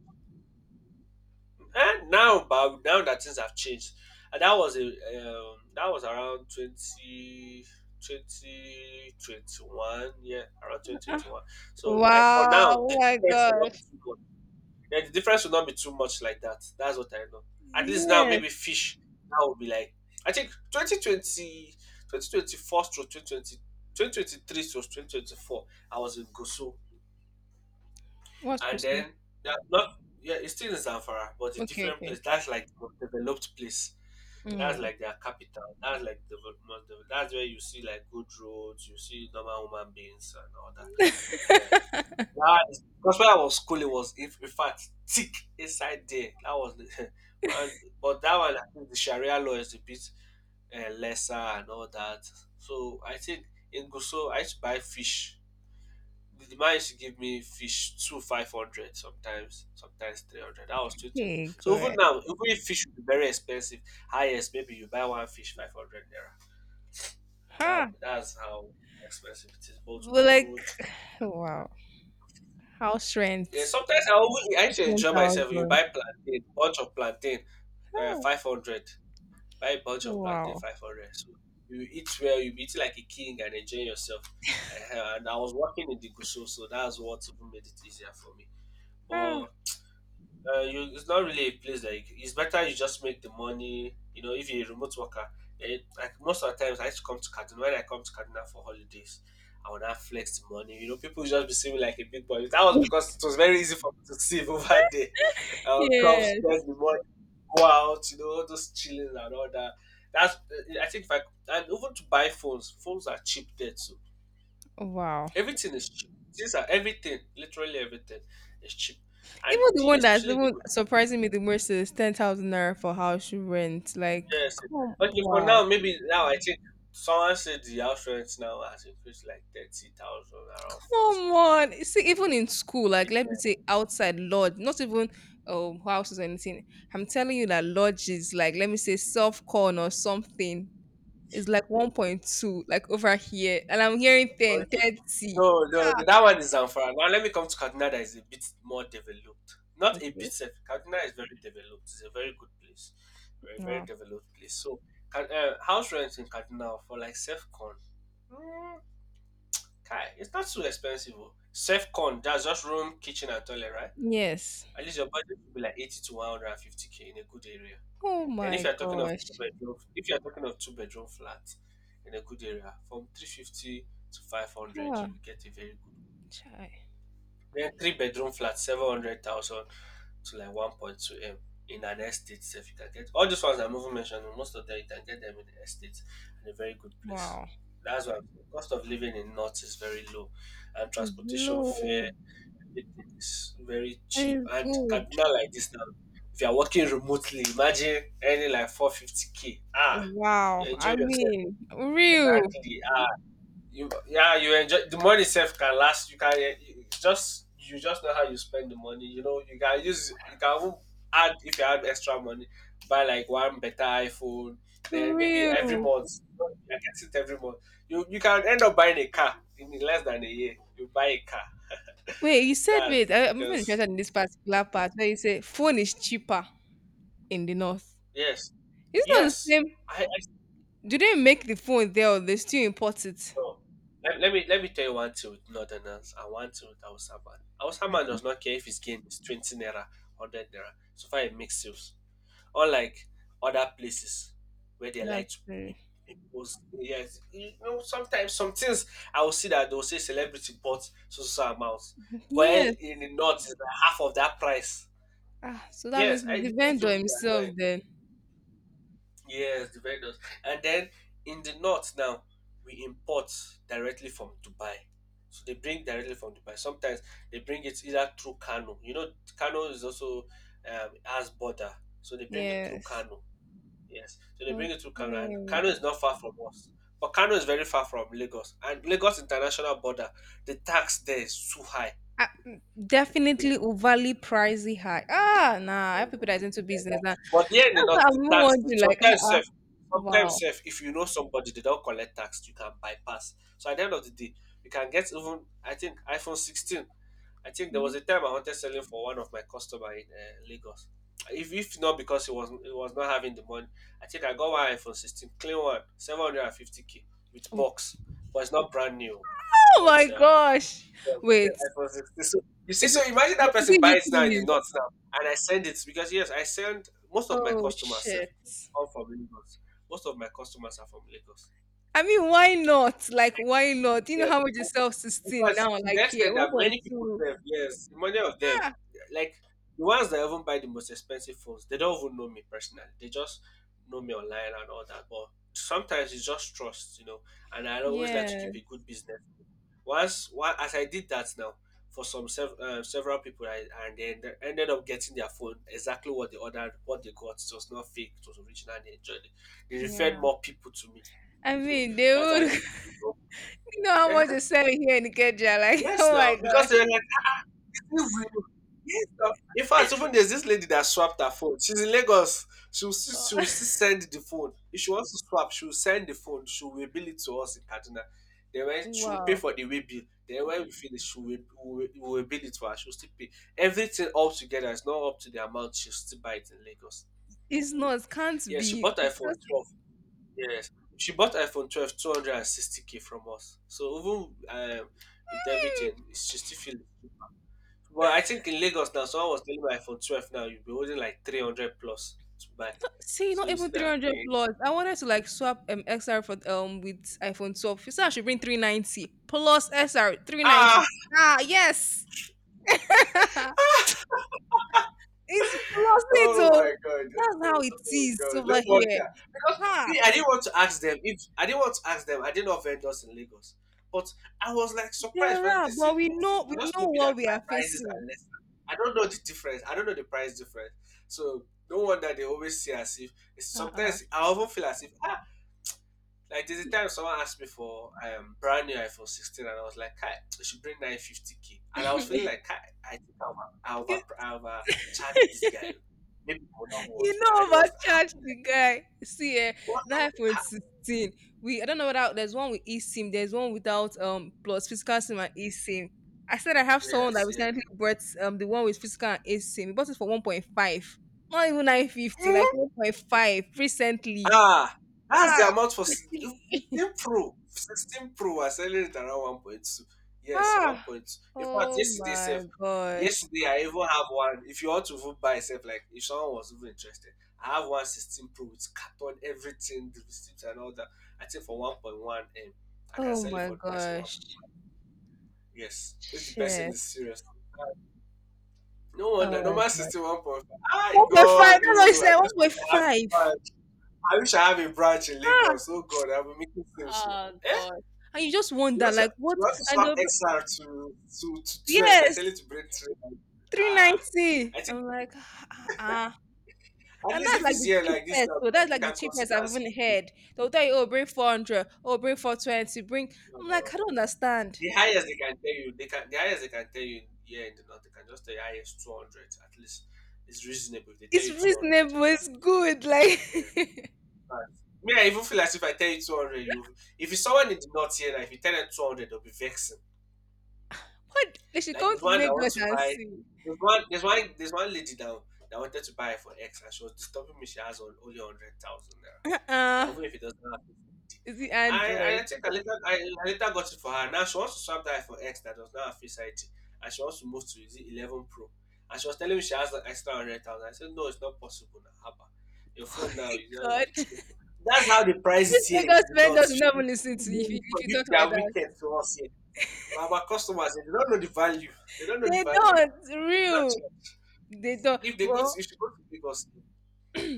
Speaker 1: And now, but now that things have changed, and that was a that was around twenty twenty twenty one, yeah, around twenty twenty
Speaker 2: Ah.
Speaker 1: one. So like for
Speaker 2: Wow.
Speaker 1: now, the
Speaker 2: Oh my
Speaker 1: difference will not be
Speaker 2: gosh.
Speaker 1: too much. Yeah, the difference will not be too much like that. That's what I know. At least now,
Speaker 2: Yes.
Speaker 1: maybe fish now will be like I think 2020, to 2024 to twenty twenty twenty three to 2024, I was in Gosu.
Speaker 2: What's
Speaker 1: And
Speaker 2: Christmas?
Speaker 1: then yeah, not yeah, it's still in Zamfara, but a
Speaker 2: Okay,
Speaker 1: different
Speaker 2: okay.
Speaker 1: place. That's like the most developed place. That's
Speaker 2: Mm.
Speaker 1: like their capital. That's like the that's where you see like good roads. You see normal human beings and all that. That is, because when I was school, it was in fact thick inside there. That was the, and, but that one I think the Sharia law is a bit lesser and all that. So I think in Gusau, I used to buy fish the man used to give me fish two 500 sometimes, sometimes 300. That was 220.
Speaker 2: hey
Speaker 1: So even
Speaker 2: good.
Speaker 1: now, even if fish would be very expensive, highest maybe you buy one fish 500 naira.
Speaker 2: Huh.
Speaker 1: That's how expensive it is, but to
Speaker 2: But
Speaker 1: be
Speaker 2: like
Speaker 1: good.
Speaker 2: wow. House
Speaker 1: Yeah,
Speaker 2: rent.
Speaker 1: sometimes I always I used to
Speaker 2: Ten
Speaker 1: enjoy myself. You
Speaker 2: thousand.
Speaker 1: buy plantain, bunch of plantain,
Speaker 2: Oh
Speaker 1: 500. Buy a bunch of plantain,
Speaker 2: wow.
Speaker 1: 500. So you eat well, you eat like a king and enjoy yourself. And I was working in the Gusau, so that's what even made it easier for me.
Speaker 2: Ah.
Speaker 1: But it's not really a place that it's better you just make the money. You know, if you're a remote worker, eh, like most of the times I used to come to Kaduna. When I come to Kaduna for holidays, I would not flex the money. People just be seeing me like a big boy. That was because it was very easy for me to save over there. I would come spend
Speaker 2: yes.
Speaker 1: the money, go out, all those chilling and all that. That's eh, I think if I and even to buy phones, phones are cheap there too.
Speaker 2: Wow.
Speaker 1: Everything is cheap. These are everything, literally everything is cheap. And
Speaker 2: Even the
Speaker 1: the
Speaker 2: one that's
Speaker 1: especially the
Speaker 2: even
Speaker 1: good.
Speaker 2: surprising me the most is 10,000 naira for house rent. Like,
Speaker 1: Yes.
Speaker 2: come,
Speaker 1: Okay, for
Speaker 2: wow.
Speaker 1: now, maybe now I think someone said the house rent now has increased like 30,000, around
Speaker 2: Come
Speaker 1: 40k.
Speaker 2: on. See, even in school, like, let
Speaker 1: Yeah.
Speaker 2: me say outside lodge, not even houses or anything. I'm telling you that lodge is like, let me say soft corn or something. It's like 1.2, like over here. And I'm hearing 10,
Speaker 1: Okay.
Speaker 2: 30.
Speaker 1: No, no, no, that one is Zamfara. Now let me come to Kaduna that is a bit more developed. Not a bit,
Speaker 2: Okay.
Speaker 1: sef, Kaduna is very developed. It's a very good place. Very, very
Speaker 2: Wow.
Speaker 1: developed place. So, house rent in Kaduna for like self-con, mm, kai, it's not too expensive. Oh. Self-con, that's just room, kitchen and toilet, right?
Speaker 2: Yes.
Speaker 1: At least your budget will be like 80 to 150k in a good area.
Speaker 2: Oh
Speaker 1: Then if
Speaker 2: my
Speaker 1: you're talking of two
Speaker 2: gosh.
Speaker 1: bedroom, if you're talking of two-bedroom flat in a good area, from 350 to 500,
Speaker 2: Ah,
Speaker 1: you will get a very good.
Speaker 2: chai.
Speaker 1: Then three-bedroom flat, 700,000 to like 1.2 m in an estate. If you can get all these ones I'm even mentioning, most of them you can get them in the estate and a very good place.
Speaker 2: Wow.
Speaker 1: That's why the cost of living in North is very low, and
Speaker 2: It's
Speaker 1: transportation fare
Speaker 2: low.
Speaker 1: it is very cheap.
Speaker 2: And it's
Speaker 1: And
Speaker 2: good.
Speaker 1: Kaduna like this now, if you're working remotely, imagine earning like 450k. Ah,
Speaker 2: Wow,
Speaker 1: you enjoy
Speaker 2: I
Speaker 1: yourself.
Speaker 2: mean, real,
Speaker 1: Exactly. Ah, yeah, you enjoy. The money itself can last. You can eh, you just know how you spend the money. You can use, you can even add, if you add extra money, buy like one better iPhone. Then maybe every
Speaker 2: real.
Speaker 1: month, you can sit every month. You can end up buying a car in less than a year. You buy a car.
Speaker 2: Wait, you said
Speaker 1: That's
Speaker 2: wait.
Speaker 1: it
Speaker 2: I, I'm even
Speaker 1: because
Speaker 2: interested in this particular part where you say phone is cheaper in the north.
Speaker 1: yes.
Speaker 2: It's not the
Speaker 1: Yes,
Speaker 2: same.
Speaker 1: I
Speaker 2: Do they make the phone there, or they still import it?
Speaker 1: no. Let me tell you one thing with Northerners and one thing with Hausa man. Hausa man
Speaker 2: Okay,
Speaker 1: does not care if his gain is 20 naira, 100 naira. So far, it makes sales. Unlike other places where they like
Speaker 2: that's
Speaker 1: to
Speaker 2: true.
Speaker 1: im- impose. Yes, sometimes some things I will see that they will say celebrity bought so so so amount, but
Speaker 2: Yes.
Speaker 1: in the north is like half of that price.
Speaker 2: Ah, so that means
Speaker 1: Yes, I
Speaker 2: it's the
Speaker 1: the things
Speaker 2: vendor
Speaker 1: will be
Speaker 2: himself
Speaker 1: annoying.
Speaker 2: then.
Speaker 1: Yes, the vendors. And then in the north now, we import directly from Dubai. So they bring directly from Dubai. Sometimes they bring it either through Kano. Kano is also has border. So they bring it through
Speaker 2: Yes.
Speaker 1: Kano. Yes. So they bring it through Kano. And
Speaker 2: Okay.
Speaker 1: Kano is not far from us. But Kano is very far from Lagos. And Lagos international border, the tax there is too high.
Speaker 2: Ah, mm, definitely overly pricey high. Ah, nah. I have people that is into business. Nah.
Speaker 1: Exactly. But here in the
Speaker 2: That's
Speaker 1: north,
Speaker 2: what I'm even wondering. Like, ah,
Speaker 1: sometimes
Speaker 2: ah,
Speaker 1: safe. Sometimes
Speaker 2: wow.
Speaker 1: safe. If you know somebody, they don't collect tax. You can bypass. So at the end of the day, you can get even. I think iPhone 16. I think there was
Speaker 2: Mhm.
Speaker 1: a time I wanted selling for one of my customer in Lagos. If not because he was not having the money, I think I got one iPhone 16, clean one, 750k with box, but it's not brand new,
Speaker 2: Oh
Speaker 1: but
Speaker 2: my gosh. Wait,
Speaker 1: yes, I was 60. So you see,
Speaker 2: it
Speaker 1: so imagine that
Speaker 2: is
Speaker 1: person
Speaker 2: it UK
Speaker 1: buys now in the
Speaker 2: news?
Speaker 1: north now, and I send it because yes, I send most of my
Speaker 2: Oh
Speaker 1: customers sef
Speaker 2: shit.
Speaker 1: come from Lagos. Most of my customers are from Lagos.
Speaker 2: I mean, why not? Like,
Speaker 1: Like,
Speaker 2: why not? You know
Speaker 1: yes,
Speaker 2: how much is
Speaker 1: because
Speaker 2: self 16
Speaker 1: because
Speaker 2: now?
Speaker 1: to the
Speaker 2: Like here,
Speaker 1: extent
Speaker 2: one
Speaker 1: that
Speaker 2: point
Speaker 1: many people
Speaker 2: two.
Speaker 1: serve, yes, many of them,
Speaker 2: Ah,
Speaker 1: like the ones that even buy the most expensive phones, they don't even know me personally. They just know me online and all that. But sometimes it's just trust. And I always like to
Speaker 2: yeah,
Speaker 1: keep a good business. As I did that now for several people, I, and then they ended up getting their phone exactly what they ordered, what they got. It was not fake; it was original. And they enjoyed it. They referred
Speaker 2: yeah.
Speaker 1: more people to me,
Speaker 2: I
Speaker 1: so
Speaker 2: mean, they
Speaker 1: that's how
Speaker 2: would.
Speaker 1: they. they go.
Speaker 2: You know how
Speaker 1: Yeah.
Speaker 2: much is selling here in Ikeja? Like,
Speaker 1: Yes,
Speaker 2: oh
Speaker 1: now
Speaker 2: my
Speaker 1: because
Speaker 2: god.
Speaker 1: they like. Everywhere. Yes, now. In fact, even there's this lady that swapped her phone. She's in Lagos. She'll still send the phone. If she wants to swap, she'll send the phone. She'll bill it to us in Kaduna. Then when she'll pay
Speaker 2: wow.
Speaker 1: for the way bill. Then when we finish, she'll we will bill it for her. She'll still pay. Everything all together is not up to the amount she'll still buy it in Lagos.
Speaker 2: It's not. Can't
Speaker 1: Yeah, she
Speaker 2: be.
Speaker 1: bought
Speaker 2: It's
Speaker 1: iPhone
Speaker 2: just.
Speaker 1: 12. Yes. She bought iPhone 12 260 k from us. So even um, with
Speaker 2: Hmm.
Speaker 1: everything, she still feeling. But I think in Lagos now, someone was telling me like for 12 now, you'll be holding like 300 plus to buy.
Speaker 2: See,
Speaker 1: So
Speaker 2: not
Speaker 1: you see
Speaker 2: even
Speaker 1: that?
Speaker 2: 300 plus. I wanted to like swap XR for with iPhone 12. You said I should bring 390 plus XR 390.
Speaker 1: Ah!
Speaker 2: Ah, yes. it's plus it
Speaker 1: Oh
Speaker 2: though.
Speaker 1: my god!
Speaker 2: That's how
Speaker 1: Oh,
Speaker 2: it
Speaker 1: oh
Speaker 2: is
Speaker 1: god! No
Speaker 2: over here.
Speaker 1: wonder. Because
Speaker 2: Ha,
Speaker 1: me, I didn't want to ask them if I didn't want to ask them. I didn't know vendors in Lagos, but I was like surprised
Speaker 2: there
Speaker 1: when they
Speaker 2: are,
Speaker 1: said
Speaker 2: but we
Speaker 1: they
Speaker 2: know we
Speaker 1: just
Speaker 2: know
Speaker 1: told me that
Speaker 2: what we
Speaker 1: my
Speaker 2: are
Speaker 1: prices are
Speaker 2: facing.
Speaker 1: less. I don't know the difference. I don't know the price difference. So no wonder they always see as if it's
Speaker 2: Uh-uh.
Speaker 1: sometimes I often feel as if like there's a time someone asked me for brand new iPhone 16 and I was like, "Kai, I should bring 950k." And I was feeling like Kai, I think I'll I'll over
Speaker 2: You-
Speaker 1: I overcharge this guy. Maybe he will not want
Speaker 2: You
Speaker 1: to buy. And
Speaker 2: know,
Speaker 1: he was happy.
Speaker 2: overcharged the
Speaker 1: Like,
Speaker 2: guy. See, eh,
Speaker 1: what
Speaker 2: that
Speaker 1: like
Speaker 2: iPhone 16. We I don't know whether there's one with eSIM, there's one without plus physical SIM and eSIM. I said I have someone that
Speaker 1: yes, yeah.
Speaker 2: recently bought the one with physical and eSIM. He bought it for 1.5, not even 950, like 1.5 recently.
Speaker 1: Ah, that's
Speaker 2: Ah,
Speaker 1: the amount for 16 Pro. 16 Pro are selling it around 1.2. Yes,
Speaker 2: ah,
Speaker 1: 1.2. In fact,
Speaker 2: oh
Speaker 1: yesterday
Speaker 2: my
Speaker 1: self,
Speaker 2: gosh,
Speaker 1: yesterday I even have one. If you want to even buy self, like if someone was even interested, I have one sixteen 16 Pro with carton, everything, the receipts and all that. I think for 1.1 M, I can
Speaker 2: oh
Speaker 1: sell it
Speaker 2: my
Speaker 1: for the person one.
Speaker 2: gosh,
Speaker 1: Yes, if the person
Speaker 2: shit,
Speaker 1: is serious. No wonder,
Speaker 2: oh my
Speaker 1: normal
Speaker 2: god,
Speaker 1: 61.5. My
Speaker 2: 1.5.
Speaker 1: God,
Speaker 2: That's what I
Speaker 1: dude, I
Speaker 2: said,
Speaker 1: just wish I had
Speaker 2: 1.5.
Speaker 1: it. I wish I have a branch in Lagos. Oh God, I'll be making sales so.
Speaker 2: Oh
Speaker 1: Eh?
Speaker 2: god. And you just
Speaker 1: You
Speaker 2: wonder
Speaker 1: want to
Speaker 2: like what
Speaker 1: you want to
Speaker 2: and
Speaker 1: swap
Speaker 2: they'll be-
Speaker 1: XR to 12? They're telling you
Speaker 2: yes,
Speaker 1: to break three. Ah,
Speaker 2: 390.
Speaker 1: I think
Speaker 2: I'm like ah, ah.
Speaker 1: at
Speaker 2: And
Speaker 1: least
Speaker 2: that's
Speaker 1: if
Speaker 2: like
Speaker 1: it's
Speaker 2: the
Speaker 1: here like this,
Speaker 2: cheapest.
Speaker 1: now, we
Speaker 2: So
Speaker 1: can
Speaker 2: that's
Speaker 1: we
Speaker 2: like the
Speaker 1: can
Speaker 2: cheapest
Speaker 1: consider
Speaker 2: I've
Speaker 1: as if,
Speaker 2: even heard. They'll tell you, oh, bring 400, oh bring 420, bring. I'm
Speaker 1: uh,
Speaker 2: like, I don't understand.
Speaker 1: the highest they can tell you. The highest they can tell you here in the north. They can just tell you highest 200. At least it's reasonable. If they tell
Speaker 2: It's
Speaker 1: you 200, you
Speaker 2: reasonable,
Speaker 1: can.
Speaker 2: it's good.
Speaker 1: Yeah,
Speaker 2: Like,
Speaker 1: but me, I even feel as if I tell you 200, you if it's someone in the north here, like if you tell them 200, they'll be vexed.
Speaker 2: what? They should
Speaker 1: Like
Speaker 2: come
Speaker 1: there's
Speaker 2: to
Speaker 1: one that
Speaker 2: Lagos
Speaker 1: wants to
Speaker 2: and
Speaker 1: buy.
Speaker 2: see.
Speaker 1: There's one. There's one. There's one lady now that wanted to buy for X, and she was disturbing me. She has on only 100,000 naira.
Speaker 2: Uh-uh.
Speaker 1: Now even if it doesn't have 50.
Speaker 2: Is it
Speaker 1: I
Speaker 2: Android?
Speaker 1: think I later got it for her. Now she wants to swap that for X that does not have Face ID, and she wants to move to is it 11 Pro. And she was telling me she has an extra 100,000. I said no, it's not possible now. Haba, your
Speaker 2: Oh
Speaker 1: phone now
Speaker 2: my
Speaker 1: you don't.
Speaker 2: god.
Speaker 1: That's how they price
Speaker 2: These
Speaker 1: it here in
Speaker 2: Lagos
Speaker 1: the north.
Speaker 2: vendors
Speaker 1: You
Speaker 2: will not even listen to you if
Speaker 1: see,
Speaker 2: you,
Speaker 1: for
Speaker 2: if you
Speaker 1: you,
Speaker 2: talk
Speaker 1: they
Speaker 2: like
Speaker 1: are
Speaker 2: that.
Speaker 1: wicked to us here our customers, they don't know the value. They don't know the
Speaker 2: They
Speaker 1: value.
Speaker 2: don't.
Speaker 1: You don't
Speaker 2: Real.
Speaker 1: check.
Speaker 2: They don't.
Speaker 1: If they go to,
Speaker 2: Well,
Speaker 1: you should go to Lagos.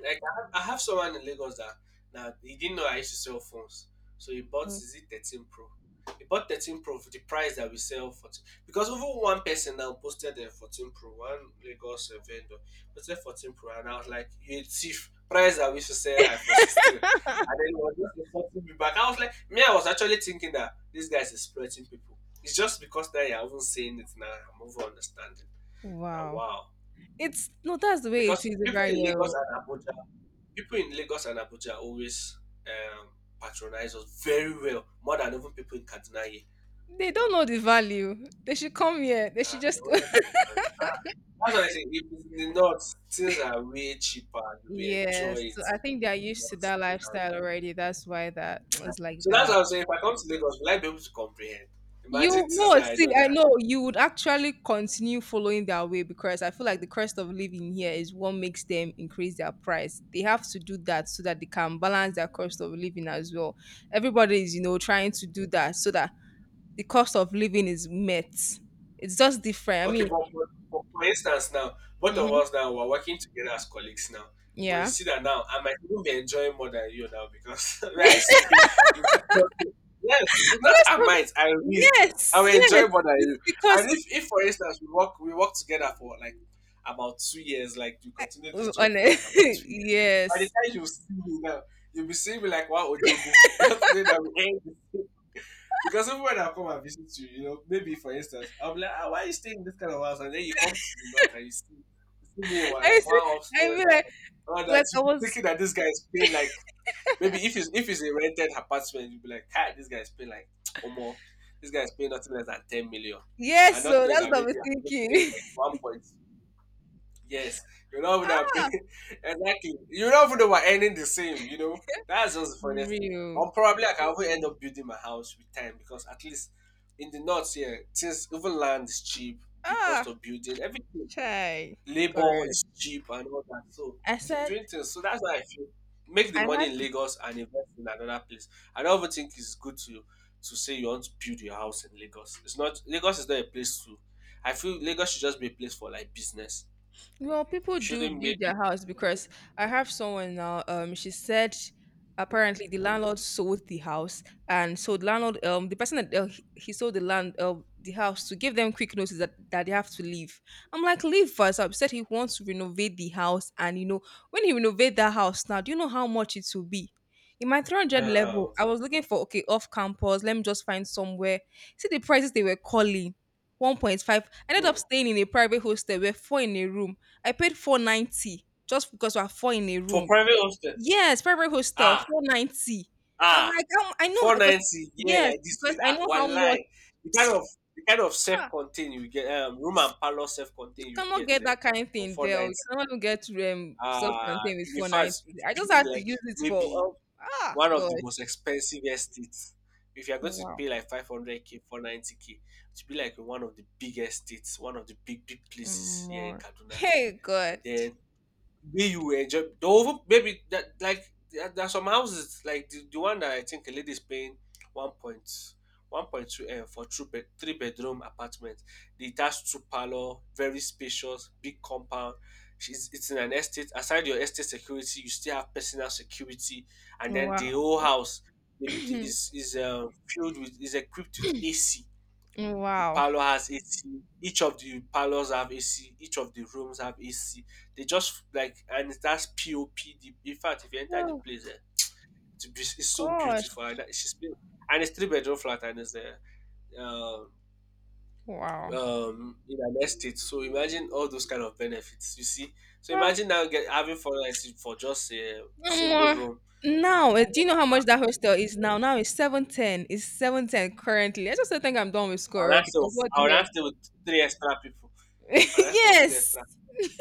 Speaker 1: Like I have, someone in Lagos that now he didn't know I used to sell phones, so he bought is it 13 Pro. He bought 13 Pro for the price that we sell for. Because even one person now posted a 14 Pro, one Lagos vendor posted 14 Pro, and I was like, "You a thief!" Price that we should sell iPhone 16, and then he was just insulting me back. I was like, me, I was actually thinking that this guy is exploiting people. It's just because that you haven't seen it now. I'm over understanding. Now,
Speaker 2: wow.
Speaker 1: wow,
Speaker 2: It's no, that's the way it
Speaker 1: because
Speaker 2: is
Speaker 1: people
Speaker 2: over
Speaker 1: in
Speaker 2: here.
Speaker 1: Lagos
Speaker 2: Oh.
Speaker 1: and Abuja people in Lagos and Abuja always um, patronize us very well, more than even people in Kaduna here.
Speaker 2: They don't know the value. They should come here. They
Speaker 1: Ah,
Speaker 2: should
Speaker 1: they
Speaker 2: just.
Speaker 1: always patronize us. Ah, that's what I say. If it's in the north, things are way cheaper. And we enjoy
Speaker 2: yes, so
Speaker 1: it.
Speaker 2: I think they are used to
Speaker 1: north.
Speaker 2: that
Speaker 1: Things are-
Speaker 2: lifestyle already. That's why that was like
Speaker 1: So that's
Speaker 2: that.
Speaker 1: what I'm saying. If I come to Lagos, will I be able to comprehend?
Speaker 2: You
Speaker 1: Imagine things
Speaker 2: no,
Speaker 1: that I
Speaker 2: see,
Speaker 1: know that.
Speaker 2: I know you would actually continue following their way because I feel like the cost of living here is what makes them increase their price. They have to do that so that they can balance their cost of living as well. Everybody is, you know, trying to do that so that the cost of living is met. It's just different. I
Speaker 1: Okay,
Speaker 2: mean,
Speaker 1: but for instance, now both of
Speaker 2: mhm,
Speaker 1: us now we're working together as colleagues now. But you
Speaker 2: yeah.
Speaker 1: see that now I might even be enjoying more than you now because where I stay, we got yes, not I might, I will. I
Speaker 2: yes,
Speaker 1: will
Speaker 2: yes.
Speaker 1: enjoy more than you.
Speaker 2: It's because
Speaker 1: And if for instance we work together for like about 2 years, like you
Speaker 2: I,
Speaker 1: continue this job
Speaker 2: on
Speaker 1: for
Speaker 2: a-
Speaker 1: like about 2 years. By the
Speaker 2: yes.
Speaker 1: time you see me now, you'll be seeing me like wow Odogu. Not that we end. Because everyone that come and visit you, maybe for instance, I'll be like, ah, why are you staying in this kind of house? And then you come to the north and you see me one,
Speaker 2: I
Speaker 1: like
Speaker 2: used
Speaker 1: one
Speaker 2: I
Speaker 1: upstairs
Speaker 2: mean,
Speaker 1: and all
Speaker 2: like
Speaker 1: that.
Speaker 2: I
Speaker 1: You be
Speaker 2: was
Speaker 1: thinking that this guy is paying like maybe if it's a rented apartment, you'll be like, hi, this guy is paying like or more. This guy is paying nothing less than 10 million.
Speaker 2: yes.
Speaker 1: And not
Speaker 2: So
Speaker 1: knowing
Speaker 2: that's
Speaker 1: that
Speaker 2: what I was
Speaker 1: maybe I'm just paying
Speaker 2: thinking.
Speaker 1: like one point. Yes, you don't even have been
Speaker 2: ah,
Speaker 1: exactly. You don't even we're ending the same, you know. That's just the funniest thing.
Speaker 2: real.
Speaker 1: Or probably like, I can even end up building my house with time because at least in the north here, since even land is cheap because
Speaker 2: Ah,
Speaker 1: of building, everything
Speaker 2: try.
Speaker 1: labor
Speaker 2: Gosh.
Speaker 1: is cheap and all that. So
Speaker 2: I said
Speaker 1: doing things. So that's why I feel make the
Speaker 2: I
Speaker 1: money
Speaker 2: had
Speaker 1: in
Speaker 2: to.
Speaker 1: Lagos and invest in another place. I don't even think it's good to say you want to build your house in Lagos. It's not. Lagos is not a place to. I feel Lagos should just be a place for like business.
Speaker 2: Well, people
Speaker 1: It
Speaker 2: do
Speaker 1: shouldn't be.
Speaker 2: build their house because I have someone now. She said apparently the landlord sold the house, and so the landlord, the person that he sold the land, the house to give them quick notice that, they have to leave. I'm like, leave first. He said he wants to renovate the house, and you know, when he renovate that house now, do you know how much it will be? In my 300
Speaker 1: Yeah.
Speaker 2: level, I was looking for okay off campus. Let me just find somewhere. See the prices they were calling. 1.5. I ended
Speaker 1: Hmm.
Speaker 2: up staying in a private hostel. We're four in a room. I paid 490 just because we are 4 in a
Speaker 1: For
Speaker 2: room.
Speaker 1: private hospital,
Speaker 2: Yes, private hostel,
Speaker 1: ah,
Speaker 2: 490. I'm
Speaker 1: ah,
Speaker 2: like, I know because
Speaker 1: 490, yeah,
Speaker 2: yes,
Speaker 1: like this,
Speaker 2: because I know how
Speaker 1: one
Speaker 2: much.
Speaker 1: line. The kind of the kind of
Speaker 2: Ah,
Speaker 1: self-contained you get, room and parlor
Speaker 2: you
Speaker 1: self-contained you
Speaker 2: cannot
Speaker 1: get
Speaker 2: get that kind of
Speaker 1: for
Speaker 2: thing there. Or
Speaker 1: 490.
Speaker 2: you cannot even get
Speaker 1: Ah,
Speaker 2: self-contained with
Speaker 1: in
Speaker 2: 490.
Speaker 1: fact, it's
Speaker 2: I just
Speaker 1: been
Speaker 2: had to
Speaker 1: like
Speaker 2: use it
Speaker 1: maybe
Speaker 2: for ah
Speaker 1: one of the most
Speaker 2: gosh.
Speaker 1: expensive estates. If you're going to
Speaker 2: Wow.
Speaker 1: pay like 500k, 490k, it should be like in one of the big estates, one of the big, big places here in
Speaker 2: More.
Speaker 1: Kaduna.
Speaker 2: Hey God.
Speaker 1: And then where you enjoy the, maybe that like there are some houses like the one that I think a lady is paying 1.1 point two M for two bed, three-bedroom apartment. The detached two parlor, very spacious, big compound. She's it's in an estate. Aside your estate security, you still have personal security, and then
Speaker 2: Wow.
Speaker 1: the whole house it is is uh filled with is equipped with AC. The
Speaker 2: wow.
Speaker 1: parlor has AC. Each of the parlors have AC. Each of the rooms have AC. They just like and that's POP. In fact, if you enter the place, it's
Speaker 2: Oh
Speaker 1: so
Speaker 2: gosh.
Speaker 1: beautiful. And that, and it's three-bedroom flat and it's there. Um,
Speaker 2: Wow.
Speaker 1: in an estate, so imagine all those kind of benefits you see. So
Speaker 2: Ah.
Speaker 1: imagine now get having 490 for just a
Speaker 2: No
Speaker 1: single
Speaker 2: more.
Speaker 1: room.
Speaker 2: Now, eh, do you know how
Speaker 1: uh,
Speaker 2: much that hostel is now? Now it's 710. It's 710 currently. I just don't think I'm done with school
Speaker 1: I'll ask
Speaker 2: already.
Speaker 1: you
Speaker 2: Because what the heck?
Speaker 1: with three extra people. I'll ask you with three
Speaker 2: yes.
Speaker 1: extra.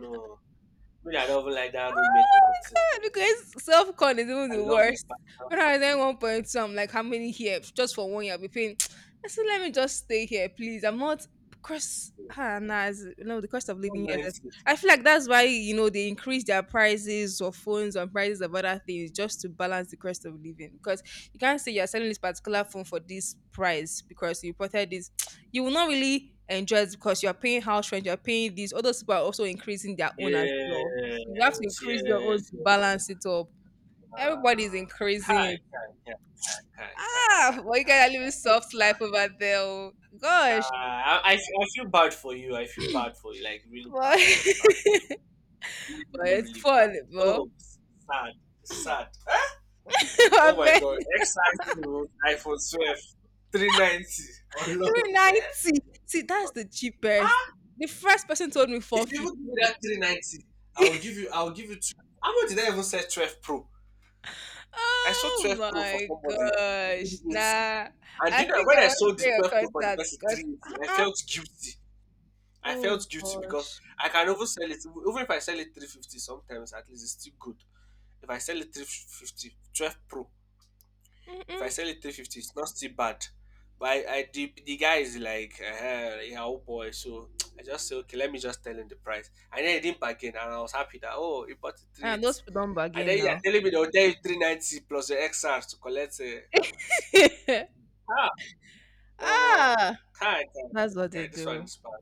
Speaker 1: No, me, I don't even like that roommate of the.
Speaker 2: God, because self con is even
Speaker 1: I
Speaker 2: the
Speaker 1: love my
Speaker 2: worst. When
Speaker 1: pastors.
Speaker 2: I was in 1.2, I'm like, how many here just for one year? I'll be paying. I said, let me just stay here, please. I'm not cost. Ah, nah, it's- you the cost of
Speaker 1: What
Speaker 2: living here.
Speaker 1: mine?
Speaker 2: Is- I feel like that's why you know they increase their prices of phones and prices of other things just to balance the cost of living. Because you can't say you're selling this particular phone for this price because you imported this. You will not really enjoy it because you're paying house rent, you're paying this. All those people are also increasing their own as well. So you have to
Speaker 1: Yes,
Speaker 2: increase your own to
Speaker 1: yes, yes.
Speaker 2: balance
Speaker 1: Yes.
Speaker 2: it up. Everybody's
Speaker 1: Ah,
Speaker 2: increasing
Speaker 1: Kai,
Speaker 2: it.
Speaker 1: Kai, Kai, Kai, Kai, Kai,
Speaker 2: Ah, well, you
Speaker 1: Kai.
Speaker 2: guys are living soft
Speaker 1: Kai.
Speaker 2: life over there. Oh. Gosh.
Speaker 1: I feel bad for you. I feel bad for you. Like, really
Speaker 2: But,
Speaker 1: bad, really bad, really, really,
Speaker 2: but
Speaker 1: really,
Speaker 2: it's
Speaker 1: really
Speaker 2: fun,
Speaker 1: bad.
Speaker 2: bro.
Speaker 1: Oh, sad, sad.
Speaker 2: I
Speaker 1: Oh my
Speaker 2: bet
Speaker 1: god. XI to iPhone 12, 390. Oh, no.
Speaker 2: 390. See, that's the cheapest. The first person told me
Speaker 1: If you
Speaker 2: 450.
Speaker 1: even give me that 390, I'll give you two. How much did I even say 12 Pro? I saw
Speaker 2: Oh
Speaker 1: 12 Pro for
Speaker 2: my
Speaker 1: somebody,
Speaker 2: gosh.
Speaker 1: 380.
Speaker 2: Nah.
Speaker 1: And
Speaker 2: I
Speaker 1: you know,
Speaker 2: think
Speaker 1: when
Speaker 2: I
Speaker 1: I
Speaker 2: want
Speaker 1: sold
Speaker 2: to
Speaker 1: the
Speaker 2: get your
Speaker 1: 12 Pro for the
Speaker 2: contact
Speaker 1: person
Speaker 2: because,
Speaker 1: 380, I
Speaker 2: uh-uh.
Speaker 1: felt guilty. I
Speaker 2: Oh
Speaker 1: felt guilty because
Speaker 2: gosh.
Speaker 1: I can even sell it. Even if I sell it 350 sometimes, at least it's still good. If I sell it 350 12 Pro, if I
Speaker 2: Mm-mm.
Speaker 1: sell it 350, it's not still bad. But I the guy is like, yeah, oh boy. So I just say, okay, let me just tell him the price. And then he didn't bargain. And I was happy that, oh, he bought it
Speaker 2: And
Speaker 1: 380.
Speaker 2: those don't
Speaker 1: And
Speaker 2: bargain
Speaker 1: then you're
Speaker 2: now.
Speaker 1: telling me they'll tell you 390 plus the XR to collect. Uh, Um,
Speaker 2: ah,
Speaker 1: Kai, Kai,
Speaker 2: that's what they
Speaker 1: Kai, this one
Speaker 2: do.
Speaker 1: is bad.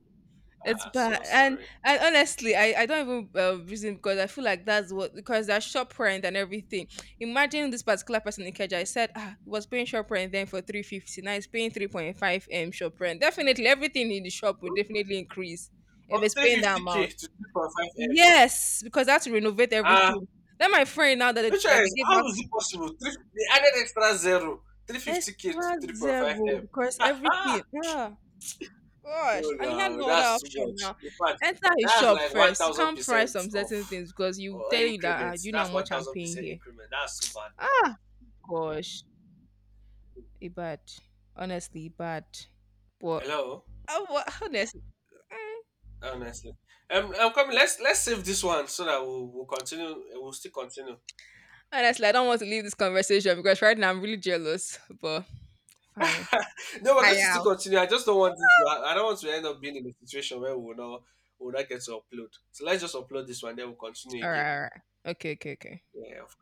Speaker 2: It's
Speaker 1: Ah,
Speaker 2: bad,
Speaker 1: so
Speaker 2: and
Speaker 1: sorry.
Speaker 2: honestly, I don't even reason because I feel like that's what because that shop rent and everything. Imagine this particular person in Keja. I said ah, he was paying shop rent then for 350. Now he's paying 3.5 m shop rent. Definitely, everything in the shop will definitely increase
Speaker 1: From
Speaker 2: if it's paying that
Speaker 1: 350k
Speaker 2: amount.
Speaker 1: to 3.5M.
Speaker 2: Yes, because I had to renovate
Speaker 1: Ah,
Speaker 2: everything. Then my friend now that it,
Speaker 1: which one
Speaker 2: like they
Speaker 1: is,
Speaker 2: gave out
Speaker 1: how is it possible? Three, they added extra zero. 350k to
Speaker 2: extra zero
Speaker 1: 3.5M.
Speaker 2: because
Speaker 1: Ah,
Speaker 2: everything. Yeah.
Speaker 1: no,
Speaker 2: Gosh, and he had
Speaker 1: no,
Speaker 2: no other
Speaker 1: that's too
Speaker 2: option
Speaker 1: much.
Speaker 2: now.
Speaker 1: In fact,
Speaker 2: Enter his
Speaker 1: that's
Speaker 2: shop
Speaker 1: like
Speaker 2: first. You can't price
Speaker 1: 1000%
Speaker 2: some
Speaker 1: of
Speaker 2: certain things because you
Speaker 1: or
Speaker 2: tell you that ah, do
Speaker 1: increments.
Speaker 2: you know
Speaker 1: That's
Speaker 2: how much I'm paying
Speaker 1: 1000%
Speaker 2: here?
Speaker 1: increment. That's too bad now.
Speaker 2: Ah, gosh, it bad. Honestly, it bad. But
Speaker 1: Hello?
Speaker 2: I, wa- honestly, mm,
Speaker 1: Honestly. I'm coming. Let's save this one so that we'll continue. We'll still continue.
Speaker 2: honestly, I don't want to leave this conversation because right now I'm really jealous. But fine,
Speaker 1: No, we're
Speaker 2: I
Speaker 1: going to
Speaker 2: am.
Speaker 1: still continue. I just don't want this. I don't want to end up being in a situation where we will not get to upload. So let's just upload this one, then we'll continue
Speaker 2: All
Speaker 1: again.
Speaker 2: right, all right. Okay, okay, okay.
Speaker 1: Yeah, of